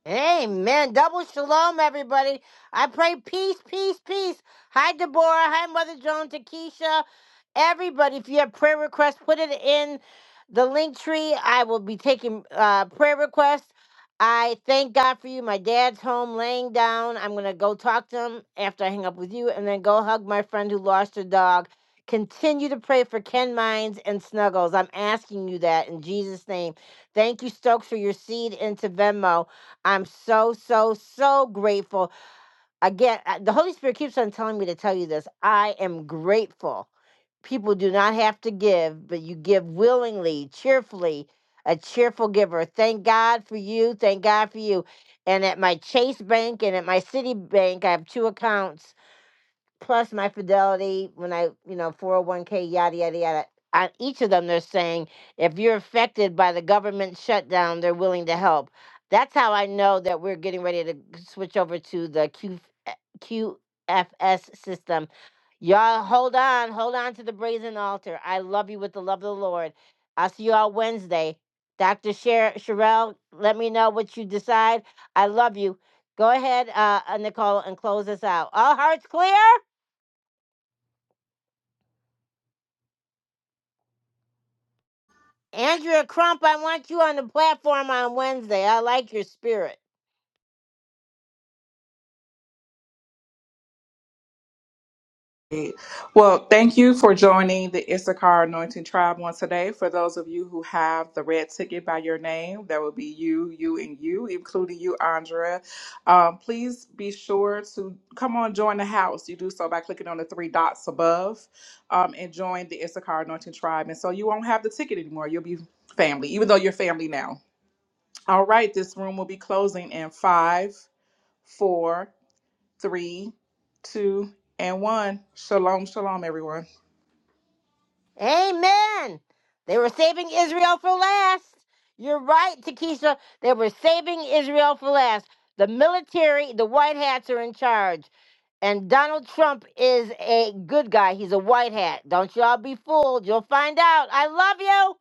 Speaker 1: Amen. Double shalom, everybody. I pray peace, peace, peace. Hi, Deborah. Hi, Mother Jones, Akeisha. Everybody, if you have prayer requests, put it in the link tree. I will be taking uh, prayer requests. I thank God for you. My dad's home laying down. I'm going to go talk to him after I hang up with you and then go hug my friend who lost her dog. Continue to pray for Ken Mines and Snuggles. I'm asking you that in Jesus' name. Thank you, Stokes, for your seed into Venmo. I'm so, so, so grateful. Again, uh, the Holy Spirit keeps on telling me to tell you this. I am grateful. People do not have to give, but you give willingly, cheerfully, a cheerful giver. Thank God for you. Thank God for you. And at my Chase Bank and at my Citibank, I have two accounts plus my fidelity when I, you know, 401k, yada, yada, yada. On each of them, they're saying if you're affected by the government shutdown, they're willing to help. That's how I know that we're getting ready to switch over to the Q, QFS system. Y'all, hold on, hold on to the brazen altar. I love you with the love of the Lord. I'll see you all Wednesday. Dr. Sher- Sherelle, let me know what you decide. I love you. Go ahead, uh, uh, Nicole, and close us out. All hearts clear? Andrea Crump, I want you on the platform on Wednesday. I like your spirit.
Speaker 5: Well, thank you for joining the Issachar Anointing Tribe once today. For those of you who have the red ticket by your name, that will be you, you, and you, including you, Andrea. Um, please be sure to come on, join the house. You do so by clicking on the three dots above um, and join the Issachar Anointing Tribe. And so you won't have the ticket anymore. You'll be family, even though you're family now. All right, this room will be closing in five, four three, two, and one. Shalom, shalom, everyone.
Speaker 1: Amen. They were saving Israel for last. You're right, Takisha. They were saving Israel for last. The military, the white hats are in charge. And Donald Trump is a good guy. He's a white hat. Don't y'all be fooled. You'll find out. I love you.